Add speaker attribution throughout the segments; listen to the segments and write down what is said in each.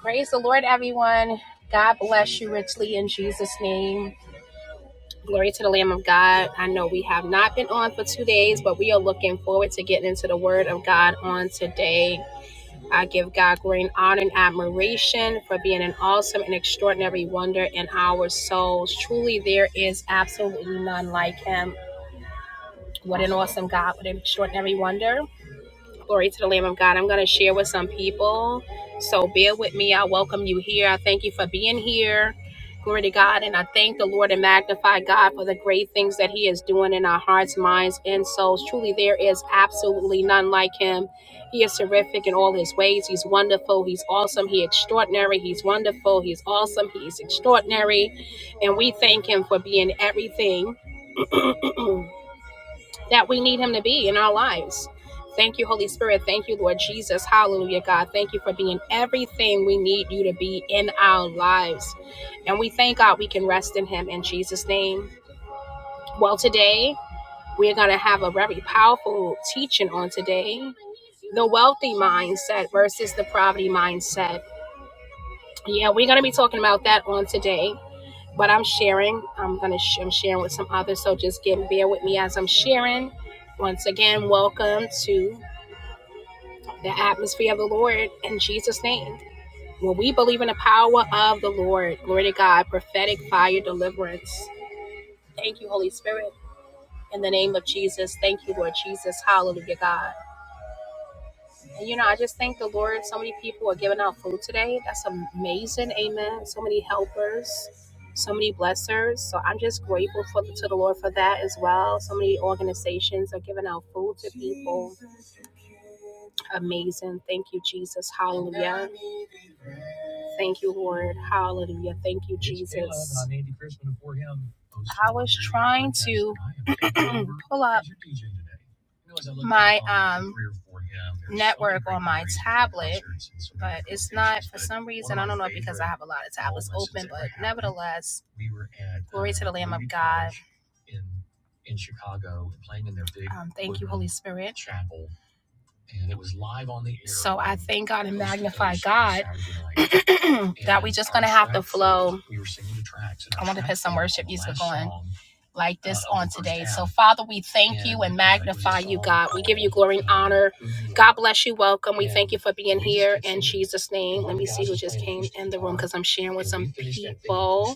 Speaker 1: Praise the Lord, everyone. God bless you richly in Jesus' name. Glory to the Lamb of God. I know we have not been on for two days, but we are looking forward to getting into the Word of God on today. I give God great honor and admiration for being an awesome and extraordinary wonder in our souls. Truly, there is absolutely none like Him. What an awesome God, what an extraordinary wonder. Glory to the Lamb of God. I'm going to share with some people. So bear with me. I welcome you here. I thank you for being here. Glory to God. And I thank the Lord and magnify God for the great things that He is doing in our hearts, minds, and souls. Truly, there is absolutely none like Him. He is terrific in all His ways. He's wonderful. He's awesome. He's extraordinary. He's wonderful. He's awesome. He's extraordinary. And we thank Him for being everything that we need him to be in our lives. Thank you, Holy Spirit. Thank you, Lord Jesus. Hallelujah, God. Thank you for being everything we need you to be in our lives. And we thank God we can rest in him in Jesus' name. Well, today we're going to have a very powerful teaching on today the wealthy mindset versus the poverty mindset. Yeah, we're going to be talking about that on today. But I'm sharing. I'm gonna. Sh- I'm sharing with some others. So just get bear with me as I'm sharing. Once again, welcome to the atmosphere of the Lord in Jesus' name. When we believe in the power of the Lord, glory to God, prophetic fire deliverance. Thank you, Holy Spirit, in the name of Jesus. Thank you, Lord Jesus. Hallelujah, God. And you know, I just thank the Lord. So many people are giving out food today. That's amazing. Amen. So many helpers, so many blessers. So I'm just grateful for, to the Lord for that as well. So many organizations are giving out food to people. Amazing. Thank you, Jesus. Hallelujah. Thank you, Lord. Hallelujah. Thank you, Jesus. I was trying to pull up my um, network on my tablet, but it's not for some reason. I don't know because I have a lot of tablets open, but nevertheless, glory to the Lamb of God. In Chicago, playing in their big Um, thank you, Holy Spirit. Chapel God that we just gonna have to flow. I want to put some worship music on like uh, this on today. So Father, we thank you and magnify you, God. We give you glory and honor. God bless you. Welcome. We thank you for being here in Jesus' name. Let me see who just came in the room because I'm sharing with some people.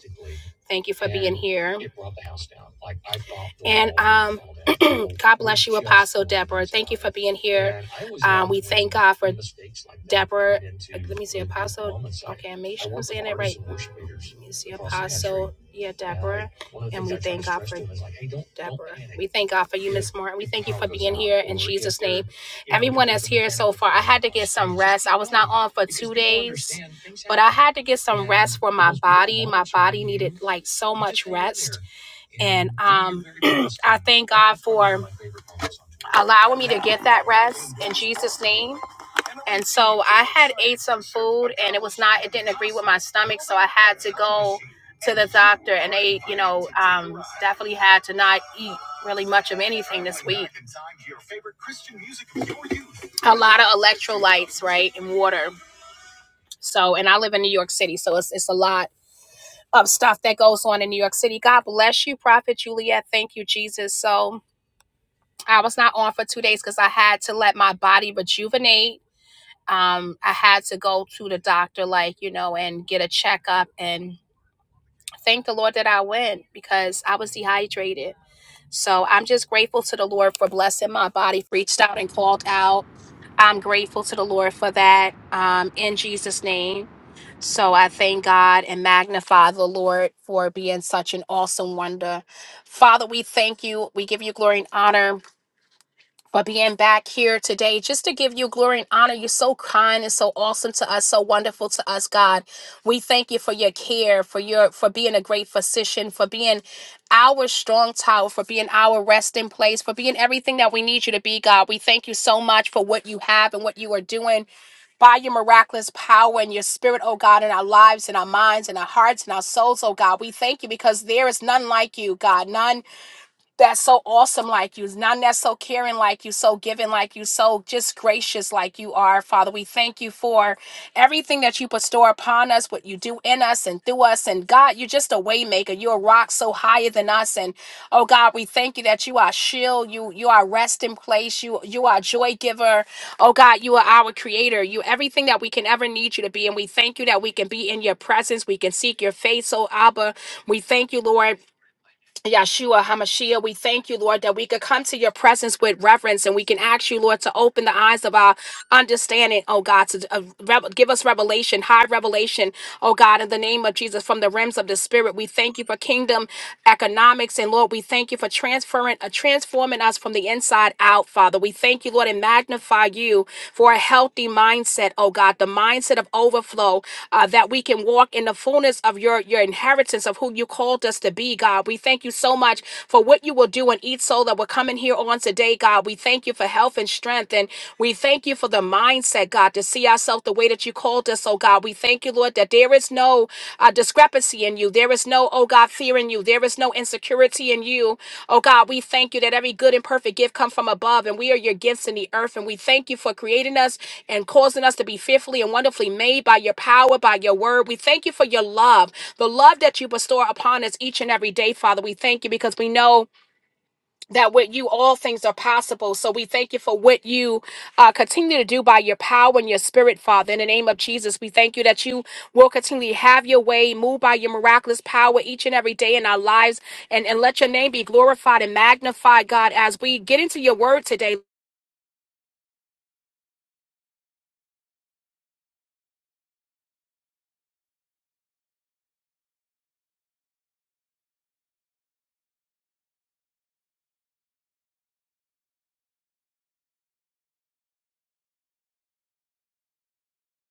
Speaker 1: Thank you for and being here. It brought the house down. Like, I brought the And um, God bless you, Apostle Deborah. Thank you for being here. Um, we thank God for Deborah. Like, Let me see, Apostle. Okay, I'm make sure I'm saying that right. Let me see, Apostle. Yeah, Deborah. And we thank God for Deborah. We thank God for you, Miss Martin. We thank you for being here in Jesus' name. Everyone that's here so far, I had to get some rest. I was not on for two days, but I had to get some rest for my body. My body needed like so much rest. And um, I thank God for allowing me to get that rest in Jesus' name. And so I had ate some food and it was not, it didn't agree with my stomach. So I had to go to the doctor and they, you know, um, definitely had to not eat really much of anything this week. A lot of electrolytes, right, and water. So, and I live in New York City, so it's it's a lot of stuff that goes on in New York City. God bless you, Prophet Juliet. Thank you, Jesus. So, I was not on for two days because I had to let my body rejuvenate. Um, I had to go to the doctor, like you know, and get a checkup. And thank the Lord that I went because I was dehydrated So I'm just grateful to the Lord for blessing my body, reached out and called out. I'm grateful to the Lord for that um, in Jesus' name. So I thank God and magnify the Lord for being such an awesome wonder. Father, we thank you. We give you glory and honor for being back here today just to give you glory and honor. You're so kind and so awesome to us, so wonderful to us, God. We thank you for your care, for your for being a great physician, for being our strong tower, for being our resting place, for being everything that we need you to be, God. We thank you so much for what you have and what you are doing by your miraculous power and your spirit, oh God, in our lives, in our minds, in our hearts, in our souls, oh God. We thank you because there is none like you, God. None that's so awesome like you, none that's so caring like you, so giving like you, so just gracious like you are, Father. We thank you for everything that you bestow upon us, what you do in us and through us. And God, you're just a waymaker. You're a rock so higher than us. And oh God, we thank you that you are shield, you you are resting place, you you are joy giver. Oh God, you are our creator. You everything that we can ever need you to be. And we thank you that we can be in your presence. We can seek your face, oh Abba. We thank you, Lord. Yahshua HaMashiach, we thank you, Lord, that we could come to your presence with reverence and we can ask you, Lord, to open the eyes of our understanding, oh God, to uh, rev- give us revelation, high revelation, oh God, in the name of Jesus, from the realms of the Spirit. We thank you for kingdom economics and Lord, we thank you for transferring, uh, transforming us from the inside out, Father. We thank you, Lord, and magnify you for a healthy mindset, oh God, the mindset of overflow, uh, that we can walk in the fullness of your, your inheritance of who you called us to be, God. We thank you so much for what you will do in each soul that will come in here on today, God. We thank you for health and strength, and we thank you for the mindset, God, to see ourselves the way that you called us, oh God. We thank you, Lord, that there is no uh, discrepancy in you. There is no, oh God, fear in you. There is no insecurity in you. Oh God, we thank you that every good and perfect gift come from above, and we are your gifts in the earth. And we thank you for creating us and causing us to be fearfully and wonderfully made by your power, by your word. We thank you for your love, the love that you bestow upon us each and every day, Father. We thank you because we know that with you all things are possible. So we thank you for what you uh, continue to do by your power and your spirit, Father. In the name of Jesus, we thank you that you will continually have your way, move by your miraculous power each and every day in our lives, and, and let your name be glorified and magnified, God, as we get into your word today.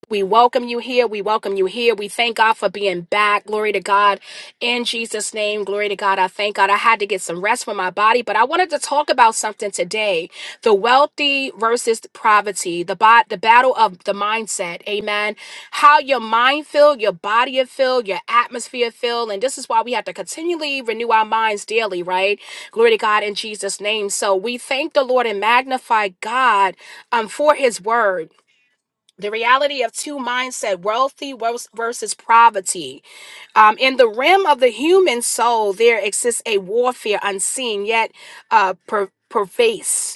Speaker 1: We welcome you here. We welcome you here. We thank God for being back. Glory to God. In Jesus' name, glory to God. I thank God. I had to get some rest for my body, but I wanted to talk about something today the wealthy versus poverty, the, bo- the battle of the mindset. Amen. How your mind feel, your body it feel, your atmosphere feel. And this is why we have to continually renew our minds daily, right? Glory to God in Jesus' name. So we thank the Lord and magnify God um, for his word the reality of two mindset wealthy wers- versus poverty um, in the rim of the human soul there exists a warfare unseen yet uh, per- pervasive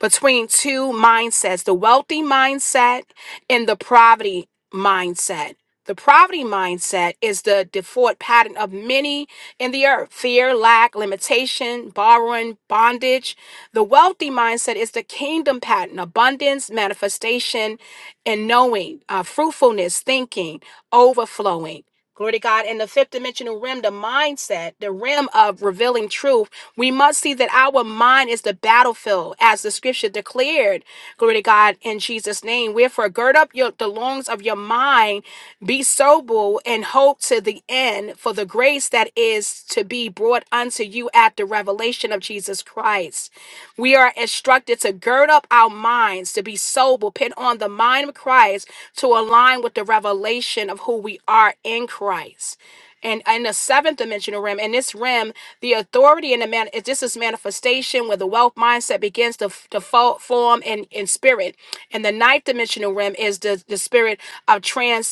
Speaker 1: between two mindsets the wealthy mindset and the poverty mindset. The poverty mindset is the default pattern of many in the earth fear, lack, limitation, borrowing, bondage. The wealthy mindset is the kingdom pattern abundance, manifestation, and knowing, uh, fruitfulness, thinking, overflowing. Glory to God. In the fifth dimensional rim, the mindset, the rim of revealing truth, we must see that our mind is the battlefield, as the scripture declared. Glory to God in Jesus' name. Wherefore, gird up your, the loins of your mind, be sober, and hope to the end for the grace that is to be brought unto you at the revelation of Jesus Christ. We are instructed to gird up our minds, to be sober, put on the mind of Christ, to align with the revelation of who we are in Christ and in the seventh dimensional realm in this realm the authority and the man it- this is manifestation where the wealth mindset begins to, to fo- form in, in spirit and the ninth dimensional realm is the, the spirit of trans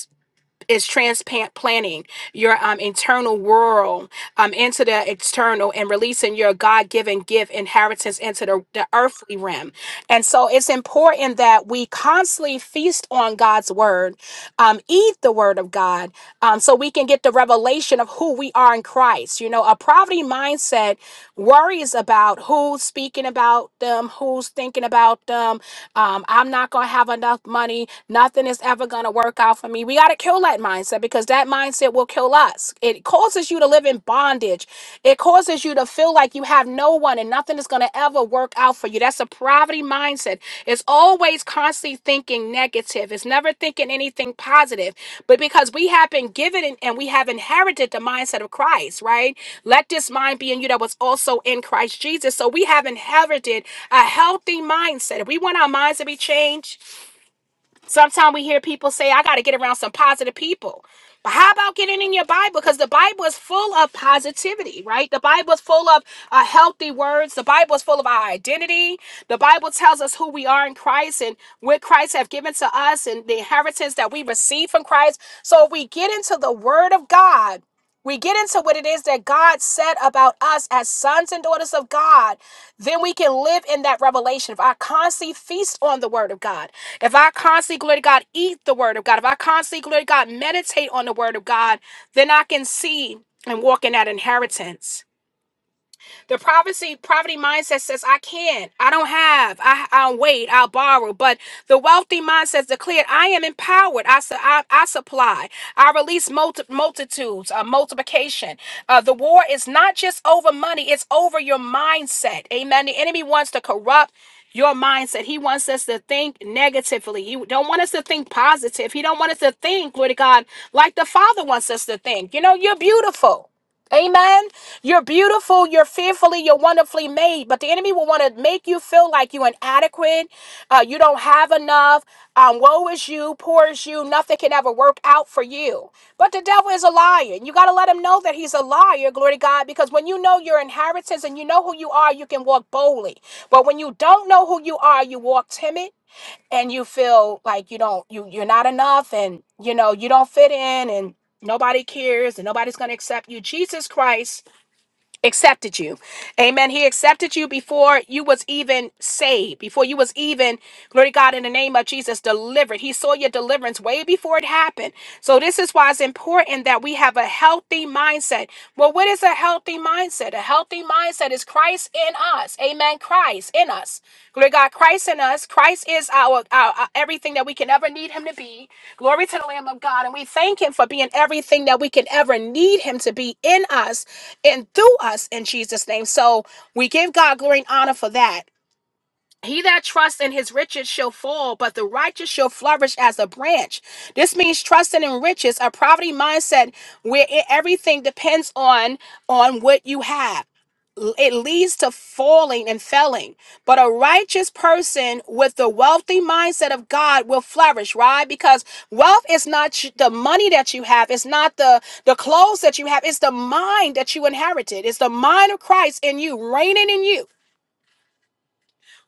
Speaker 1: is transplanting your um, internal world um, into the external and releasing your God-given gift inheritance into the, the earthly realm. And so it's important that we constantly feast on God's word, um, eat the word of God, um, so we can get the revelation of who we are in Christ. You know, a poverty mindset worries about who's speaking about them, who's thinking about them. Um, I'm not going to have enough money. Nothing is ever ever going to work out for me. We got to kill that mindset because that mindset will kill us. It causes you to live in bondage. It causes you to feel like you have no one and nothing is going to ever work out for you. That's a poverty mindset. It's always constantly thinking negative. It's never thinking anything positive. But because we have been given and and we have inherited the mindset of Christ, right? Let this mind be in you that was also in Christ Jesus. So we have inherited a healthy mindset. If we want our minds to be changed, Sometimes we hear people say, I got to get around some positive people. But how about getting in your Bible? Because the Bible is full of positivity, right? The Bible is full of uh, healthy words. The Bible is full of our identity. The Bible tells us who we are in Christ and what Christ have given to us and the inheritance that we receive from Christ. So if we get into the Word of God, we get into what it is that God said about us as sons and daughters of God, then we can live in that revelation. If I constantly feast on the word of God, if I constantly, glory to God, eat the word of God, if I constantly, glory to God, meditate on the word of God, then I can see and walk in that inheritance. The poverty poverty mindset says, "I can't. I don't have. I, I'll wait. I'll borrow." But the wealthy mindset declared, "I am empowered. I, su- I, I supply. I release multi- multitudes. Uh, multiplication. Uh, the war is not just over money. It's over your mindset. Amen. The enemy wants to corrupt." Your mindset. He wants us to think negatively. He don't want us to think positive. He don't want us to think, glory to God, like the Father wants us to think. You know, you're beautiful. Amen. You're beautiful. You're fearfully. You're wonderfully made. But the enemy will want to make you feel like you're inadequate. Uh, you don't have enough. Um, woe is you. Poor is you. Nothing can ever work out for you. But the devil is a liar. You got to let him know that he's a liar. Glory to God. Because when you know your inheritance and you know who you are, you can walk boldly. But when you don't know who you are, you walk timid and you feel like you don't you you're not enough and you know you don't fit in and nobody cares and nobody's going to accept you jesus christ accepted you amen he accepted you before you was even saved before you was even glory to god in the name of jesus delivered he saw your deliverance way before it happened so this is why it's important that we have a healthy mindset well what is a healthy mindset a healthy mindset is christ Christ in us. Amen. Christ in us. Glory to God, Christ in us. Christ is our, our, our everything that we can ever need him to be. Glory to the Lamb of God. And we thank him for being everything that we can ever need him to be in us and through us in Jesus' name. So we give God glory and honor for that. He that trusts in his riches shall fall, but the righteous shall flourish as a branch. This means trusting in riches, a poverty mindset where e- everything depends on on what you have it leads to falling and failing. But a righteous person with the wealthy mindset of God will flourish, right? Because wealth is not the money that you have, it's not the, the clothes that you have, it's the mind that you inherited. It's the mind of Christ in you, reigning in you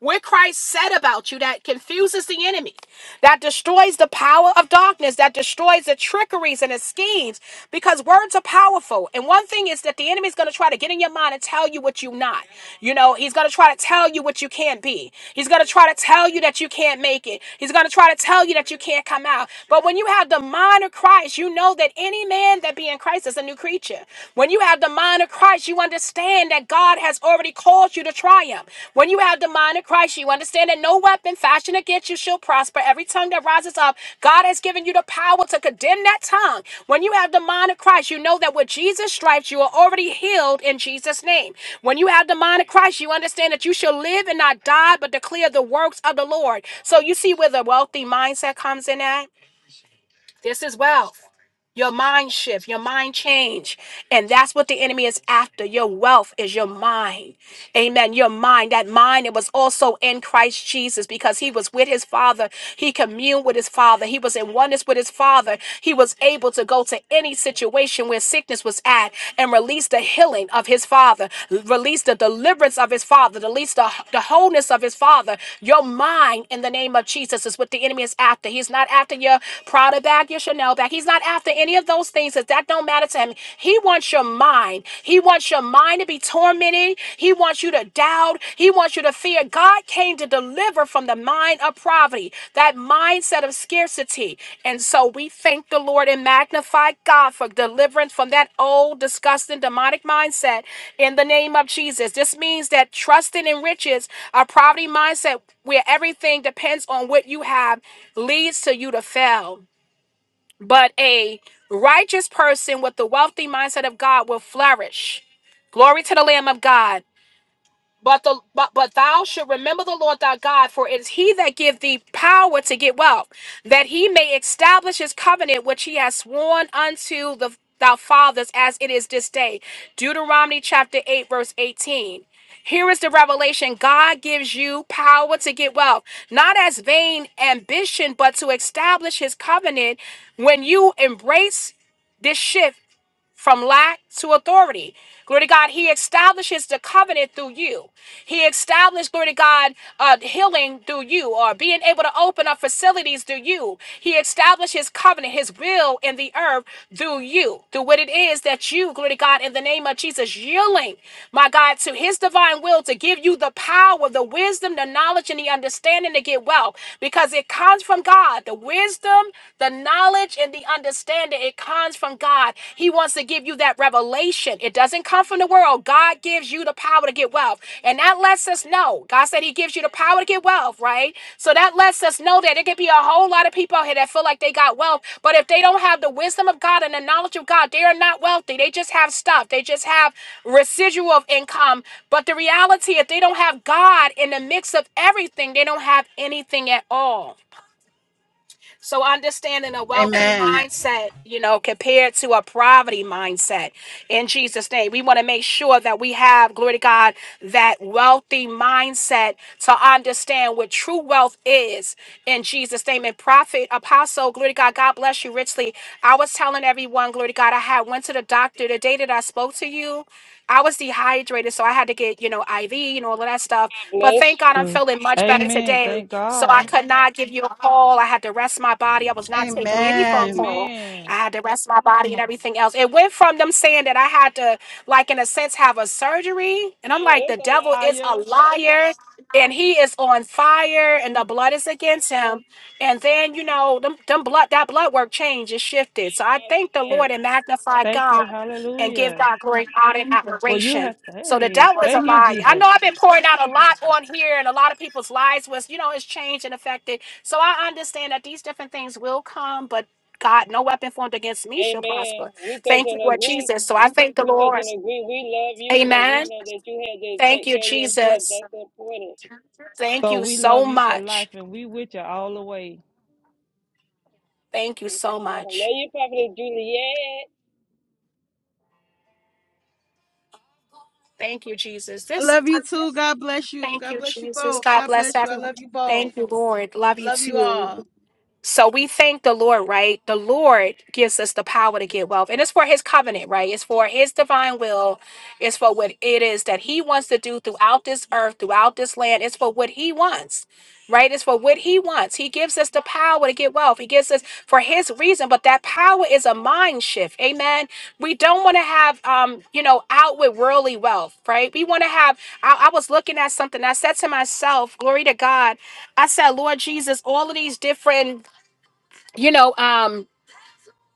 Speaker 1: what Christ said about you that confuses the enemy, that destroys the power of darkness, that destroys the trickeries and the schemes, because words are powerful. And one thing is that the enemy is going to try to get in your mind and tell you what you're not. You know, he's going to try to tell you what you can't be. He's going to try to tell you that you can't make it. He's going to try to tell you that you can't come out. But when you have the mind of Christ, you know that any man that be in Christ is a new creature. When you have have the mind of Christ, you understand that God has already called you to triumph. When you have the mind of Christ, you understand that no weapon fashioned against you shall prosper. Every tongue that rises up, God has given you the power to condemn that tongue. When you have the mind of Christ, you know that with Jesus' stripes, you are already healed in Jesus' name. When you have the mind of Christ, you understand that you shall live and not die, but declare the works of the Lord. So you see where the wealthy mindset comes in at? This is wealth your mind shift, your mind change. And that's what the enemy is after. Your wealth is your mind. Amen. Your mind, that mind, it was also in Christ Jesus because he was with his father. He communed with his father. He was in oneness with his father. He was able to go to any situation where sickness was at and release the healing of his father, release the deliverance of his father, release the, the wholeness of his father. Your mind, in the name of Jesus, is what the enemy is after. He's not after your Prada bag, your Chanel Chanel back. He's not after any of those things because that don't matter to him. He wants your mind. He wants your mind to be tormented. He wants you to doubt. He wants you to fear. God came to deliver from the mind of poverty, that mindset of scarcity. And so we thank the Lord and magnify God for deliverance from that old, disgusting, demonic mindset in the name of Jesus. This means that trusting in riches, a poverty mindset where everything depends on what you have, leads to you to fail. But a righteous person with the wealthy mindset of God will flourish. Glory to the Lamb of God. But the but, but thou should remember the Lord thy God, for it is he that give thee power to get wealth, that he may establish his covenant which he has sworn unto the thy fathers as it is this day. Deuteronomy chapter 8, verse 18. Here is the revelation. God gives you power to get wealth, not as vain ambition, but to establish his covenant. When you embrace this shift from lack to authority. Glory to God. He establishes the covenant through you. He established, glory to God, uh, healing through you or being able to open up facilities through you. He established his covenant, his will in the earth through you, through what it is that you, glory to God, in the name of Jesus, yielding, my God, to his divine will to give you the power, the wisdom, the knowledge, and the understanding to get well because it comes from God. The wisdom, the knowledge, knowledge and the understanding. It comes from God. He wants to give you that revelation. It doesn't come from the world. God gives you the power to get wealth. And that lets us know. God said He gives you the power to get wealth, right? So that lets us know that it could be a whole lot of people out here that feel like they got wealth, but if they don't have the wisdom of God and the knowledge of God, they are not wealthy. They just have stuff, they just have residual of income. But the reality, if they don't have God in the mix of everything, they don't have anything at all. So understanding a wealthy
Speaker 2: Amen.
Speaker 1: mindset, you know, compared to a poverty mindset in Jesus' name. We want to make sure that we have, glory to God, that wealthy mindset to understand what true wealth is in Jesus' name. And prophet, apostle, glory to God, God bless you richly. I was telling everyone, glory to God, I had went to the doctor the day that I spoke to you. I was dehydrated, so I had to get, you know, IV and all of that stuff. But
Speaker 3: Bless
Speaker 1: thank God I'm
Speaker 3: you.
Speaker 1: feeling much better
Speaker 3: Amen.
Speaker 1: today.
Speaker 3: Thank
Speaker 1: So I
Speaker 3: God.
Speaker 1: could not give you a call. I had to rest my body. I was not taking any phone
Speaker 2: Amen.
Speaker 1: call. I
Speaker 3: Amen.
Speaker 1: had to rest my body and everything else. It went from them saying that I had to, like, in a sense, have a surgery. And I'm
Speaker 3: Oh,
Speaker 1: like, the
Speaker 3: it's
Speaker 1: devil
Speaker 3: a
Speaker 1: is a
Speaker 3: liar.
Speaker 1: liar and he is on fire and the
Speaker 3: Amen.
Speaker 1: blood is against him. And then, you know, them, them blood, that blood work changed and shifted. So I thank the Lord and magnify
Speaker 3: Thank
Speaker 1: God
Speaker 3: you.
Speaker 1: and give
Speaker 3: Hallelujah.
Speaker 1: God glory, honor, and
Speaker 3: Well, you
Speaker 1: admiration
Speaker 3: have to.
Speaker 1: so the
Speaker 3: Hey,
Speaker 1: devil is a
Speaker 3: thank you,
Speaker 1: liar. I know
Speaker 3: Jesus.
Speaker 1: I've been pouring out a lot on here, and a lot of people's lives was, you know, it's changed and affected. So I understand that these different things will come, but God, no weapon formed against me shall prosper.
Speaker 3: Amen. We touch
Speaker 1: Thank you,
Speaker 3: and
Speaker 1: Lord
Speaker 3: agree.
Speaker 1: Jesus. So I thank the
Speaker 3: We touch
Speaker 1: Lord.
Speaker 3: and agree. We love you, and we
Speaker 1: Amen.
Speaker 3: know that you had to
Speaker 1: Thank
Speaker 3: take
Speaker 1: you,
Speaker 3: care of yourself.
Speaker 1: Jesus.
Speaker 3: That's important.
Speaker 1: Thank
Speaker 3: So
Speaker 1: you
Speaker 3: we
Speaker 1: so
Speaker 3: love you for
Speaker 1: much.
Speaker 3: life and we with you all the way.
Speaker 1: Thank you
Speaker 3: We so
Speaker 1: so
Speaker 3: welcome. Love
Speaker 1: much.
Speaker 3: you, Prophet Juliet.
Speaker 1: Thank you, Jesus.
Speaker 2: I
Speaker 1: This
Speaker 2: love you too. God bless you.
Speaker 1: thank
Speaker 2: God
Speaker 1: you,
Speaker 2: bless you
Speaker 1: Jesus.
Speaker 2: both.
Speaker 1: God
Speaker 2: God
Speaker 1: bless
Speaker 2: bless you. I
Speaker 1: everyone.
Speaker 2: love you both.
Speaker 1: Thank you, Lord. Love you
Speaker 2: Love you
Speaker 1: too.
Speaker 2: all.
Speaker 1: So we thank the Lord, right? The Lord gives us the power to get wealth. And it's for his covenant, right? It's for his divine will. It's for what it is that he wants to do throughout this earth, throughout this land. It's for what he wants, right? It's for what he wants. He gives us the power to get wealth. He gives us for his reason, but that power is a mind shift. Amen. We don't want to have um, you know, outward worldly wealth, right? We want to have I, I was looking at something. I said to myself, glory to God. I said, Lord Jesus, all of these different you know, um,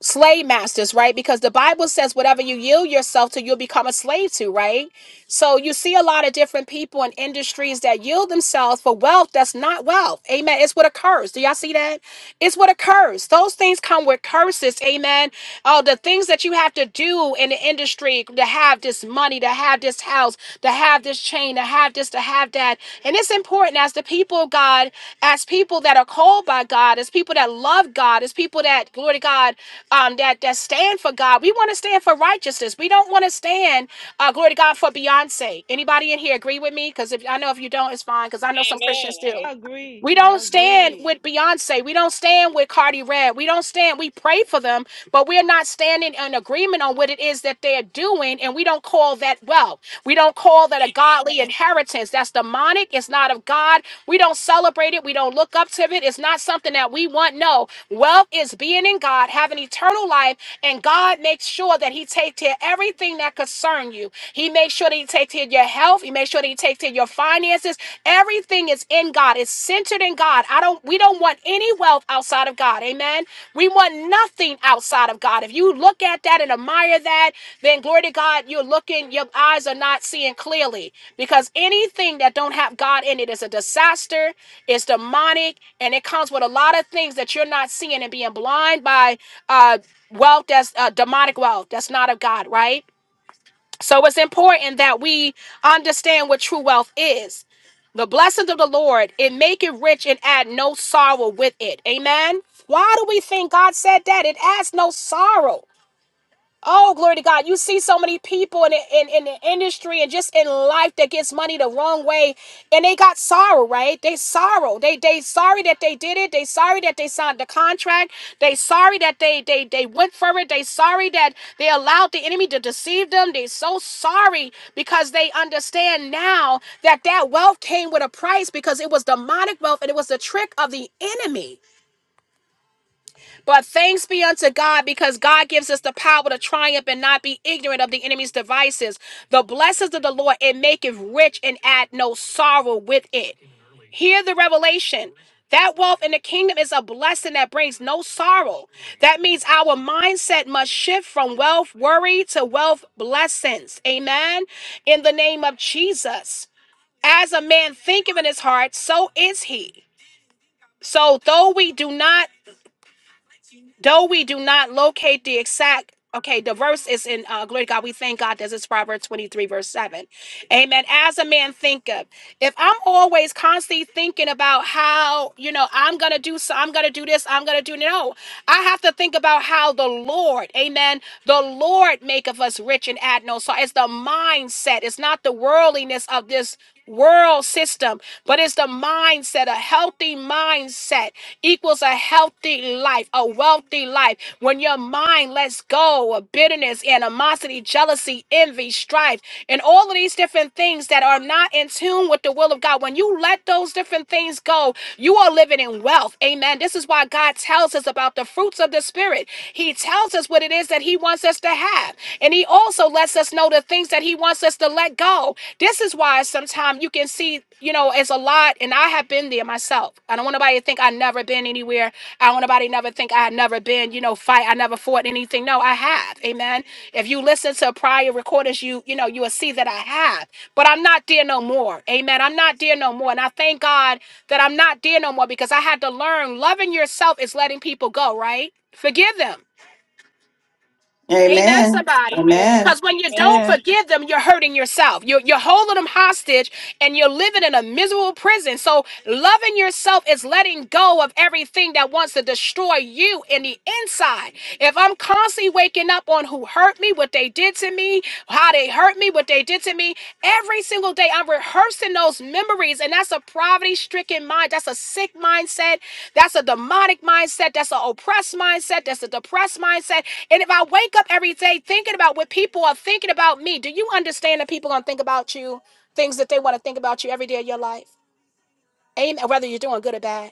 Speaker 1: slave masters, right? Because the Bible says whatever you yield yourself to, you'll become a slave to, right? So you see a lot of different people in industries that yield themselves for wealth that's not wealth. Amen. It's with a curse. Do y'all see that? It's what occurs. Those things come with curses. Amen. Oh, the things that you have to do in the industry to have this money, to have this house, to have this chain, to have this, to have that. And it's important as the people of God, as people that are called by God, as people that love God, as people that glory to God, um, that that stand for God. We want to stand for righteousness. We don't want to stand, uh, glory to God, for Beyonce. Anybody in here agree with me? Because if I know if you don't, it's fine. Because I know some
Speaker 3: Amen.
Speaker 1: Christians do.
Speaker 3: I agree.
Speaker 1: We don't
Speaker 3: I
Speaker 1: stand
Speaker 3: agree.
Speaker 1: with Beyonce. We don't stand with Cardi Red. We don't stand. We pray for them, but we're not standing in agreement on what it is that they're doing, and we don't call that well. We don't call that a godly inheritance. That's demonic. It's not of God. We don't celebrate it. We don't look up to it. It's not something that we want. No. Wealth is being in God, having eternal life, and God makes sure that He takes care of everything that concern you. He makes sure that He takes care of your health. He makes sure that He takes care of your finances. Everything is in God. It's centered in God. I don't. We don't want any wealth outside of God. Amen. We want nothing outside of God. If you look at that and admire that, then glory to God, you're looking, your eyes are not seeing clearly because anything that don't have God in it is a disaster, it's demonic, and it comes with a lot of things that you're not seeing and being blind by uh, wealth that's uh, demonic wealth that's not of God, right? So it's important that we understand what true wealth is. The blessings of the Lord, it make it rich and add no sorrow with it. Amen. Why do we think God said that? It adds no sorrow. Oh, glory to God. You see so many people in the, in, in the industry and just in life that gets money the wrong way and they got sorrow, right? They sorrow. They they sorry that they did it. They sorry that they signed the contract. They sorry that they they they went for it. They sorry that they allowed the enemy to deceive them. They so sorry because they understand now that that wealth came with a price because it was demonic wealth and it was the trick of the enemy. But thanks be unto God because God gives us the power to triumph and not be ignorant of the enemy's devices. The blessings of the Lord, it maketh rich and add no sorrow with it. Hear the revelation. That wealth in the kingdom is a blessing that brings no sorrow. That means our mindset must shift from wealth worry to wealth blessings. Amen. In the name of Jesus. As a man thinketh in his heart, so is he. So, though we do not though we do not locate the exact okay the verse is in uh, glory to god we thank god this is proverbs 23 verse 7 amen as a man thinketh if i'm always constantly thinking about how you know i'm gonna do so i'm gonna do this i'm gonna do no i have to think about how the lord amen the lord maketh us rich and add no so it's the mindset it's not the worldliness of this world system, but it's the mindset. A healthy mindset equals a healthy life, a wealthy life. When your mind lets go of bitterness, animosity, jealousy, envy, strife, and all of these different things that are not in tune with the will of God, when you let those different things generations go, you are living in wealth. Amen. This is why God tells us about the fruits of the Spirit. He tells us what it is that He wants us to have. And He also lets us know the things that He wants us to let go. This is why sometimes you can see, you know, it's a lot. And I have been there myself. I don't want nobody to think I've never been anywhere. I don't want nobody to never think I had never been, you know, fight. I never fought anything. No, I have. Amen. If you listen to prior recordings, you, you know, you will see that I have. But I'm not there no more. Amen. I'm not there no more. And I thank God that I'm not there no more because I had to learn loving yourself is letting people go, right? Forgive them. Amen,
Speaker 2: Amen.
Speaker 1: somebody.
Speaker 3: Amen.
Speaker 2: Amen.
Speaker 1: Because when you don't
Speaker 3: Amen.
Speaker 1: forgive them, you're hurting yourself. You're, you're holding them hostage and you're living in a miserable prison. So, loving yourself is letting go of everything that wants to destroy you in the inside. If I'm constantly waking up on who hurt me, what they did to me, how they hurt me, what they did to me, Every single day, I'm rehearsing those memories, and that's a poverty stricken mind. That's a sick mindset. That's a demonic mindset. That's an oppressed mindset. That's a depressed mindset. And if I wake up every day thinking about what people are thinking about me, do you understand that people are going to think about you, things that they want to think about you every day of your life? Amen. Whether you're doing good or bad.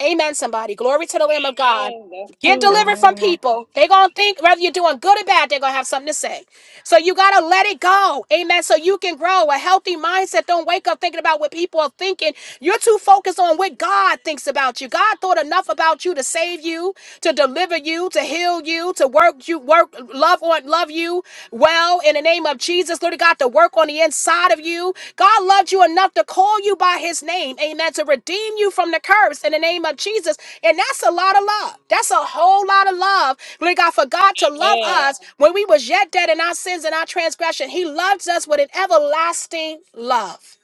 Speaker 1: Amen, somebody. Glory to the Lamb of God.
Speaker 3: Amen. That's
Speaker 1: Get
Speaker 3: true.
Speaker 1: delivered from
Speaker 3: Amen.
Speaker 1: people. They're going to think whether you're doing good or bad, they're going to have something to say. So you got to let it go. Amen. So you can grow a healthy mindset. Don't wake up thinking about what people are thinking. You're too focused on what God thinks about you. God thought enough about you to save you, to deliver you, to heal you, to work you, work, love on, love you well in the name of Jesus. Lord God, to work work on the inside of you. God loved you enough to call you by his name. Amen. To redeem you from the curse in the name of Jesus. And that's a lot of love. That's a whole lot of love. Glory to God for God to love
Speaker 3: Amen.
Speaker 1: us when we was yet dead in our sins and our transgression. He loves us with an everlasting love.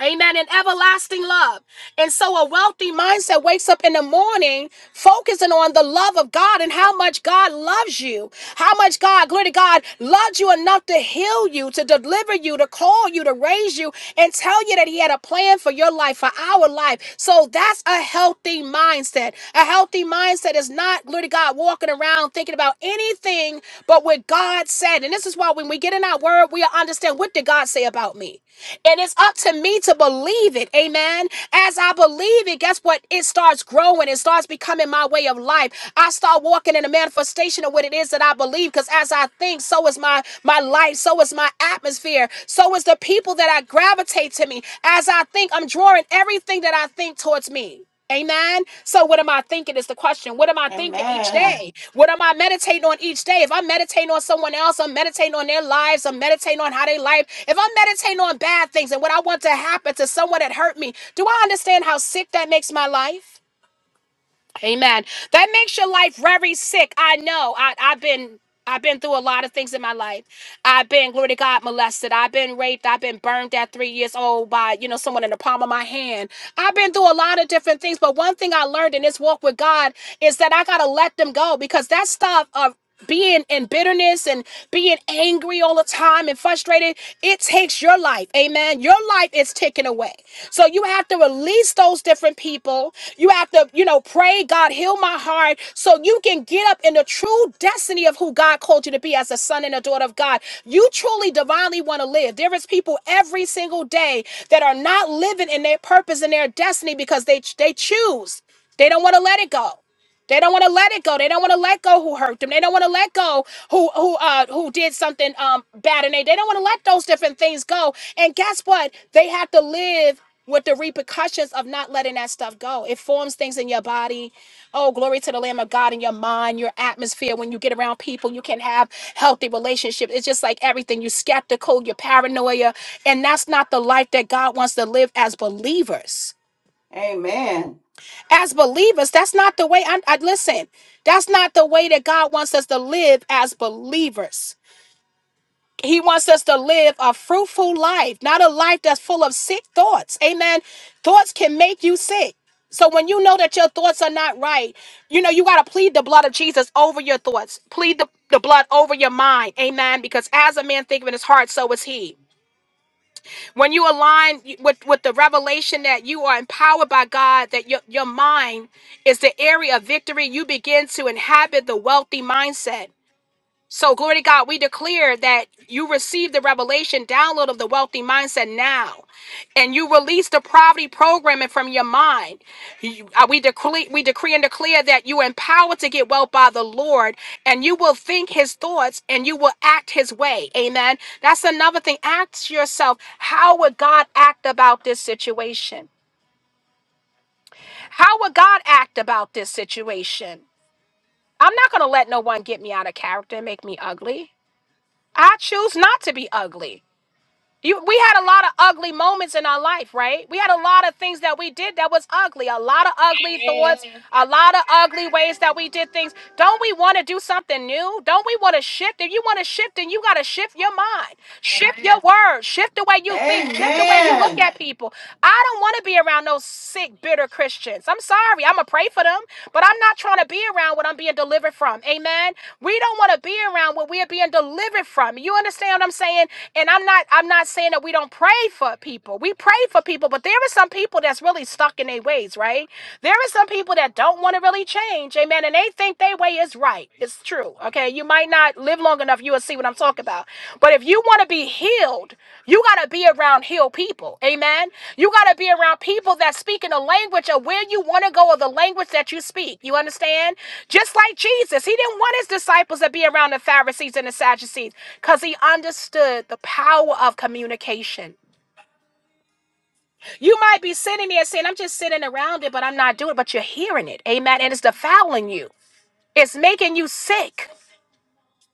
Speaker 1: Amen. And everlasting love. And so a wealthy mindset wakes up in the morning focusing on the love of God and how much God loves you. How much God, glory to God, loves you enough to heal you, to deliver you, to call you, to raise you, and tell you that He had a plan for your life, for our life. So that's a healthy mindset. A healthy mindset is not, glory to God, walking around thinking about anything but what God said. And this is why when we get in our word, we understand what did God say about me. And it's up to me to believe it. Amen. As I believe it, guess what? It starts growing. It starts becoming my way of life. I start walking in the manifestation of what it is that I believe. Because as I think, so is my my life, so is my atmosphere, so is the people that I gravitate to me. As I think, I'm drawing everything that I think towards me. Amen. So, what am I thinking is the question. What am I thinking each
Speaker 2: Amen.
Speaker 1: day? What am I meditating on each day? If I'm meditating on someone else, I'm meditating on their lives, I'm meditating on how they life. If I'm meditating on bad things and what I want to happen to someone that hurt me, do I understand how sick that makes my life? Amen. That makes your life very sick. I know. I, I've been I've been through a lot of things in my life. I've been, glory to God, molested. I've been raped. I've been burned at three years old by, you know, someone in the palm of my hand. I've been through a lot of different things. But one thing I learned in this walk with God is that I gotta let them go because that stuff of being in bitterness and being angry all the time and frustrated, it takes your life. Amen. Your life is taken away. So you have to release those different people. You have to, you know, pray, God, heal my heart so you can get up in the true destiny of who God called you to be as a son and a daughter of God. You truly divinely want to live. There is people every single day that are not living in their purpose and their destiny because they they choose. They don't want to let it go. They don't want to let it go. They don't want to let go who hurt them. They don't want to let go who who uh who did something um bad and they they don't want to let those different things go. And guess what? They have to live with the repercussions of not letting that stuff go. It forms things in your body. Oh, glory to the Lamb of God in your mind, your atmosphere. When you get around people, you can have healthy relationships. It's just like everything. You're skeptical, you're paranoia. And that's not the life that God wants to live as believers
Speaker 2: Amen.
Speaker 1: as believers that's not the way I, I listen that's not the way that god wants us to live as believers he wants us to live a fruitful life not a life that's full of sick thoughts amen thoughts can make you sick so when you know that your thoughts are not right you know you got to plead the blood of jesus over your thoughts plead the, the blood over your mind amen because as a man thinketh in his heart so is he when you align with, with the revelation that you are empowered by God, that your, your mind is the area of victory, you begin to inhabit the wealthy mindset. So, glory to God, we declare that you receive the revelation download of the wealthy mindset now, and you release the poverty programming from your mind. You- uh, we, decree, we decree and declare that you are empowered to get wealth by the Lord, and you will think his thoughts and you will act his way. Amen. That's another thing. Ask yourself, how would God act about this situation? How would God act about this situation? I'm not going to let no one get me out of character and make me ugly. I choose not to be ugly. You, we had a lot of ugly moments in our life, right? We had a lot of things that we did that was ugly, a lot of ugly
Speaker 3: Amen.
Speaker 1: thoughts, Yeah. a lot of ugly ways that we did things. Don't we want to do something new? Don't we want to shift? If you want to shift, then you got to shift your mind, shift your words, shift the way you think, shift the way you look
Speaker 2: Amen.
Speaker 1: at people. I don't want to be around no sick, bitter Christians demons. I'm sorry. I'm going to pray for them, but I'm not trying to be around what I'm being delivered from. Amen. We don't want to be around what we're being delivered from. You understand what I'm saying? And I'm not I'm not saying that we don't pray for people. We pray for people, but there are some people that's really stuck in their ways, right? There are some people that don't want to really change. Amen. And they think their way is right. It's true. Okay. You you might not live long enough, you will see what I'm talking about. But if you want to be healed, you got to be around healed people. Amen. You got to be around people that speak in the language of where you want to go or the language that you speak. You understand? Just like Jesus, he didn't want his disciples to be around the Pharisees and the Sadducees because he understood the power of communication. You might be sitting there saying, I'm just sitting around it, but I'm not doing it, but you're hearing it. Amen. And it's defiling you, it's making you sick.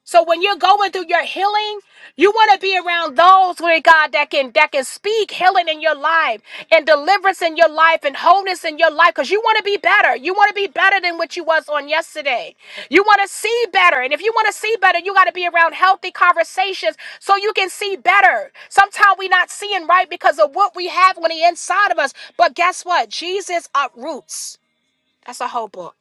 Speaker 1: So when you're going through your healing, you want to be around those where God that can that can speak healing in your life and deliverance in your life and wholeness in your life because you want to be better. You want to be better than what you was on yesterday. You want to see better. And if you want to see better, you got to be around healthy conversations so you can see better. Sometimes we are not seeing right because of what we have on the inside of us. But guess what? Jesus uproots. That's a whole book.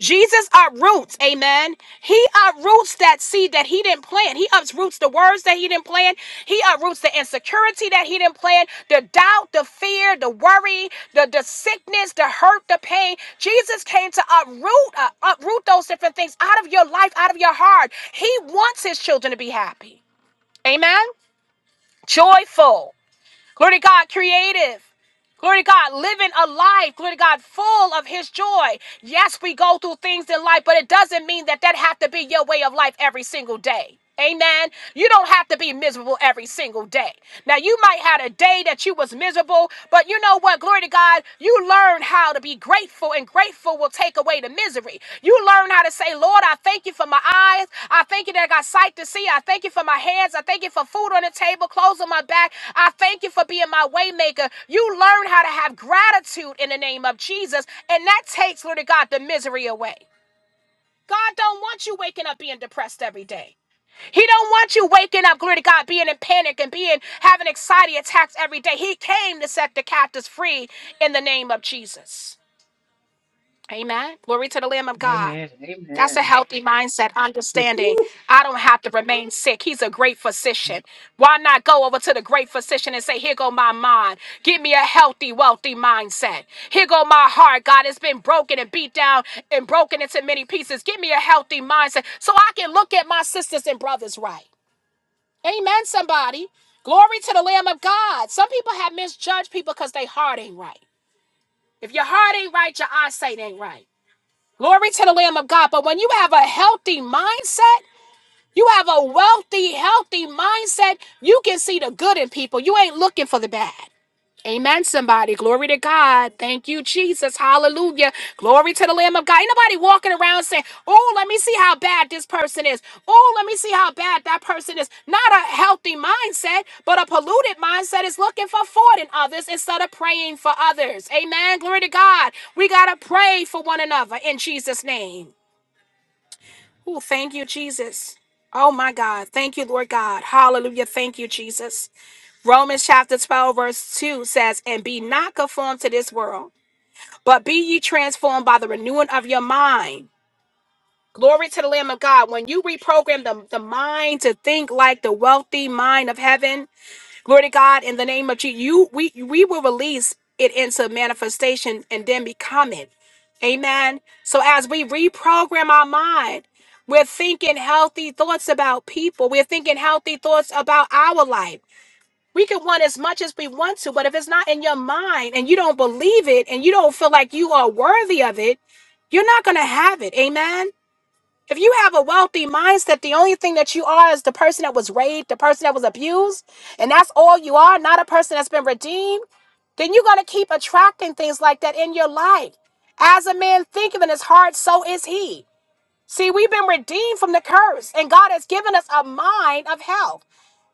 Speaker 1: Jesus uproots, amen. He uproots that seed that he didn't plant. He uproots the words that he didn't plant. He uproots the insecurity that he didn't plant, the doubt, the fear, the worry, the, the sickness, the hurt, the pain. Jesus came to uproot, uh, uproot those different things out of your life, out of your heart. He wants his children to be happy, amen. Joyful. Glory to God, creative. Glory to God, living a life, glory to God, full of His joy. Yes, we go through things in life, but it doesn't mean that that have to be your way of life every single day. Amen. You don't have to be miserable every single day. Now you might had a day that you was miserable, but you know what? Glory to God, you learned how to be grateful faithful and grateful will take away the misery. You learn how to say, Lord, I thank you for my eyes. I thank you that I got sight to see. I thank you for my hands. I thank you for food on the table, clothes on my back. I thank you for being my waymaker. You learn how to have gratitude in the name of Jesus, and that takes, Lord God, the misery away. God don't want you waking up being depressed every day. He don't want you waking up, glory to God, being in panic and being having anxiety attacks every day. He came to set the captives free in the name of Jesus. Amen. Glory to the Lamb of God.
Speaker 4: Amen.
Speaker 1: That's a
Speaker 4: Amen.
Speaker 1: healthy mindset, understanding. I don't have to remain sick. He's a great physician. Why not go over to the great physician and say, Here go my mind. Give me a healthy, wealthy mindset. Here go my heart. God, it's been broken and beat down and broken into many pieces. Give me a healthy mindset so I can look at my sisters and brothers right. Amen, somebody. Glory to the Lamb of God. Some people have misjudged people because their heart ain't right. If your heart ain't right, your eyesight ain't right. Glory to the Lamb of God. But when you have a healthy mindset, you have a wealthy, healthy mindset, you can see the good in people. You ain't looking for the bad. Amen, somebody. Glory to God. Thank you, Jesus. Hallelujah. Glory to the Lamb of God. Ain't nobody walking around saying, Oh, let me see how bad this person is. Oh, let me see how bad that person is. Not a healthy mindset, but a polluted mindset is looking for fault in others instead of praying for others. Amen. Glory to God. We got to pray for one another in Jesus' name. Oh, thank you, Jesus. Oh, my God. Thank you, Lord God. Hallelujah. Thank you, Jesus. Romans chapter 12, verse 2 says, And be not conformed to this world, but be ye transformed by the renewing of your mind. Glory to the Lamb of God. When you reprogram the, the mind to think like the wealthy mind of heaven, glory to God, in the name of Jesus, you we we will release it into manifestation and then become it. Amen. So as we reprogram our mind, we're thinking healthy thoughts about people. We're thinking healthy thoughts about our life. We can want as much as we want to, but if it's not in your mind and you don't believe it and you don't feel like you are worthy of it, you're not going to have it. Amen. If you have a wealthy mindset, the only thing that you are is the person that was raped, the person that was abused, and that's all you are, not a person that's been redeemed, then you're going to keep attracting things like that in your life. As a man thinketh in his heart, so is he. See, we've been redeemed from the curse, and God has given us a mind of health.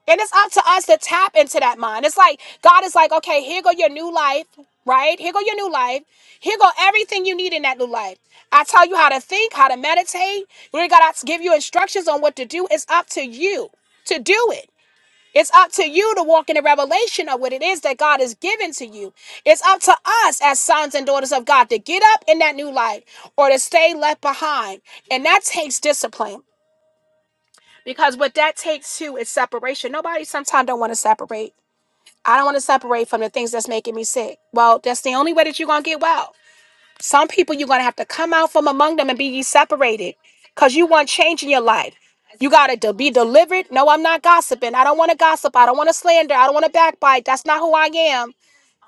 Speaker 1: And it's up to us to tap into that mind. It's like God is like, okay, here go your new life, right? Here go your new life. Here go everything you need in that new life. I tell you how to think, how to meditate. We got to give you instructions on what to do. It's up to you to do it. It's up to you to walk in the revelation of what it is that God has given to you. It's up to us as sons and daughters of God to get up in that new life or to stay left behind. And that takes discipline because what that takes too is separation nobody sometimes don't want to separate i don't want to separate from the things that's making me sick well that's the only way that you're gonna get well some people you're gonna have to come out from among them and be ye separated because you want change in your life you gotta be delivered no i'm not gossiping i don't want to gossip i don't want to slander i don't want to backbite that's not who i am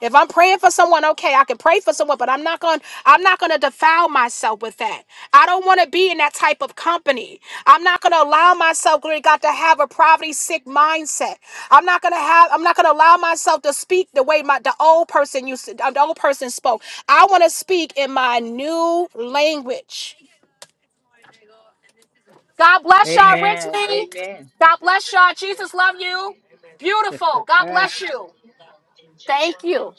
Speaker 1: if I'm praying for someone, okay, I can pray for someone, but I'm not going to I'm not going to defile myself with that. I don't want to be in that type of company. I'm not going to allow myself, glory to God, to have a poverty sick mindset. I'm not going to have I'm not going to allow myself to speak the way my the old person used to, the old person spoke. I want to speak in my new language. God bless y'all
Speaker 4: Amen.
Speaker 1: richly.
Speaker 4: Amen.
Speaker 1: God bless y'all. Jesus love you. Beautiful. God bless you. Thank you.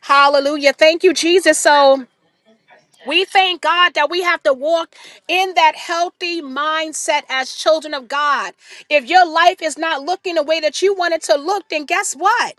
Speaker 1: Hallelujah. Thank you, Jesus. So We thank God that we have to walk in that healthy mindset as children of God. If your life is not looking the way that you want it to look, then guess what?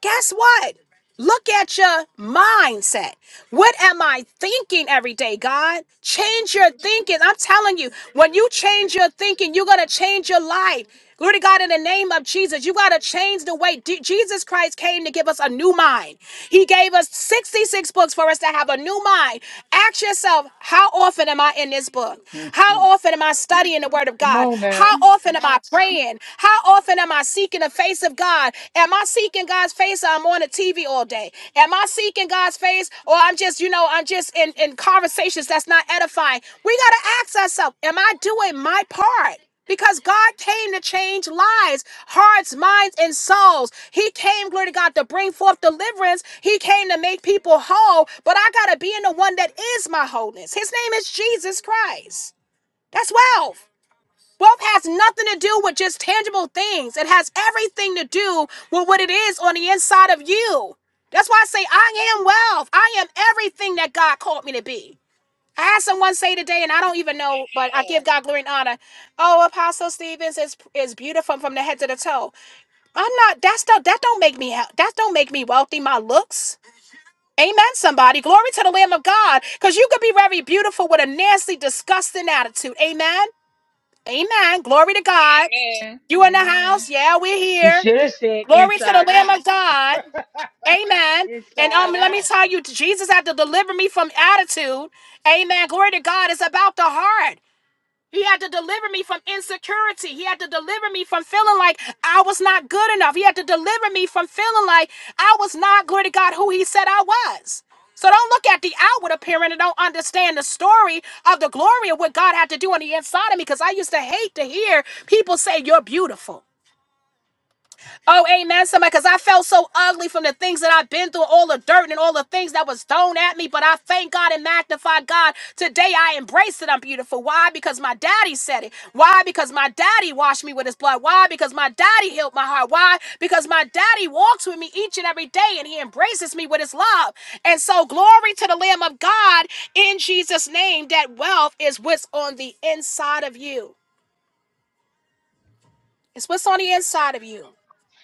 Speaker 1: Guess what? Look at your mindset. What am I thinking every day, God? Change your thinking. I'm telling you, when you change your thinking, you're going to change your life. Glory to God in the name of Jesus. You got to change the way D- Jesus Christ came to give us a new mind. He gave us 66 books for us to have a new mind. Ask yourself, how often am I in this book? How often am I studying the word of
Speaker 4: Come
Speaker 1: God?
Speaker 4: on now.
Speaker 1: How often am I praying? How often am I seeking the face of God? Am I seeking God's face? Or I'm on the TV all day. Am I seeking God's face? Or I'm just, you know, I'm just in, in conversations that's not edifying. We got to ask ourselves, am I doing my part? Because God came to change lives, hearts, minds, and souls. He came, glory to God, to bring forth deliverance. He came to make people whole. But I got to be in the one that is my wholeness. His name is Jesus Christ. That's wealth. Wealth has nothing to do with just tangible things. It has everything to do with what it is on the inside of you. That's why I say I am wealth. I am everything that God called me to be. I had someone say today, and I don't even know, but I give God glory and honor. Oh, Apostle Stevens is is beautiful from the head to the toe. I'm not. That's not. That don't make me. hea- That don't make me wealthy. My looks. Amen. Somebody, glory to the Lamb of God, because you could be very beautiful with a nasty, disgusting attitude. Amen. Amen. Glory to God.
Speaker 3: Amen. Amen.
Speaker 1: You in the
Speaker 3: Amen.
Speaker 1: house? Yeah, we're
Speaker 4: She
Speaker 1: here.
Speaker 4: should have said
Speaker 1: Glory to the
Speaker 4: inside
Speaker 1: Lamb
Speaker 4: out.
Speaker 1: of God. Amen. And um,
Speaker 4: Inside
Speaker 1: let me
Speaker 4: out.
Speaker 1: tell you, Jesus had to deliver me from attitude. Amen. Glory to God. It's about the heart. He had to deliver me from insecurity. He had to deliver me from feeling like I was not good enough. He had to deliver me from feeling like I was not, glory to God, who he said I was. So don't look at the outward appearance and don't understand the story of the glory of what God had to do on the inside of me because I used to hate to hear people say, You're beautiful. Oh, amen, somebody, because I felt so ugly from the things that I've been through, all the dirt and all the things that was thrown at me. But I thank God and magnify God. Today I embrace that I'm beautiful. Why? Because my daddy said it. Why? Because my daddy washed me with his blood. Why? Because my daddy healed my heart. Why? Because my daddy walks with me each and every day and he embraces me with his love. And so, glory to the Lamb of God in Jesus' name that wealth is what's on the inside of you. It's what's on the inside of you.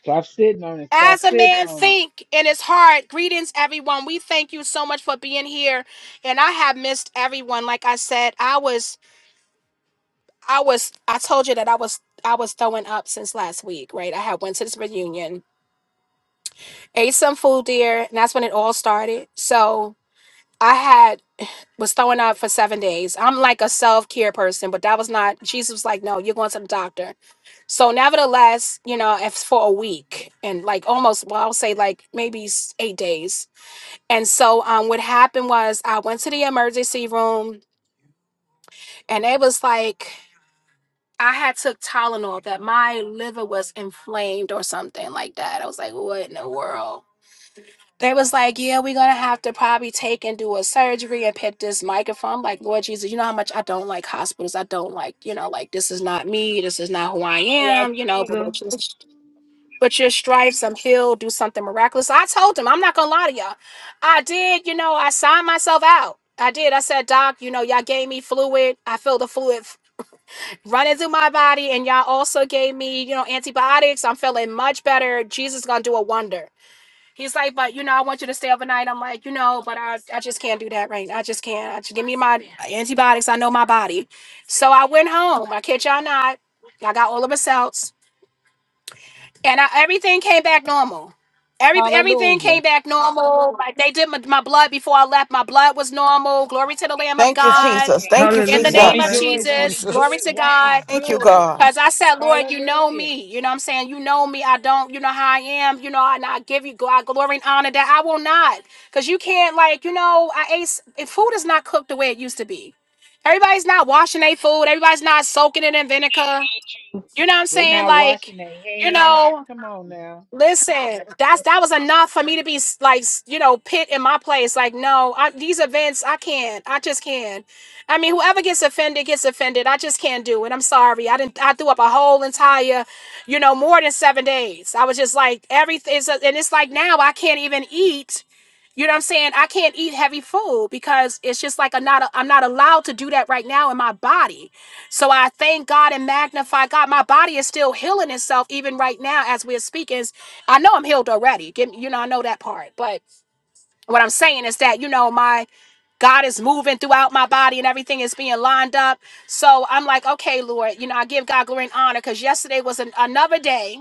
Speaker 4: Stop sitting on it. Stop
Speaker 1: As a
Speaker 4: sitting
Speaker 1: man
Speaker 4: on it.
Speaker 1: think in his heart, greetings everyone. We thank you so much for being here. And I have missed everyone. Like I said, I was I was I told you that I was I was throwing up since last week, right? I had went to this reunion, ate some food there, and that's when it all started. So I had was throwing up for seven days. I'm like a self-care person, but that was not Jesus was like, no, you're going to the doctor. So nevertheless, you know, if it's for a week and like almost well, I'll say like maybe s- eight days And so um what happened was I went to the emergency room and it was like I had took Tylenol that my liver was inflamed or something like that. I was like, what in the world? They was like, yeah, we're gonna have to probably take and do a surgery and pick this microphone. I'm like, Lord Jesus, you know how much I don't like hospitals. I don't like, you know, like this is not me. This is not who I
Speaker 3: I don't like
Speaker 1: am. You know, but we're
Speaker 3: them
Speaker 1: just. but your stripes, I'm healed, do something miraculous. I told him, I'm not gonna lie to y'all. I did, you know, I signed myself out. I did. I said, Doc, you know, y'all gave me fluid. I feel the fluid f- running through my body, and y'all also gave me, you know, antibiotics. I'm feeling much better. Jesus gonna do a wonder. He's like, but you know, I want you to stay overnight. I'm like, you know, but I, I just can't do that right. now. I just can't. I just give me my antibiotics. I know my body. So I went home. I kid y'all not. I got all of my cells and I, everything came back normal. Every everything
Speaker 5: Hallelujah.
Speaker 1: came back normal. Like they did my, my blood before I left. My blood was normal. Glory to the Lamb of
Speaker 2: Thank you,
Speaker 1: God.
Speaker 2: Jesus.
Speaker 3: either.
Speaker 2: Thank you,
Speaker 1: In the
Speaker 3: Hallelujah.
Speaker 4: Won't
Speaker 1: name
Speaker 4: he
Speaker 1: of
Speaker 2: Jesus.
Speaker 3: Thank
Speaker 4: do it?
Speaker 3: you,
Speaker 4: Won't
Speaker 3: Jesus.
Speaker 1: Jesus,
Speaker 4: he do
Speaker 1: glory
Speaker 5: Jesus.
Speaker 4: it?
Speaker 1: to
Speaker 4: Won't he
Speaker 1: God.
Speaker 2: Thank you,
Speaker 4: do it?
Speaker 2: God.
Speaker 1: Cause I said, Lord, you know
Speaker 4: Hallelujah.
Speaker 1: me. You know what I'm saying? You know me. I don't, you know how I am, you know, and I give you God glory and honor that I will not. Cause you can't like, you know, I ate if food is not cooked the way it used to be. Everybody's not washing their food. Everybody's not soaking it in vinegar.
Speaker 3: Thank you.
Speaker 1: You know what I'm
Speaker 4: They're
Speaker 1: saying?
Speaker 4: not
Speaker 1: Like,
Speaker 4: washing their
Speaker 1: you
Speaker 4: hands.
Speaker 1: know.
Speaker 4: Come on now.
Speaker 1: Listen, that's that was enough for me to be s- like, s- you know, pit in my place. Like, no, I, these events, I can't. I just can't. I mean, whoever gets offended gets offended. I just can't do it. I'm sorry. I didn't. I threw up a whole entire, you know, more than seven days. I was just like everything. It's a, and it's like now I can't even eat you know what I'm saying? I can't eat heavy food because it's just like I'm not I'm not allowed to do that right now in my body. So I thank God and magnify God. My body is still healing itself even right now as we're speaking. I know I'm healed already. Give me, you know I know that part. But what I'm saying is that you know my God is moving throughout my body and everything is being lined up. So I'm like, okay, Lord, you know I give God glory and honor because yesterday was an, another day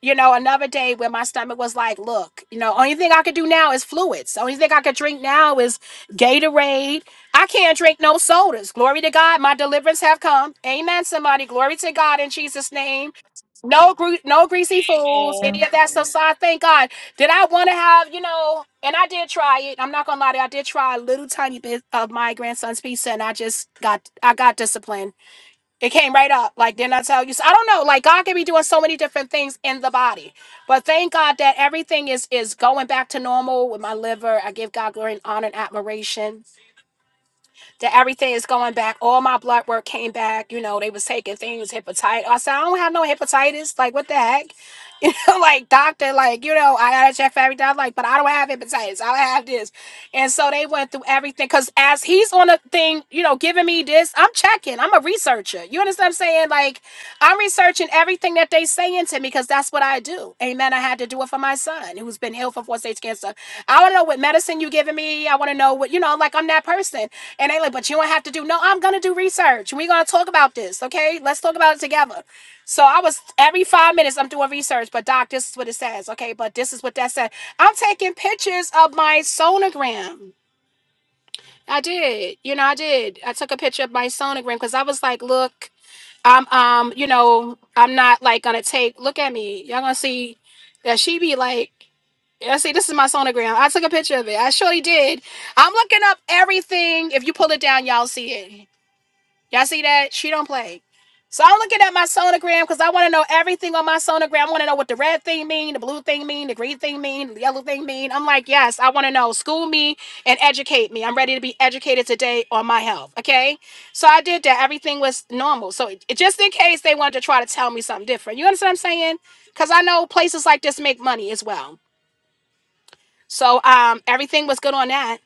Speaker 1: you know, another day where my stomach was like, look, you know, only thing I could do now is fluids. Only thing I could drink now is Gatorade. I can't drink no sodas. Glory to God, my deliverance have come. Amen, somebody. Glory to God in Jesus' name. No gre- no greasy fools, any
Speaker 3: Amen.
Speaker 1: of that stuff. So I thank God. Did I want to have, you know, and I did try it. I'm not gonna lie to you, I did try a little tiny bit of my grandson's pizza and I just got I got disciplined it came right up. Like, didn't I tell you? So I don't know. Like God can be doing so many different things in the body. But thank God that everything is is going back to normal with my liver. I give God glory and honor and admiration that everything is going back. All my blood work came back. You know, they was taking things, hepatitis. I said, I don't have no hepatitis. Like, what the heck? You know, like doctor, like, you know, I gotta check for everything. I'm like, but I don't have hepatitis. I don't have this. And so they went through everything. Cause as he's on a thing, you know, giving me this, I'm checking. I'm a researcher. You understand what I'm saying? Like, I'm researching everything that they saying to me because that's what I do. Amen. I had to do it for my son who's been ill for four stage cancer. I want to know what medicine you giving me. I want to know what you know. Like I'm that person. And they like, but you don't have to do. No, I'm gonna do research. We're gonna talk about this, okay? Let's talk about it together. So I was every five minutes I'm doing research. But doc, this is what it says, okay? But this is what that said. I'm taking pictures of my sonogram. I did, you know, I did. I took a picture of my sonogram because I was like, look, I'm um, you know, I'm not like gonna take look at me. Y'all gonna see that she be like I see this is my sonogram. I took a picture of it. I surely did. I'm looking up everything. If you pull it down, y'all see it. Y'all see that? She don't play. So I'm looking at my sonogram because I want to know everything on my sonogram. I want to know what the red thing mean, the blue thing mean, the green thing mean, the yellow thing mean. I'm like, yes, I want to know. School me and educate me. I'm ready to be educated today on my health. Okay. So I did that. Everything was normal. So it, just in case they wanted to try to tell me something different. You understand what I'm saying? Because I know places like this make money as well. So um, everything was good on that.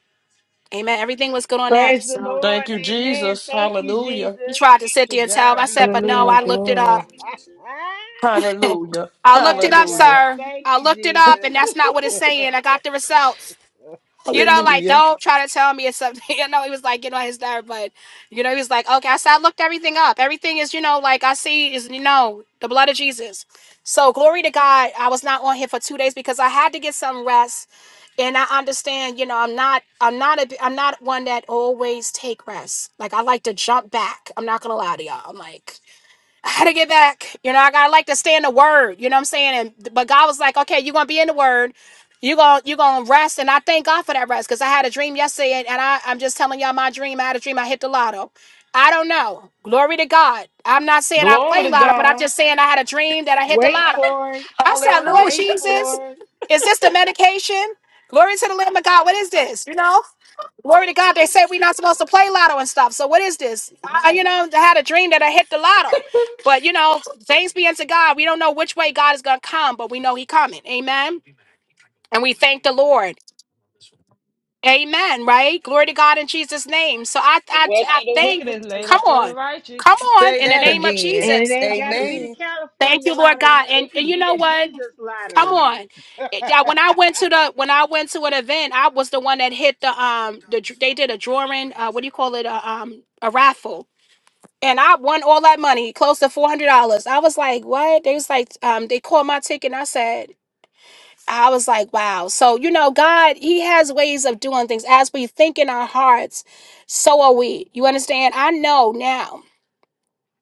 Speaker 1: Amen. Everything was good on that.
Speaker 4: Praise the
Speaker 1: So
Speaker 4: Lord.
Speaker 5: Thank you,
Speaker 4: Amen.
Speaker 5: Jesus.
Speaker 4: Thank you,
Speaker 5: Hallelujah.
Speaker 1: he
Speaker 4: Jesus.
Speaker 1: tried to sit
Speaker 4: To
Speaker 1: there and tell. him.
Speaker 4: God
Speaker 1: I
Speaker 4: be
Speaker 1: said,
Speaker 4: the
Speaker 1: but no,
Speaker 3: Hallelujah.
Speaker 1: I
Speaker 4: glory.
Speaker 1: looked it up.
Speaker 3: Glory.
Speaker 5: Hallelujah.
Speaker 1: I looked it
Speaker 4: Praise
Speaker 1: up,
Speaker 5: Hallelujah.
Speaker 4: God.
Speaker 1: sir.
Speaker 4: Thank
Speaker 1: I
Speaker 4: you,
Speaker 1: looked it up,
Speaker 4: Jesus.
Speaker 1: and that's not what it's saying. I got the results. You know, like
Speaker 5: Hallelujah.
Speaker 1: don't try to tell me it's something. You know, he was like, you know, his nerve, but you know, he was like, okay. I said I looked everything up. Everything is, you know, like I see is, you know, the blood of Jesus. So glory to God. I was not on here for two days because I had to get some rest, and I understand. You know, I'm not, I'm not, a, I'm not one that always take rest. Like I like to jump back. I'm not gonna lie to y'all. I'm like. I had to get back. You know, I gotta like to stay in the word. You know what I'm saying? And but God was like, okay, you're gonna be in the word. You're gonna you're gonna rest. And I thank God for that rest because I had a dream yesterday, and, and I, I'm just telling y'all my dream. I had a dream I hit the lotto. I don't know. Glory to God. I'm not saying I
Speaker 5: Glory
Speaker 1: play
Speaker 5: to
Speaker 1: lotto, but I'm
Speaker 5: God.
Speaker 1: just saying I had a dream that I hit the
Speaker 4: Wait
Speaker 1: lotto.
Speaker 4: for it.
Speaker 1: I said, Lord
Speaker 5: Hallelujah.
Speaker 4: Wait
Speaker 1: Jesus,
Speaker 4: for it.
Speaker 1: is this the medication? Glory to the Lamb of God. What is this? You know? Glory to God. They say we're not supposed to play lotto and stuff. So what is this? I, you know, I had a dream that I hit the lotto. But you know, thanks be unto God. We don't know which way God is gonna come, but we know He coming. Amen. And we thank the Lord. Amen. Right? Glory to God in Jesus' name. So I
Speaker 3: The
Speaker 1: I,
Speaker 3: wealth
Speaker 1: I
Speaker 3: of the
Speaker 1: thank
Speaker 3: wicked is laid
Speaker 1: come
Speaker 3: up for
Speaker 1: on.
Speaker 3: the righteous.
Speaker 1: Come on
Speaker 5: Say
Speaker 1: in the
Speaker 5: that
Speaker 1: name of
Speaker 5: again.
Speaker 4: And it
Speaker 1: Jesus.
Speaker 4: ain't got to be the
Speaker 5: Amen.
Speaker 1: Thank
Speaker 4: California
Speaker 1: you, Lord God.
Speaker 4: lottery.
Speaker 1: And,
Speaker 4: It
Speaker 1: and
Speaker 4: could
Speaker 1: you
Speaker 4: be
Speaker 1: know
Speaker 4: a
Speaker 1: what?
Speaker 4: Jesus
Speaker 1: Come
Speaker 4: lottery.
Speaker 1: on. It- yeah, when I went to the when I went to an event, I was the one that hit the um the dr- they did a drawing, uh what do you call it? A, um a raffle. And I won all that money, close to four hundred dollars. I was like, what? They was like, um, they called my ticket and I said, I was like, wow. So, you know, God, He has ways of doing things. As we think in our hearts, so are we. You understand? I know now.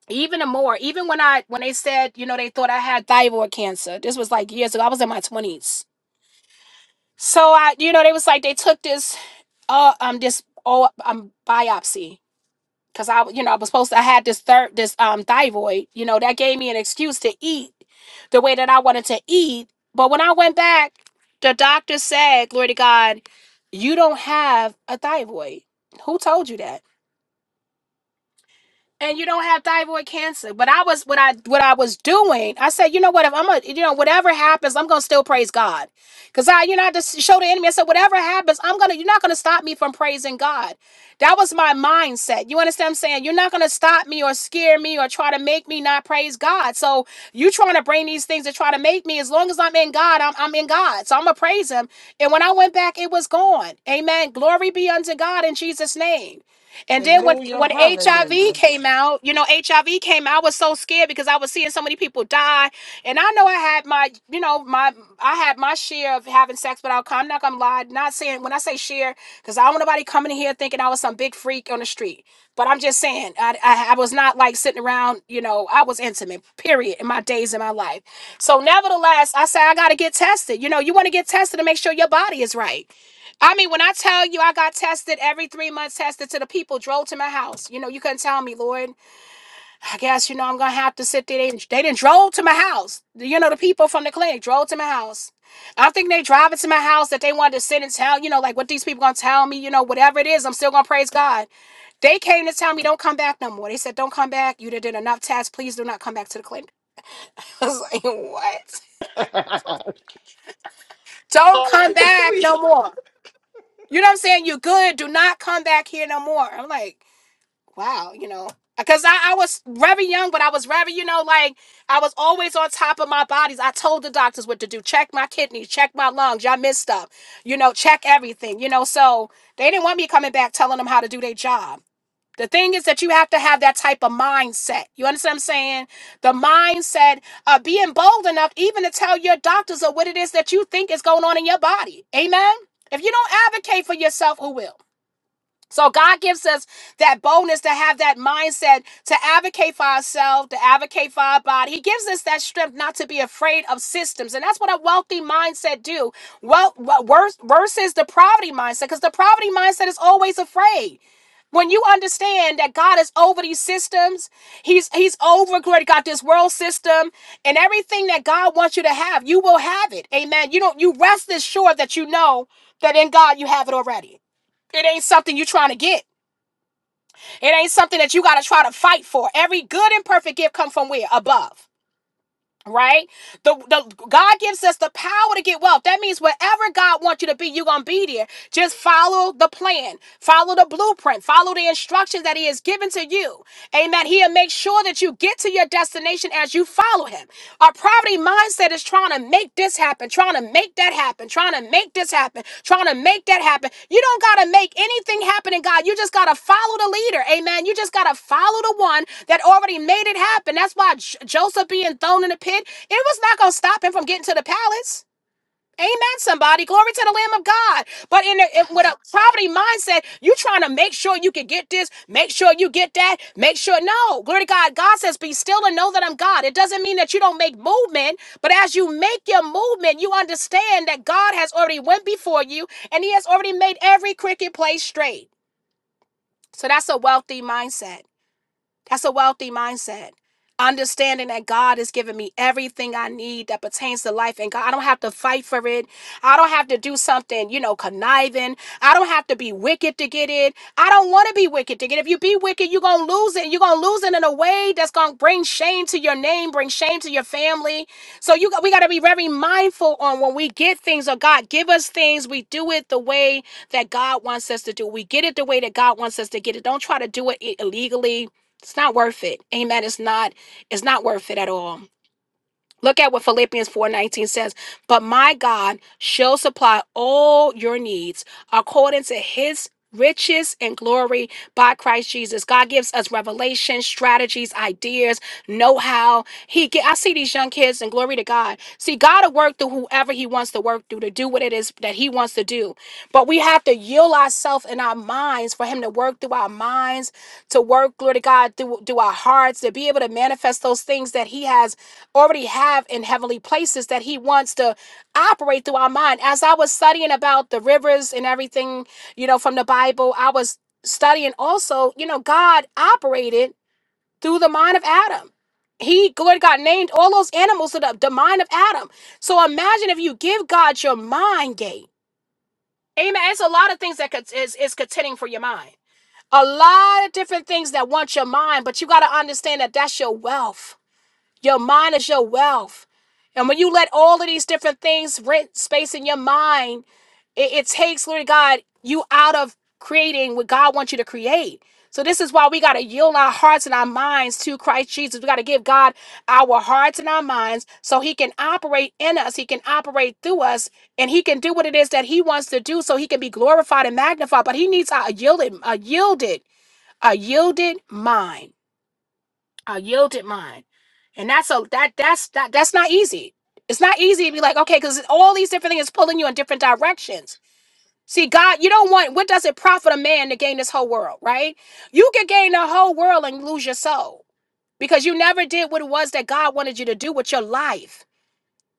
Speaker 1: Even more, even when I when they said, you know, they thought I had thyroid cancer. This was like years ago. I was in my twenties So I, you know, they was like they took this uh um this oh um biopsy because I you know I was supposed to I had this third this um thyroid you know that gave me an excuse to eat the way that I wanted to eat. But when I went back, the doctor said, "Glory to God, you don't have a thyroid." Who told you that? and you don't have thyroid cancer. But I was what I what I was doing. I said, you know what? If I'm a you know whatever happens, I'm gonna still praise God, because I you know I just show the enemy. I said, whatever happens, I'm gonna you're not gonna stop me from praising God. That was my mindset. You understand? what I'm saying you're not gonna stop me or scare me or try to make me not praise God. So you trying to bring these things to try to make me. As long as I'm in God, I'm I'm in God. So I'm gonna praise Him. And when I went back, it was gone. Amen. Glory be unto God in Jesus' name. And then when
Speaker 5: Hallelujah.
Speaker 1: when HIV
Speaker 5: Hallelujah.
Speaker 1: came out, you know, HIV came. out. I was so scared because I was seeing so many people die, and I know I had my, you know, my I had my share of having sex without condom. I'm not gonna lie, not saying when I say share, because I don't want nobody coming in here thinking I was some big freak on the street. But I'm just saying, I, I I was not like sitting around, you know, I was intimate. Period. In my days in my life. So nevertheless, I say I gotta get tested. You know, you want to get tested to make sure your body is right. I mean, when I tell you I got tested every three months, tested to the people, drove to my house. You know, you couldn't tell me, Lord. I guess, you know, I'm gonna have to sit there. They, they didn't drove to my house. You know, the people from the clinic drove to my house. I don't think they driving to my house that they wanted to sit and tell, you know, like what these people gonna tell me, you know, whatever it is, I'm still gonna praise God. They came to tell me don't come back no more. They said, Don't come back. You done did enough tests. Please do not come back to the clinic. I was like, What? Don't come back
Speaker 5: hallelujah.
Speaker 1: no more. You know what I'm saying? You're good. Do not come back here no more. I'm like, wow, you know, because I, I was rather young, but I was rather, you know, like I was always on top of my bodies. I told the doctors what to do check my kidneys, check my lungs, y'all missed stuff, you know, check everything, you know. So they didn't want me coming back telling them how to do their job. The thing is that you have to have that type of mindset. You understand what I'm saying? The mindset of being bold enough even to tell your doctors of what it is that you think is going on in your body. Amen? If you don't advocate for yourself, who will? So God gives us that boldness to have that mindset to advocate for ourselves, to advocate for our body. He gives us that strength not to be afraid of systems, and that's what a wealthy mindset do. Well, well, worse versus the poverty mindset, because the poverty mindset is always afraid. When you understand that God is over these systems, He's He's over glory to God, this world system, and everything that God wants you to have, you will have it. Amen. You don't you rest assured that you know that in God you have it already. It ain't something you are trying to get. It ain't something that you got to try to fight for. Every good and perfect gift come from where? Above. Right? The, the God gives us the power to get wealth. That means wherever God wants you to be, you're gonna be there. Just follow the plan, follow the blueprint, follow the instructions that He has given to you. Amen. He'll make sure that you get to your destination as you follow Him. Our poverty mindset is trying to make this happen, trying to make that happen, trying to make this happen, trying to make that happen. You don't got to make anything happen in God. You just got to follow the leader. Amen. You just got to follow the one that already made it happen. That's why J- Joseph being thrown in the pit, it was not going to stop him from getting to the palace. Amen, somebody. Glory to the Lamb of God. But in, a, in- with a poverty mindset, you trying to make sure you can get this, make sure you get that, make sure. No, glory to God. God says, be still and know that I'm God. It doesn't mean that you don't make movement, but as you make your movement, you understand that God has already went before you and he has already made every cricket play straight. So that's a wealthy mindset. That's a wealthy mindset. Understanding that God has given me everything I need that pertains to life, and God, I don't have to fight for it. I don't have to do something, you know, conniving. I don't have to be wicked to get it. I don't want to be wicked to get it. If you be wicked, you're going to lose it. You're going to lose it in a way that's going to bring shame to your name, bring shame to your family. So you got- we got to be very mindful on when we get things or God give us things, we do it the way that God wants us to do. We get it the way that God wants us to get it. Don't try to do it i- illegally. It's not worth it. Amen. It's not, it's not worth it at all. Look at what Philippians 4:19 says, "But my God shall supply all your needs according to his riches and glory by Christ Jesus." God gives us revelation, strategies, ideas, know-how. He get. I see these young kids and glory to God. See God will work through whoever he wants to work through to do what it is that he wants to do. But we have to yield ourselves in our minds for him to work through our minds, to work glory to God through, through our hearts, to be able to manifest those things that he has already have in heavenly places that he wants to operate through our mind. As I was studying about the rivers and everything, you know, from the Bible, I was studying also, you know, God operated through the mind of Adam. He, Lord God, named all those animals to the, the mind of Adam. So imagine if you give God your mind gate. Amen. It's a lot of things that could, is, is contending for your mind. A lot of different things that want your mind, but you got to understand that that's your wealth. Your mind is your wealth. And when you let all of these different things rent space in your mind, it, it takes, Lord God, you out of creating what God wants you to create. So this is why we got to yield our hearts and our minds to Christ Jesus. We got to give God our hearts and our minds so he can operate in us, he can operate through us, and he can do what it is that he wants to do so he can be glorified and magnified. But he needs a yielded, a yielded, a yielded mind. I yield it mine, and that's a that that's that that's not easy. It's not easy to be like okay, because all these different things is pulling you in different directions. See, God, you don't want what does it profit a man to gain this whole world, right? You can gain the whole world and lose your soul because you never did what it was that God wanted you to do with your life.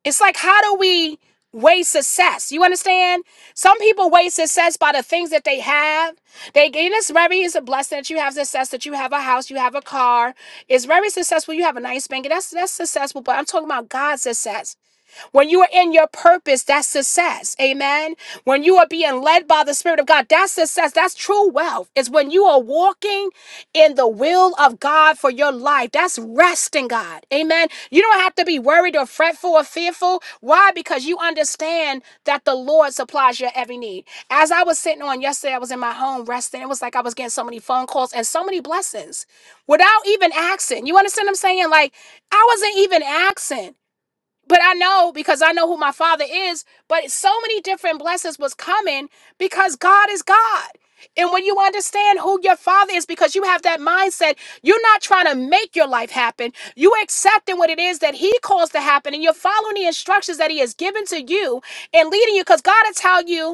Speaker 1: It's like, how do we weigh success? You understand? Some people weigh success by the things that they have. They gain it's very it's a blessing that you have success, that you have a house, you have a car. It's very successful. You have a nice bank. That's that's successful. But I'm talking about God's success. When you are in your purpose, that's success. Amen. When you are being led by the Spirit of God, that's success. That's true wealth. It's when you are walking in the will of God for your life. That's rest in God. Amen. You don't have to be worried or fretful or fearful. Why? Because you understand that the Lord supplies your every need. As I was sitting on yesterday, I was in my home resting. It was like I was getting so many phone calls and so many blessings without even asking. You understand what I'm saying? Like, I wasn't even asking but I know because I know who my father is. But so many different blessings was coming because God is God. And when you understand who your father is, because you have that mindset, you're not trying to make your life happen. You accepting what it is that he calls to happen, and you're following the instructions that he has given to you and leading you. Because God will tell you,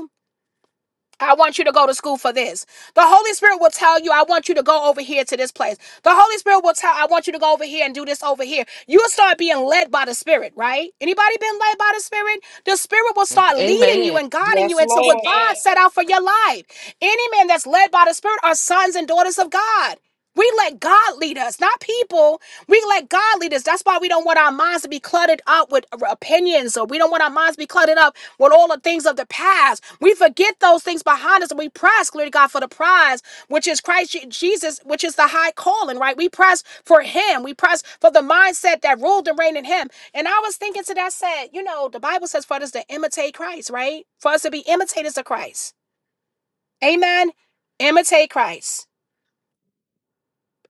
Speaker 1: I want you to go to school for this. The Holy Spirit will tell you, I want you to go over here to this place. The Holy Spirit will tell, I want you to go over here and do this over here. You'll start being led by the Spirit, right? Anybody been led by the Spirit? The Spirit will start leading you
Speaker 5: Amen.
Speaker 1: and guiding you
Speaker 5: Yes,
Speaker 1: into what
Speaker 5: Lord.
Speaker 1: God set out for your life. Any man that's led by the Spirit are sons and daughters of God. We let God lead us, not people. We let God lead us. That's why we don't want our minds to be cluttered up with opinions, or we don't want our minds to be cluttered up with all the things of the past. We forget those things behind us, and we press, glory to God, for the prize, which is Christ Je- Jesus, which is the high calling, right? We press for Him. We press for the mindset that ruled and reigned in Him. And I was thinking to that, I said, you know, the Bible says for us to imitate Christ, right? For us to be imitators of Christ. Amen. Imitate Christ.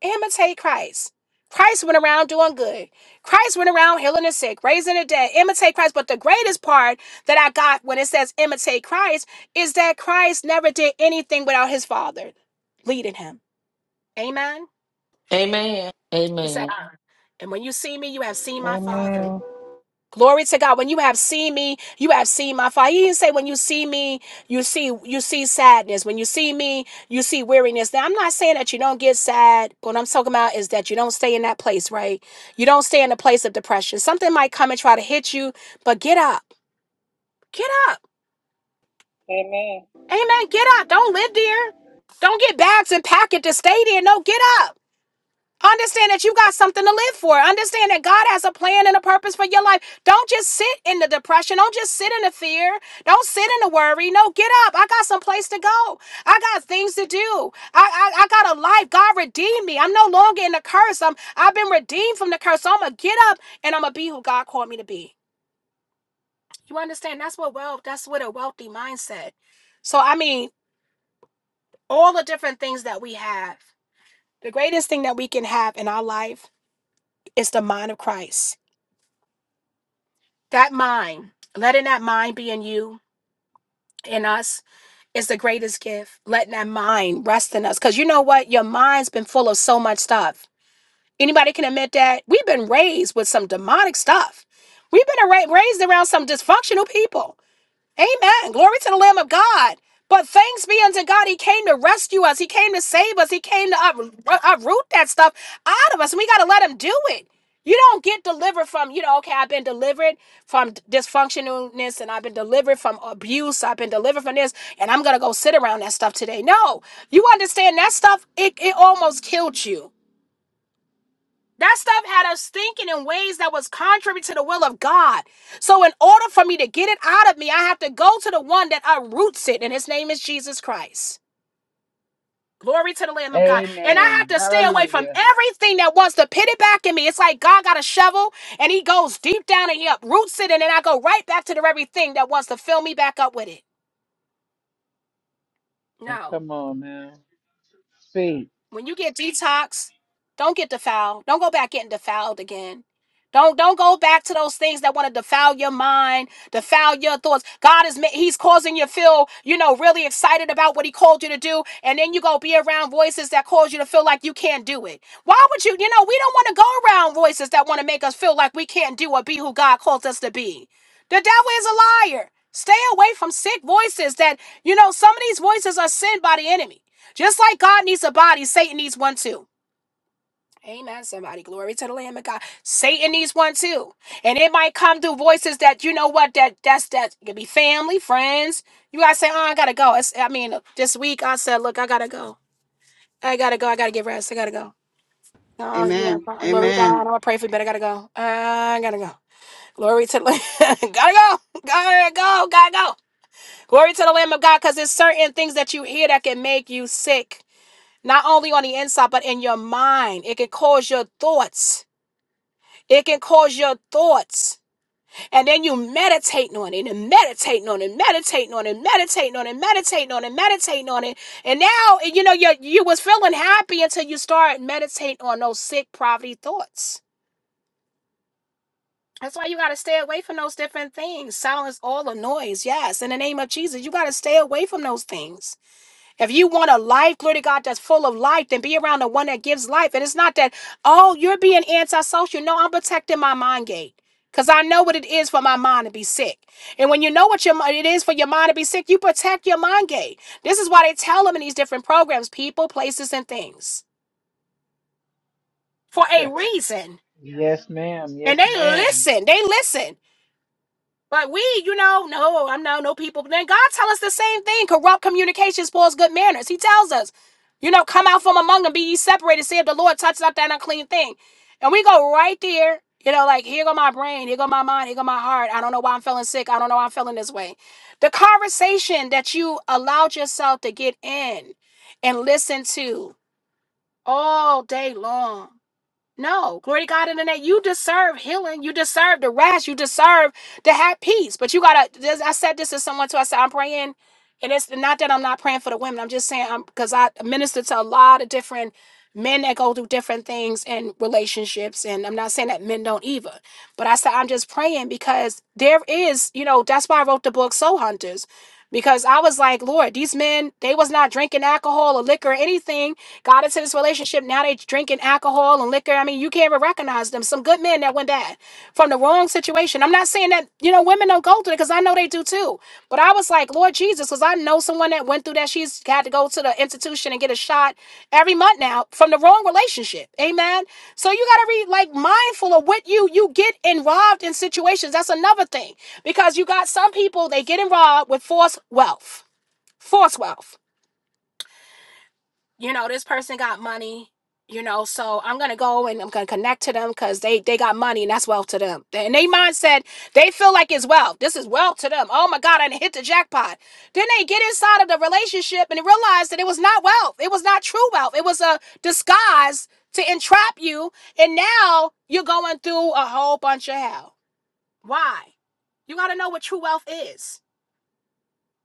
Speaker 1: Imitate Christ. Christ went around doing good. Christ went around healing the sick, raising the dead. Imitate Christ. But the greatest part that I got when it says imitate Christ is that Christ never did anything without his Father leading him. Amen.
Speaker 5: Amen.
Speaker 1: He said,
Speaker 5: Amen.
Speaker 1: Uh-huh. And when you see me, you have seen
Speaker 3: Amen.
Speaker 1: my Father.
Speaker 3: Amen.
Speaker 1: Glory to God. When you have seen me, you have seen my fire. He didn't say when you see me, you see you see sadness. When you see me, you see weariness. Now I'm not saying that you don't get sad. What I'm talking about is that you don't stay in that place, right? You don't stay in a place of depression. Something might come and try to hit you, but get up. Get up.
Speaker 3: Amen.
Speaker 1: Amen. Get up. Don't live there. Don't get bags and pack it to stay there. No, get up. Understand that you got something to live for. Understand that God has a plan and a purpose for your life. Don't just sit in the depression. Don't just sit in the fear. Don't sit in the worry. No, get up. I got some place to go. I got things to do. I, I, I got a life. God redeemed me. I'm no longer in the curse. I'm I've been redeemed from the curse. So I'm gonna get up and I'm gonna be who God called me to be. You understand? That's what wealth, that's what a wealthy mindset. So I mean, all the different things that we have, the greatest thing that we can have in our life is the mind of Christ. That mind, letting that mind be in you, in us, is the greatest gift. Letting that mind rest in us. Because you know what? Your mind's been full of so much stuff. Anybody can admit that? We've been raised with some demonic stuff. We've been arra- raised around some dysfunctional people. Amen. Glory to the Lamb of God. But thanks be unto God, He came to rescue us. He came to save us. He came to up- uh, uproot that stuff out of us. And we got to let Him do it. You don't get delivered from, you know, okay, I've been delivered from dysfunctionalness and I've been delivered from abuse. I've been delivered from this and I'm going to go sit around that stuff today. No, you understand that stuff, it, it almost killed you. That stuff had us thinking in ways that was contrary to the will of God. So, in order for me to get it out of me, I have to go to the one that uproots it, and his name is Jesus Christ. Glory to the Lamb of God. And I have
Speaker 4: Amen.
Speaker 1: to stay away from
Speaker 4: Hallelujah.
Speaker 1: everything that wants to pit it back in me. It's like God got a shovel and he goes deep down and he uproots it, and then I go right back to the very thing that wants to fill me back up with it.
Speaker 4: Oh,
Speaker 1: No.
Speaker 4: come on now. Speak.
Speaker 1: when you get detox, don't get defiled. Don't go back getting defiled again. Don't don't go back to those things that want to defile your mind, defile your thoughts. God is ma- He's causing you to feel, you know, really excited about what He called you to do, and then you go be around voices that cause you to feel like you can't do it. Why would you? You know, we don't want to go around voices that want to make us feel like we can't do or be who God calls us to be. The devil is a liar. Stay away from sick voices that, you know, some of these voices are sent by the enemy. Just like God needs a body, Satan needs one too. Amen, somebody. Glory to the Lamb of God. Satan needs one too. And it might come through voices that, you know what, that that's that it could be family, friends. You guys say, oh, I gotta go. It's, I mean, this week I said, look, I gotta go. I gotta go. I gotta get rest. I gotta go. Oh, yeah.
Speaker 2: Amen.
Speaker 1: Glory to God. I'm
Speaker 2: Amen.
Speaker 1: gonna pray for you, but I gotta go. I gotta go. Glory to the Lamb. gotta go. Gotta go. Gotta go. Glory to the Lamb of God, because there's certain things that you hear that can make you sick. not only on the inside, but in your mind. It can cause your thoughts. It can cause your thoughts. And then you meditating on it and meditating on it, meditating on it, meditating on it, meditating on it, meditating on it. And now, you know, you, you was feeling happy until you start meditating on those sick poverty thoughts. That's why you got to stay away from those different things. Silence all the noise. Yes. In the name of Jesus, you got to stay away from those things. If you want a life, glory to God, that's full of life, then be around the one that gives life. And it's not that, oh, you're being antisocial. No, I'm protecting my mind gate. Because I know what it is for my mind to be sick. And when you know what your it is for your mind to be sick, you protect your mind gate. This is why they tell them in these different programs, people, places, and things. For a reason.
Speaker 4: yes, ma'am.
Speaker 1: And
Speaker 4: Yes,
Speaker 1: they
Speaker 4: ma'am.
Speaker 1: listen. They listen. But we, you know, no, I'm no no people. Then God tell us the same thing. Corrupt communication spoils good manners. He tells us, you know, come out from among them, be ye separated, See if the Lord touch not that unclean thing. And we go right there, you know, like here go my brain, here go my mind, here go my heart. I don't know why I'm feeling sick. I don't know why I'm feeling this way. The conversation that you allowed yourself to get in and listen to all day long. No, glory to God in the name. You deserve healing. You deserve the rest. You deserve to have peace. But you gotta. this- I said this to someone too. I said I'm praying, and it's not that I'm not praying for the women. I'm just saying I'm because I minister to a lot of different men that go through different things in relationships, and I'm not saying that men don't either. But I said I'm just praying because there is, you know, that's why I wrote the book Soul Hunters, because I was like, Lord, these men they was not drinking alcohol or liquor or anything Got into this relationship. Now they drinking alcohol and liquor. I mean, you can't even recognize them. Some good men that went bad from the wrong situation. I'm not saying that, you know, women don't go through it because I know they do too. But I was like, Lord Jesus, because I know someone that went through that. She's had to go to the institution and get a shot every month now from the wrong relationship. Amen. So you gotta be like mindful of what you you get involved in situations. That's another thing. Because you got some people, they get involved with forced wealth. Forced wealth you know, this person got money, you know, so I'm gonna go and I'm gonna connect to them because they they got money and that's wealth to them. And they mindset, they feel like it's wealth. This is wealth to them. Oh my God, I hit the jackpot. Then they get inside of the relationship and they realize that it was not wealth. It was not true wealth. It was a disguise to entrap you. And now you're going through a whole bunch of hell. Why? You gotta know what true wealth is.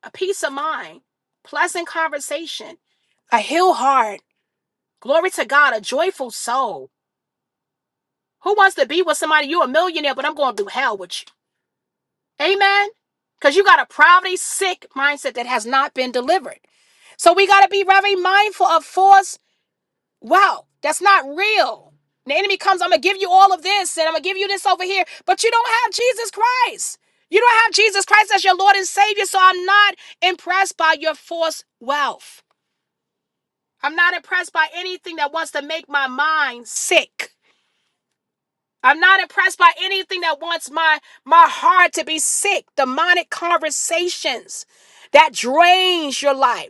Speaker 1: A peace of mind, pleasant conversation, a healed heart Glory to God, a joyful soul. Who wants to be with somebody? You're a millionaire, but I'm going to hell with you. Amen. Because you got a poverty sick mindset that has not been delivered. So we got to be very mindful of false wealth. That's not real. The enemy comes, I'm going to give you all of this and I'm going to give you this over here, but you don't have Jesus Christ. You don't have Jesus Christ as your Lord and Savior. So I'm not impressed by your false wealth. I'm not impressed by anything that wants to make my mind sick. I'm not impressed by anything that wants my my heart to be sick. Demonic conversations that drains your life.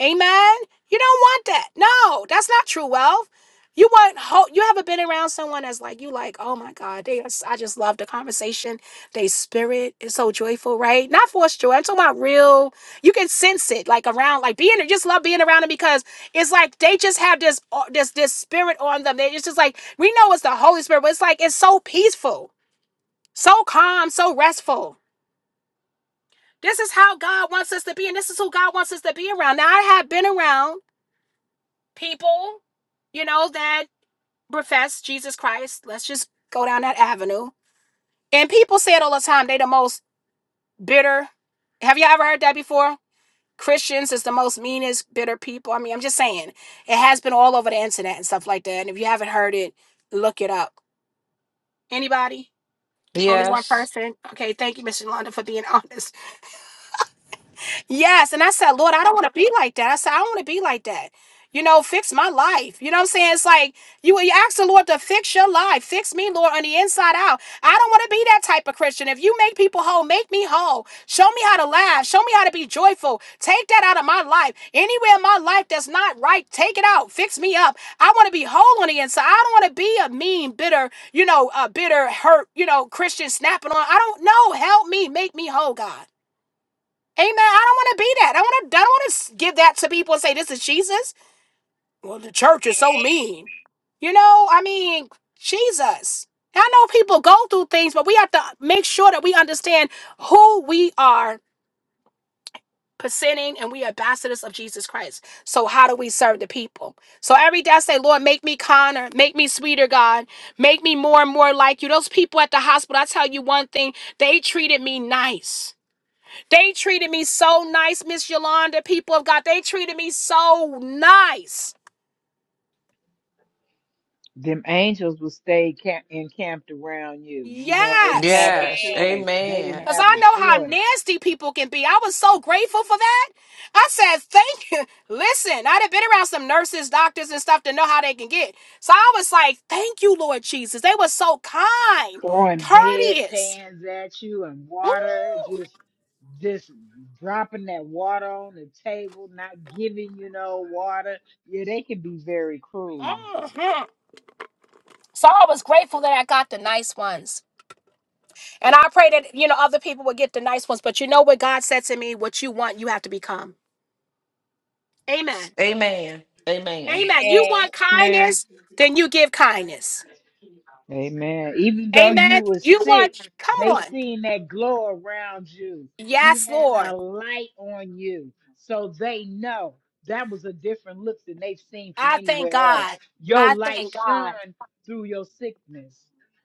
Speaker 1: Amen. You don't want that. No, that's not true wealth. You want ho- you ever been around someone that's like you like, oh my God, they are s- I just love the conversation. They spirit is so joyful, right? Not forced joy. I'm talking about real. You can sense it like around, like being just love being around them because it's like they just have this au- this this spirit on them. They, it's just like we know it's the Holy Spirit, but it's like it's so peaceful, so calm, so restful. This is how God wants us to be, and this is who God wants us to be around. Now I have been around people, you know, that profess Jesus Christ. Let's just go down that avenue. And people say it all the time. They the most bitter. Have you ever heard that before? Christians is the most meanest, bitter people. I mean, I'm just saying. It has been all over the internet and stuff like that. And if you haven't heard it, look it up. Anybody? Only one
Speaker 5: Yes.
Speaker 1: person. Okay, thank you, Mr. Londa, for being honest. Yes. And I said, Lord, I don't want to be like that. I said, I don't want to be like that. You know, fix my life. You know what I'm saying? It's like you, you ask the Lord to fix your life. Fix me, Lord, on the inside out. I don't want to be that type of Christian. If you make people whole, make me whole. Show me how to laugh. Show me how to be joyful. Take that out of my life. Anywhere in my life that's not right, take it out. Fix me up. I want to be whole on the inside. I don't want to be a mean, bitter, you know, a bitter, hurt, you know, Christian snapping on. I don't know. Help me. Make me whole, God. Amen. I don't want to be that. I want to. I don't want to give that to people and say this is Jesus. Well, the church is so mean. You know, I mean, Jesus. I know people go through things, but we have to make sure that we understand who we are presenting and we are ambassadors of Jesus Christ. So how do we serve the people? So every day I say, Lord, make me kinder, make me sweeter, God, make me more and more like you. Those people at the hospital, I tell you one thing, they treated me nice. They treated me so nice, Miss Yolanda, people of God. They treated me so nice.
Speaker 4: Them angels will stay camp- encamped around you. You know, they didn't
Speaker 1: Yes.
Speaker 4: have a
Speaker 5: Yes.
Speaker 3: Amen.
Speaker 4: choice. They didn't
Speaker 5: Amen.
Speaker 1: Because
Speaker 4: have
Speaker 1: I
Speaker 4: a
Speaker 1: know how
Speaker 4: choice.
Speaker 1: nasty people can be. I was so grateful for that. I said, thank you. Listen, I'd have been around some nurses, doctors, and stuff to know how they can get. So I was like, thank you, Lord Jesus. They were so kind,
Speaker 4: Throwing bed
Speaker 1: courteous.
Speaker 4: pans at you and water, just just dropping that water on the table, not giving you no water. Yeah, they can be very cruel.
Speaker 1: Mhm. So I was grateful that I got the nice ones. And I pray that, you know, other people would get the nice ones. But you know what God said to me? What you want, you have to become. Amen.
Speaker 5: Amen. Amen.
Speaker 1: Amen. You want
Speaker 3: Amen. Amen.
Speaker 1: kindness, then you give kindness.
Speaker 4: Amen. Even though you
Speaker 1: Amen.
Speaker 4: were
Speaker 1: You
Speaker 4: sick,
Speaker 1: want, come
Speaker 4: they
Speaker 1: on.
Speaker 4: seen that glow around you. You
Speaker 1: Yes,
Speaker 4: had
Speaker 1: Lord.
Speaker 4: a light on you. So they know that was a different look than they've seen from
Speaker 1: I thank
Speaker 4: anywhere else.
Speaker 1: God.
Speaker 4: Your
Speaker 1: I
Speaker 4: light
Speaker 1: thank God.
Speaker 4: shone through your sickness.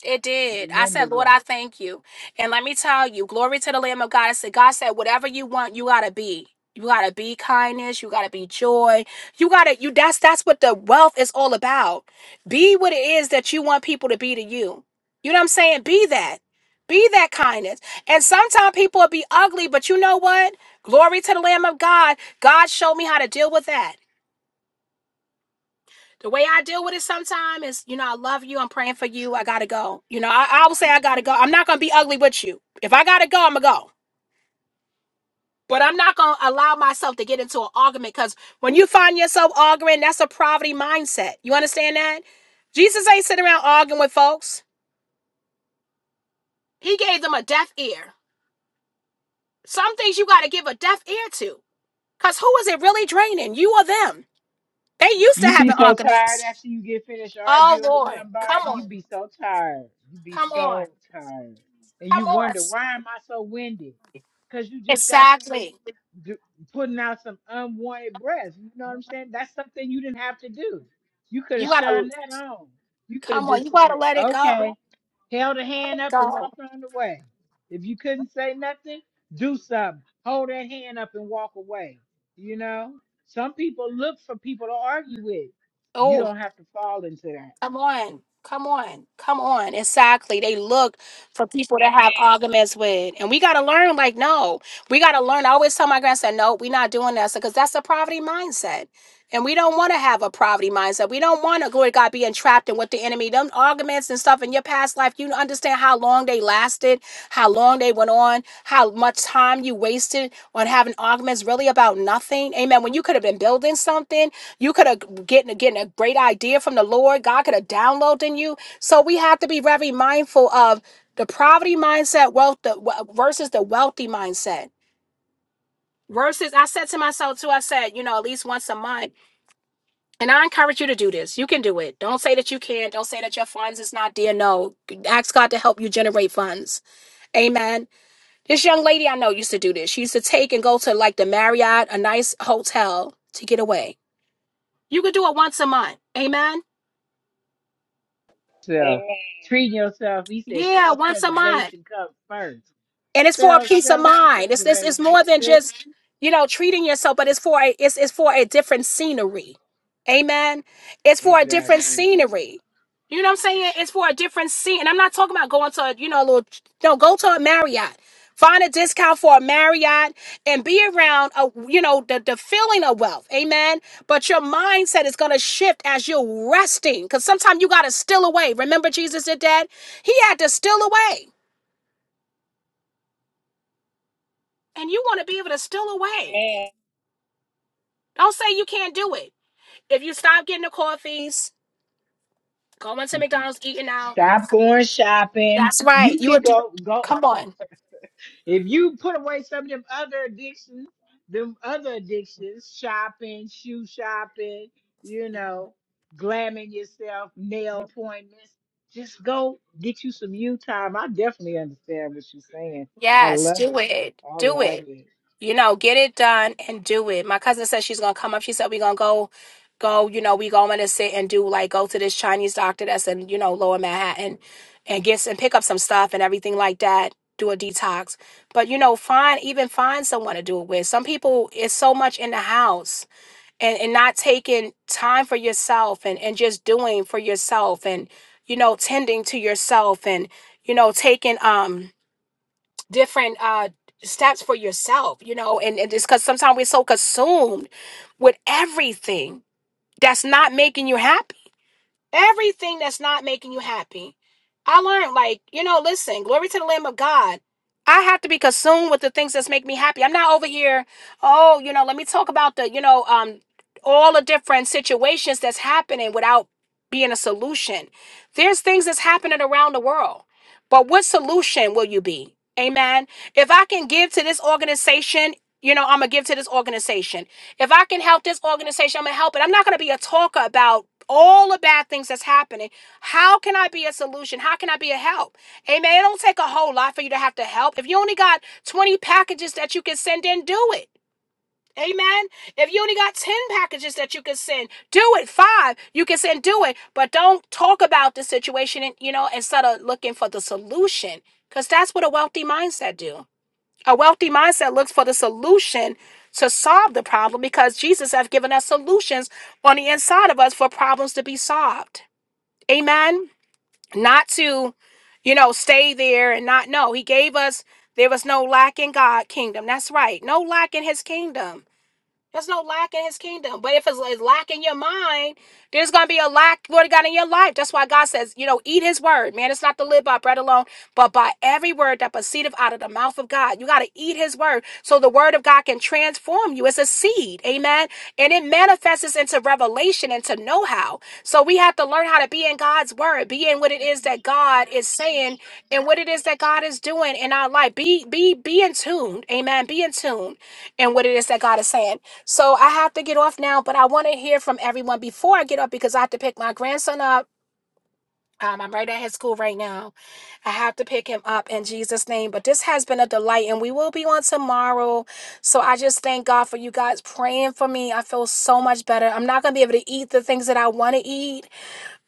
Speaker 1: It did. I
Speaker 4: Remember
Speaker 1: said, Lord, I
Speaker 4: that.
Speaker 1: thank you. And let me tell you, glory to the Lamb of God. I said, God said, whatever you want, you gotta be. You gotta be kindness. You gotta be joy. You gotta you. That's that's what the wealth is all about. Be what it is that you want people to be to you. You know what I'm saying? Be that. Be that kindness. And sometimes people will be ugly, but you know what? Glory to the Lamb of God. God showed me how to deal with that the way I deal with it sometimes is, you know, I love you. I'm praying for you. I gotta go. You know, I, I will say I gotta go. I'm not gonna be ugly with you. If I gotta go, I'm gonna go. But I'm not gonna allow myself to get into an argument because when you find yourself arguing, that's a poverty mindset. You understand that? Jesus ain't sitting around arguing with folks. He gave them a deaf ear. Some things you gotta give a deaf ear to. Cause who is it really draining? You or them? They used to
Speaker 4: You
Speaker 1: have
Speaker 4: be
Speaker 1: an
Speaker 4: so
Speaker 1: argument.
Speaker 4: tired after you get finished
Speaker 1: Oh
Speaker 4: arguing with
Speaker 1: Lord. Come
Speaker 4: somebody. You
Speaker 1: on.
Speaker 4: be so tired. You be
Speaker 1: Come on.
Speaker 4: so tired. And
Speaker 1: Come
Speaker 4: you
Speaker 1: on.
Speaker 4: wonder, why am I so winded? Because you just got finished
Speaker 1: Exactly.
Speaker 4: do, putting out some unwanted breath. You know what I'm saying? That's something you didn't have to do. You could
Speaker 1: You
Speaker 4: have
Speaker 1: gotta
Speaker 4: shunned that on. You could have
Speaker 1: come on.
Speaker 4: just
Speaker 1: You
Speaker 4: said,
Speaker 1: gotta let it
Speaker 4: okay
Speaker 1: go.
Speaker 4: held a
Speaker 1: Let
Speaker 4: hand
Speaker 1: it
Speaker 4: up and
Speaker 1: go.
Speaker 4: walked on the way. If you couldn't say nothing, do something. Hold that hand up and walk away. You know, some people look for people to argue with. You
Speaker 1: Oh,
Speaker 4: don't have to fall into that.
Speaker 1: Come on. Come on. Come on. Exactly. They look for people to have arguments with. And we gotta learn, like, no. We gotta learn. I always tell my grandson, no, we're not doing that. because that's a poverty mindset. And we don't want to have a poverty mindset. We don't want to, glory to God, be entrapped in what the enemy, them arguments and stuff in your past life. You understand how long they lasted, how long they went on, how much time you wasted on having arguments really about nothing. Amen. When you could have been building something. You could have getting getting a great idea from the Lord. God could have downloaded in you. So we have to be very mindful of the poverty mindset, wealth the, versus the wealthy mindset. Versus, I said to myself too. I said, you know, at least once a month, and I encourage you to do this. You can do it. Don't say that you can't. Don't say that your funds is not there. No, ask God to help you generate funds. Amen. This young lady I know used to do this. She used to take and go to like the Marriott, a nice hotel, to get away. You could do it once a month. Amen.
Speaker 4: So
Speaker 3: Amen.
Speaker 4: treating yourself, he said,
Speaker 1: Yeah, once a month.
Speaker 4: self-preservation comes first.
Speaker 1: And it's for a
Speaker 4: Spell
Speaker 1: peace of mind. It's this it's
Speaker 4: self-preservation.
Speaker 1: more
Speaker 4: That's
Speaker 1: than
Speaker 4: it.
Speaker 1: just, you know, treating yourself, but it's for a it's it's for a different scenery. Amen. It's for a different
Speaker 4: Exactly.
Speaker 1: scenery. You know what I'm saying? It's for a different scene. And I'm not talking about going to a, you know, a little no, go to a Marriott. Find a discount for a Marriott and be around a you know the, the feeling of wealth. Amen. But your mindset is gonna shift as you're resting. Cause sometimes you gotta steal away. Remember Jesus did that? He had to steal away. and you want to be able to steal away.
Speaker 3: Amen.
Speaker 1: Don't say you can't do it. If you stop getting the coffees, going to McDonald's, eating out.
Speaker 4: Stop going shopping.
Speaker 1: That's right.
Speaker 4: You
Speaker 1: You
Speaker 4: can
Speaker 1: would do.
Speaker 4: go go.
Speaker 1: Come on.
Speaker 4: If you put away some of them other addictions, them other addictions, shopping, shoe shopping, you know, glamming yourself, nail appointments, just go get you some you time. I definitely understand what you're saying. I
Speaker 1: Yes,
Speaker 4: love
Speaker 1: do
Speaker 4: it.
Speaker 1: it.
Speaker 4: I
Speaker 1: Do
Speaker 4: love
Speaker 1: it.
Speaker 4: it.
Speaker 1: You know, get it done and do it. My cousin said she's gonna come up. She said we're gonna go, go. You know, we going to sit and do like go to this Chinese doctor that's in you know Lower Manhattan, and get some pick up some stuff and everything like that. Do a detox, but you know, find even find someone to do it with. Some people, it's so much in the house and and not taking time for yourself and and just doing for yourself and you know tending to yourself and you know taking um different uh steps for yourself you know and, and it's because sometimes we're so consumed with everything that's not making you happy Everything that's not making you happy. I learned, like, you know, listen, glory to the Lamb of God. I have to be consumed with the things that make me happy. I'm not over here, oh, you know, let me talk about the, you know, um, all the different situations that's happening without being a solution. There's things that's happening around the world. But what solution will you be? Amen. If I can give to this organization, you know, I'm gonna give to this organization. If I can help this organization, I'm gonna help it. I'm not gonna be a talker about all the bad things that's happening. How can I be a solution? How can I be a help? Amen. It don't take a whole lot for you to have to help. If you only got 20 packages that you can send in, do it. Amen. If you only got 10 packages that you can send, do it. Five, you can send, do it. But don't talk about the situation, and you know, instead of looking for the solution. Because that's what a wealthy mindset do. A wealthy mindset looks for the solution to solve the problem because Jesus has given us solutions on the inside of us for problems to be solved. Amen. Not to, you know, stay there and not know. He gave us, there was no lack in God's kingdom. That's right. No lack in his kingdom. There's no lack in his kingdom. But if it's, it's lack in your mind, there's going to be a lack, Lord God, in your life. That's why God says, you know, eat his word. Man, it's not to live by bread alone, but by every word that proceedeth out of the mouth of God. You got to eat his word so the word of God can transform you. It's a seed. Amen. And it manifests into revelation, and to know how. So we have to learn how to be in God's word, be in what it is that God is saying and what it is that God is doing in our life. Be, be, be in tune. Amen. Be in tune in what it is that God is saying. So I have to get off now, but I want to hear from everyone before I get up because I have to pick my grandson up. Um, I'm right at his school right now. I have to pick him up in Jesus' name. But this has been a delight, and we will be on tomorrow. So I just thank God for you guys praying for me. I feel so much better. I'm not going to be able to eat the things that I want to eat,